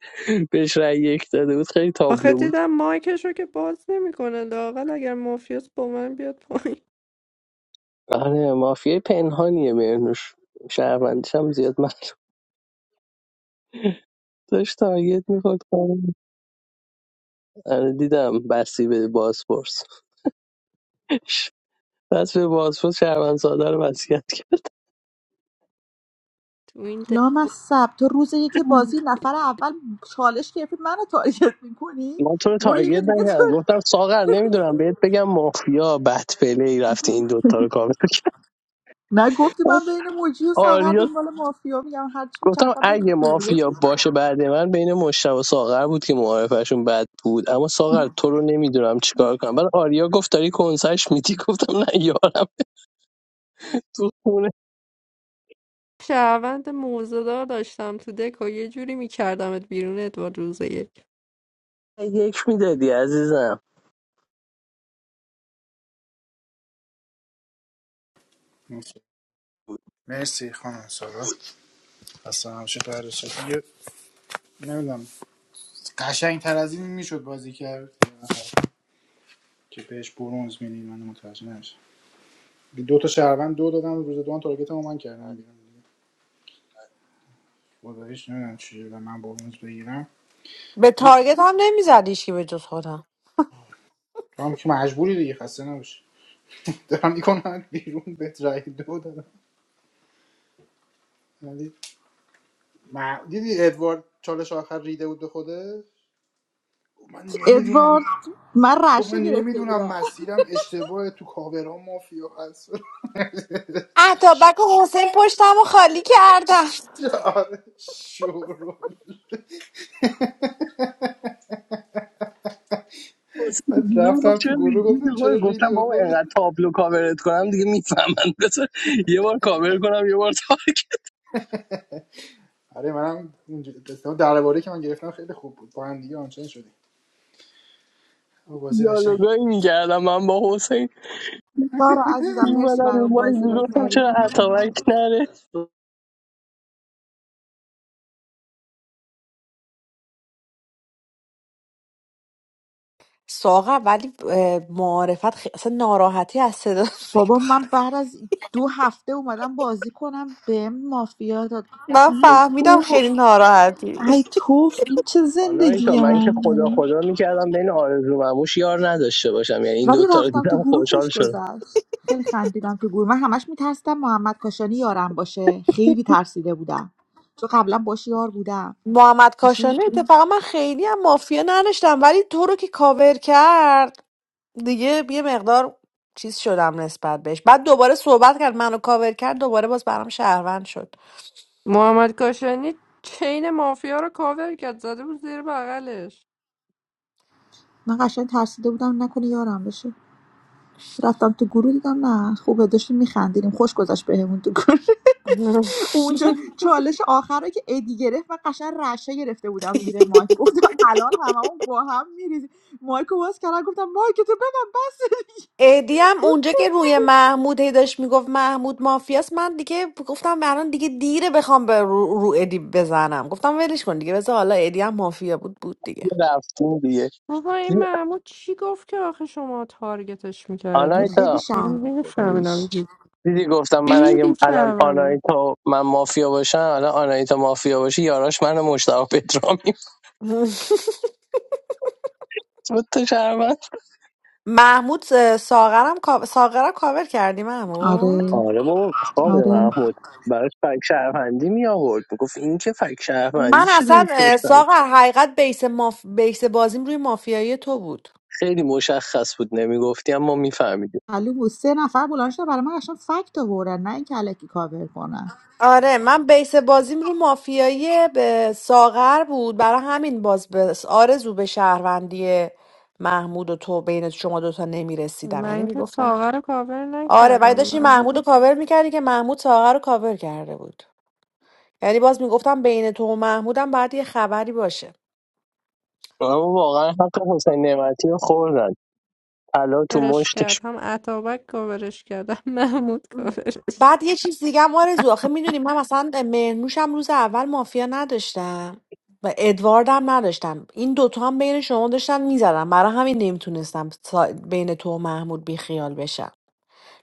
[SPEAKER 12] بهش رأی یک داده بود خیلی
[SPEAKER 10] آخه
[SPEAKER 12] تابلو بود
[SPEAKER 10] دیدم مایکش رو که باز نمیکنه لااقل اگر مافیاس با من بیاد پایین
[SPEAKER 12] آره مافیای پنهانیه مهرنوش شهروندیش هم زیاد معلوم داشت تارگت میخورد آره دیدم بسی به بازپرس بس به بازپرس شهروند ساده رو وصیت کرد
[SPEAKER 10] تو این
[SPEAKER 13] لامصب تو روز یکی بازی نفر اول چالش گرفتی منو تارگت میکنی
[SPEAKER 12] من تو رو
[SPEAKER 13] برو یه جا
[SPEAKER 12] تارگت
[SPEAKER 13] دیگه تو
[SPEAKER 12] نکردم گفتم ساغر نمیدونم بهت بگم مافیا بدفله ای رفتی این دوتا رو کامل
[SPEAKER 13] نگفت
[SPEAKER 12] کرد. آریا
[SPEAKER 13] یا میگم هرچی
[SPEAKER 12] گفتم
[SPEAKER 13] میچرخم بریم
[SPEAKER 12] اگه
[SPEAKER 13] کنیم.
[SPEAKER 12] مافیا باشه بعد من بین مشتبه و ساغر بود که معارفشون بد بود اما ساغر تو رو نمیدونم چیکار کنم بعد آریا گفت داری کنسش میدی گفتم نه یارم تو خونه
[SPEAKER 10] شهروند موزهدار داشتم تو دک و یه جوری میکردمت بیرون ادوارد روز یک
[SPEAKER 12] یک میدادی عزیزم
[SPEAKER 1] مرسی خانم سارا اصلا نباشید بررسی دیگه نمیدونم قشنگ تر از این میشد بازی کرد که بهش برونز میدی من متوجه نمیشم دو تا شهروند دو دادم روز دوم تارگت رو من کردم بیرون خداییش نمیدونم چی و من برونز بگیرم
[SPEAKER 4] به
[SPEAKER 1] ولی
[SPEAKER 4] تارگت هم نمیزد که به جز خودم
[SPEAKER 1] تو هم که مجبوری دیگه خسته نباشی دارم میکنم بیرون به رای دو دادم ولی ما دیدی ادوارد چالش آخر ریده بود به خوده من
[SPEAKER 13] ادوارد
[SPEAKER 1] نمیدونم
[SPEAKER 13] من
[SPEAKER 1] گفت من
[SPEAKER 13] رشه گرفته
[SPEAKER 1] نمیدونم
[SPEAKER 13] بودم
[SPEAKER 1] مسیرم اشتباه تو کاورا مافیا هست
[SPEAKER 4] اتابک و حسین پشتم و خالی کردم
[SPEAKER 1] آره شروع
[SPEAKER 12] حسین
[SPEAKER 1] بعد
[SPEAKER 12] گروه گفت
[SPEAKER 1] رفتم تو
[SPEAKER 12] چرا
[SPEAKER 1] گروه
[SPEAKER 12] ریزی
[SPEAKER 1] گفتم چرا
[SPEAKER 12] خود
[SPEAKER 1] ریدی
[SPEAKER 12] گفتم
[SPEAKER 1] به
[SPEAKER 12] بابا
[SPEAKER 1] خود
[SPEAKER 12] انقدر تابلو کاورت کنم دیگه میفهمن بذار یه بار کاور کنم یه بار تارک
[SPEAKER 1] آره منم اونجوری قسمت درباره که من گرفتم خیلی خوب بود با هم دیگه آنچین شدیم آه، بازی قشنگی بود
[SPEAKER 12] دیالوگایی میکردم من با حسین
[SPEAKER 13] سارا عزیزم مرسی
[SPEAKER 12] میومدم
[SPEAKER 13] برای
[SPEAKER 12] اون
[SPEAKER 13] اون
[SPEAKER 12] مایی
[SPEAKER 13] بازی را
[SPEAKER 12] میگفتم
[SPEAKER 13] کردی
[SPEAKER 12] چرا اتاوک نره
[SPEAKER 4] ساقه ولی اه، معارفت خی... اصلا ناراحتی از صدا
[SPEAKER 13] بابا من بعد از دو هفته اومدم بازی کنم به مافیا داد گفتم
[SPEAKER 4] من
[SPEAKER 13] ای
[SPEAKER 4] فهمیدم
[SPEAKER 13] توف
[SPEAKER 4] خیلی ناراحتی
[SPEAKER 13] ای توف این چه
[SPEAKER 12] آنایتا
[SPEAKER 13] زندگی
[SPEAKER 12] من که
[SPEAKER 13] من
[SPEAKER 12] خدا
[SPEAKER 13] داره.
[SPEAKER 12] خدا میکردم بین آرزو و موش یار نداشته باشم یعنی این
[SPEAKER 13] ولی
[SPEAKER 12] دوتا رو
[SPEAKER 13] رفتم تو
[SPEAKER 12] دیدم
[SPEAKER 13] گروه
[SPEAKER 12] خوشحال
[SPEAKER 13] خوش
[SPEAKER 12] شدم
[SPEAKER 13] گذشت خیلی خندیدم تو گروه من همش میترسیدم محمد کاشانی یارم باشه خیلی ترسیده بودم چون قبلا باش یار بودم
[SPEAKER 4] محمد
[SPEAKER 13] قشنگ
[SPEAKER 4] کاشانی اتفاقا من خیلی هم مافیا نداشتم ولی تو رو که کاور کرد دیگه یه مقدار چیز شدم نسبت بهش بعد دوباره صحبت کرد منو کاور کرد دوباره باز برام شهروند شد
[SPEAKER 10] محمد کاشانی چین مافیا رو کاور کرد زده بود زیر بغلش
[SPEAKER 13] من قشنگ ترسیده بودم نکنه یارم بشه رفتم تو گروه دیدم نه خوبه داشتیم میخندیدیم خوش گذشت بهمون تو گروه اونجا چالش آخر رو که ادی گرفت من قشنگ رشه گرفته بودم زیر مایک گفتم الان هممون با هم میریزیم مایکو باز کردم گفتم مایک تو ببن بس
[SPEAKER 4] ادی هم اونجا که روی محمود هی داشت میگفت محمود مافیاست من دیگه گفتم الان دیگه دیره بخوام به رو, رو ادی بزنم گفتم ولش کن دیگه بذار حالا ادی هم مافیا بود بود دیگه
[SPEAKER 12] یه رفتیم دیگه
[SPEAKER 10] بابا این
[SPEAKER 12] دیدی-
[SPEAKER 10] محمود چی گفت که آخه شما تارگتش
[SPEAKER 13] بود
[SPEAKER 10] میکردیم
[SPEAKER 13] خیلی
[SPEAKER 12] آنایتا
[SPEAKER 10] من
[SPEAKER 13] شهر بود
[SPEAKER 10] نمیفهمیدم
[SPEAKER 13] خداییش
[SPEAKER 10] چی
[SPEAKER 12] دیدی گفتم من اگه
[SPEAKER 10] میگی
[SPEAKER 12] الان
[SPEAKER 10] شهروند
[SPEAKER 12] آنایتا و من مافیا باشم الان آنایتا مافیا باشی یاراش من مشتاق پترامی بود تو شهروند
[SPEAKER 4] محمود اه، ساغرم کا- ساغرم کاور کردی محمود
[SPEAKER 13] آره
[SPEAKER 12] آره بابا خواب
[SPEAKER 13] آره
[SPEAKER 12] محمود براش فک شهروندی می آورد میگفت این که فک
[SPEAKER 4] من
[SPEAKER 12] شهروندی
[SPEAKER 4] اصلا
[SPEAKER 12] شده
[SPEAKER 4] اه،
[SPEAKER 12] داشتن
[SPEAKER 4] ساغر حقیقت بیس, ماف... بیس بازیم روی مافیایی تو بود
[SPEAKER 12] خیلی مشخص بود نمیگفتی اما میفهمیدیم
[SPEAKER 13] معلوم بود سه نفر بلند شدن برای من اصلا فکت آوردن نه اینکه الکی کاور کنن
[SPEAKER 4] آره من بیس بازیم رو مافیایی به ساغر بود برای همین باز به آرزو به شهروندی محمود و تو بین شما دوتا نمیرسیدم یعنی
[SPEAKER 10] من که
[SPEAKER 4] میگفتم
[SPEAKER 10] ساغر رو کاور
[SPEAKER 4] آره ولی
[SPEAKER 10] نکردم
[SPEAKER 4] داشتی
[SPEAKER 10] محمود
[SPEAKER 4] محمود رو
[SPEAKER 10] رو
[SPEAKER 4] کاور میکردی که محمود ساغر رو کاور کرده بود یعنی باز میگفتم بین تو و محمودم باید یه خبری باشه
[SPEAKER 12] اما واقعا حق حسین نعمتی رو خوردن الان تو
[SPEAKER 10] کاورش کرد
[SPEAKER 12] مشتش
[SPEAKER 10] هم عطابک کاورش کرد هم محمود کاورش
[SPEAKER 4] بعد یه چیز دیگه هم آرزو آخه میدونی من مثلا مهرنوشم روز اول مافیا نداشتم و ادوارد هم نداشتم این دوتا هم بین شما داشتن میزدم برای همین نمیتونستم بین تو و محمود بیخیال بشم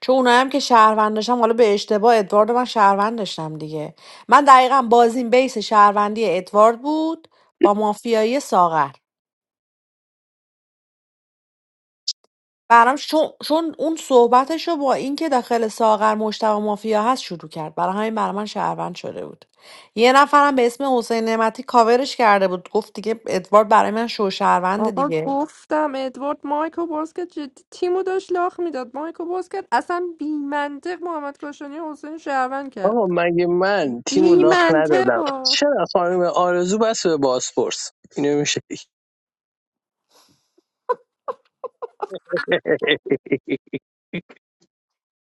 [SPEAKER 4] چون اونایی هم که شهروند داشتم حالا به اشتباه ادوارد رو من شهروند داشتم دیگه من دقیقا بازیم بیس شهروندی ادوارد بود با مافیایی ساغر برام چون چون اون صحبتشو با اینکه داخل ساغر مشتبه مافیا هست شروع کرد برای همین برای من شهروند شده بود یه نفرم به اسم حسین نعمتی کاورش کرده بود گفت دیگه ادوارد برای من شو شهروند
[SPEAKER 10] آقا
[SPEAKER 4] دیگه
[SPEAKER 10] گفتم ادوارد مایکو بازکت جدی تیمو داشت لاخ میداد مایکو بازکت اصلا بی منطق محمد کاشانی و حسین شهروند
[SPEAKER 12] آقا
[SPEAKER 10] کرد
[SPEAKER 12] مگه من تیم و
[SPEAKER 10] بی
[SPEAKER 12] لاخ
[SPEAKER 10] منطق
[SPEAKER 12] ندادم چرا خانم آرزو بس به باسپورس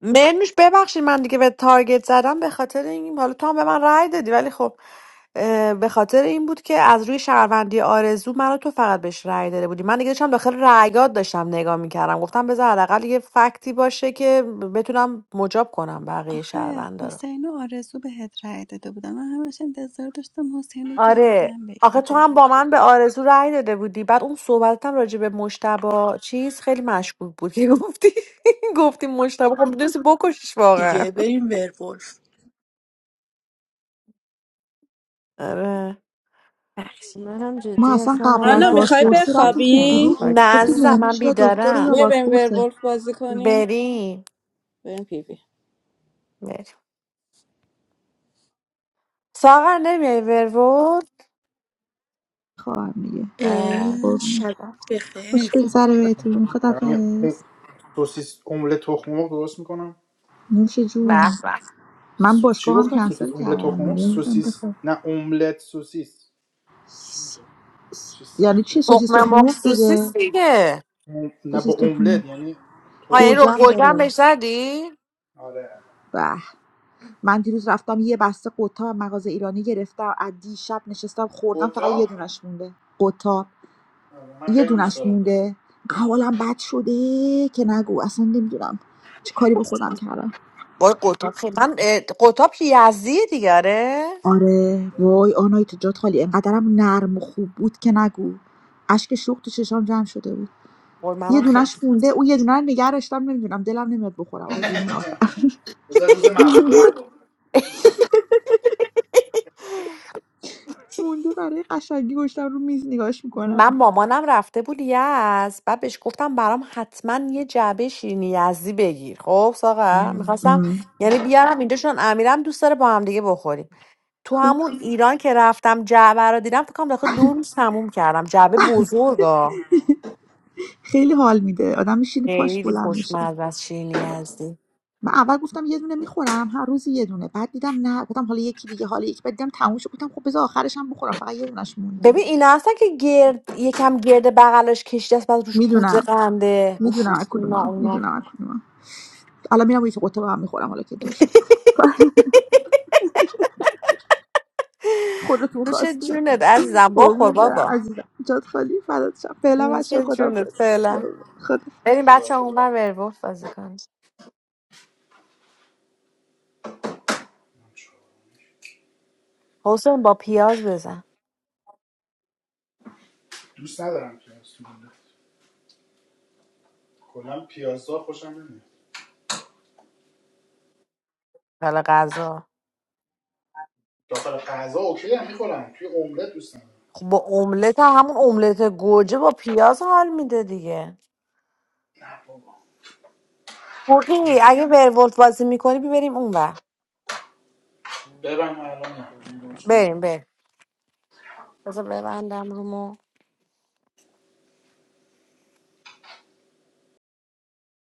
[SPEAKER 4] مرنوش ببخشید من دیگه به تارگت زدم به خاطر این حالا تو هم به من رأی دادی ولی خب اه، به خاطر این بود که از روی شهروندی آرزو منو تو فقط بهش رأی داده بودی من دیگه داشتم داخل رأیات داشتم نگاه میکردم گفتم بذار حداقل یه فکتی باشه که بتونم مجاب کنم بقیه
[SPEAKER 2] آخه
[SPEAKER 4] شهروندا رو
[SPEAKER 2] حسین و آرزو بهت رای داده بودن من همش انتظار داشتم حسین رو
[SPEAKER 4] آره
[SPEAKER 2] گردن
[SPEAKER 4] آخه تو
[SPEAKER 2] بگیری
[SPEAKER 4] هم با من به آرزو رأی داده بودی بعد اون صحبتتم راجع به مشتبه چیز خیلی مشکوک بود که گفتی گفتی مشتبه خب میدونستی بکشش واقعا
[SPEAKER 18] دیگه بریم ورولف
[SPEAKER 4] آره
[SPEAKER 10] منم جدی اصلا حال
[SPEAKER 9] آنا میخوای
[SPEAKER 10] نداشتم فکر کنم
[SPEAKER 9] بخوابی؟
[SPEAKER 13] روح
[SPEAKER 4] نه
[SPEAKER 10] فکر
[SPEAKER 4] عزیزم من بیدارم
[SPEAKER 9] میای بریم ورولف بازی کنی؟
[SPEAKER 4] بریم
[SPEAKER 9] بریم پی وی
[SPEAKER 4] بریم ساغر نمیای ورود
[SPEAKER 13] خواهم دیگه
[SPEAKER 4] اه،
[SPEAKER 13] خب
[SPEAKER 18] ای، شب
[SPEAKER 13] خوش
[SPEAKER 18] بخیر
[SPEAKER 13] بگذره
[SPEAKER 1] شاتون کنم
[SPEAKER 13] بهتون
[SPEAKER 1] دارم یه اون
[SPEAKER 13] خدافظ
[SPEAKER 1] سوسیس املت تخم مرغ درست میکنم
[SPEAKER 13] نوش جون
[SPEAKER 4] به به
[SPEAKER 13] من
[SPEAKER 1] سو... چی
[SPEAKER 13] باشگاه هم
[SPEAKER 1] گفتم سوسیس
[SPEAKER 13] کنسل
[SPEAKER 1] املت تخم
[SPEAKER 13] کردم
[SPEAKER 1] مرغ
[SPEAKER 13] دیگه گفتم
[SPEAKER 1] سوسیس
[SPEAKER 13] بخواب
[SPEAKER 1] نه املت سوسیس چی
[SPEAKER 13] س-
[SPEAKER 1] میشه
[SPEAKER 13] س-
[SPEAKER 1] چه
[SPEAKER 13] یعنی چی
[SPEAKER 1] سخته
[SPEAKER 13] سوسیس
[SPEAKER 4] تخمه
[SPEAKER 13] تخم
[SPEAKER 4] مرغ
[SPEAKER 13] مرغ دیگه
[SPEAKER 4] سوسیس دیگه
[SPEAKER 1] ام- نه
[SPEAKER 13] سوسیس
[SPEAKER 1] با
[SPEAKER 13] تخم
[SPEAKER 1] املت
[SPEAKER 13] مرغ
[SPEAKER 1] یعنی
[SPEAKER 4] ها
[SPEAKER 1] تخم
[SPEAKER 4] یعنی رو
[SPEAKER 1] مرغ
[SPEAKER 13] گوجم
[SPEAKER 1] خالی
[SPEAKER 4] گلگم
[SPEAKER 13] داره
[SPEAKER 4] بهش زدی
[SPEAKER 1] آره
[SPEAKER 13] به من دیروز رفتم یه بسته قطعه مغازه ایرانی گرفتم از دیشب نشستم خوردم فقط یه
[SPEAKER 1] قطاب
[SPEAKER 13] دونش مونده قطعه.
[SPEAKER 1] آره، من
[SPEAKER 13] یه
[SPEAKER 1] خیلی دوست
[SPEAKER 13] دونش
[SPEAKER 1] دارم
[SPEAKER 13] مونده حالم بد شده که نگو اصلا نمیدونم چه کاری به خودم کردم
[SPEAKER 4] وای قطاب خیلی من اه، قطاب که یزدیه دیگه آره
[SPEAKER 13] آره وای آنایی تو جات خالی انقدرم نرم و خوب بود که نگو اشک شوق تو چشام جمع شده بود
[SPEAKER 4] وای
[SPEAKER 13] یه
[SPEAKER 4] منم خیلی
[SPEAKER 13] دونش مونده اون یه دونه رو نگه داشتم نمیدونم دلم نمیاد بخورم آدونه آخر
[SPEAKER 1] بذار روز مبادا بخورم
[SPEAKER 13] مونده برای قشنگی گوشتم رو میز نگاش میکنم
[SPEAKER 4] من مامانم رفته بود یزد بعد بهش گفتم برام حتما یه جعبه شیرینی یزدی بگیر خب ساغر میخواستم یعنی بیارم اینجا چون امیرم دوست داره با هم دیگه بخوریم تو
[SPEAKER 13] خب
[SPEAKER 4] همون ایران که رفتم جعبه رو دیدم فکر کنم داخل دو روز تموم کردم جعبه بزرگا
[SPEAKER 13] خیلی حال میده آدم میشینه پاش
[SPEAKER 4] خیلی
[SPEAKER 13] بلند میشه
[SPEAKER 4] خوشمزه از شیرینی یزدی
[SPEAKER 13] من اول گفتم یه دونه میخورم هر روز یه دونه بعد دیدم نه گفتم حالا یکی دیگه حالا یکی بعد دیدم تموم شد گفتم خب بذار آخرش هم بخورم فقط یه دونش مونده
[SPEAKER 4] ببین اینا هستن که گرد یکم گرد بغلش کشیده است بعد روش پودر
[SPEAKER 13] میدونم
[SPEAKER 4] قنده اوف
[SPEAKER 13] میدونم
[SPEAKER 4] اوف
[SPEAKER 13] از
[SPEAKER 4] اونا
[SPEAKER 13] کدوما
[SPEAKER 4] اونا
[SPEAKER 13] میدونم از کدوما الان میرم یه قطعه با هم میخورم حالا که دور شد خودتون
[SPEAKER 4] نوش
[SPEAKER 13] خواستی
[SPEAKER 4] جونت عزیزم بخور
[SPEAKER 13] قربونت برم
[SPEAKER 4] بابا
[SPEAKER 13] عزیزم جات خالی فدات شم فعلا
[SPEAKER 4] نوش
[SPEAKER 13] بچه
[SPEAKER 4] جونت فعلا
[SPEAKER 13] خدا
[SPEAKER 4] بریم بچه اونور ورولف بازی کنیم حسین با پیاز بزن
[SPEAKER 1] دوست ندارم پیاز تو اوملت کلا پیازا خوشم نمیاد
[SPEAKER 4] حالا غذا
[SPEAKER 1] داخل غذا اوکی هم میخورم توی املت دوست ندارم
[SPEAKER 4] خب با املت هم همون املت گوجه با پیاز حال میده دیگه
[SPEAKER 1] نه بابا
[SPEAKER 4] پوری
[SPEAKER 1] نه
[SPEAKER 4] اگه ورولف بازی میکنی بریم اونور
[SPEAKER 1] ببرم الان نه من درست کنم.
[SPEAKER 4] بریم بریم بذار ببندم رومو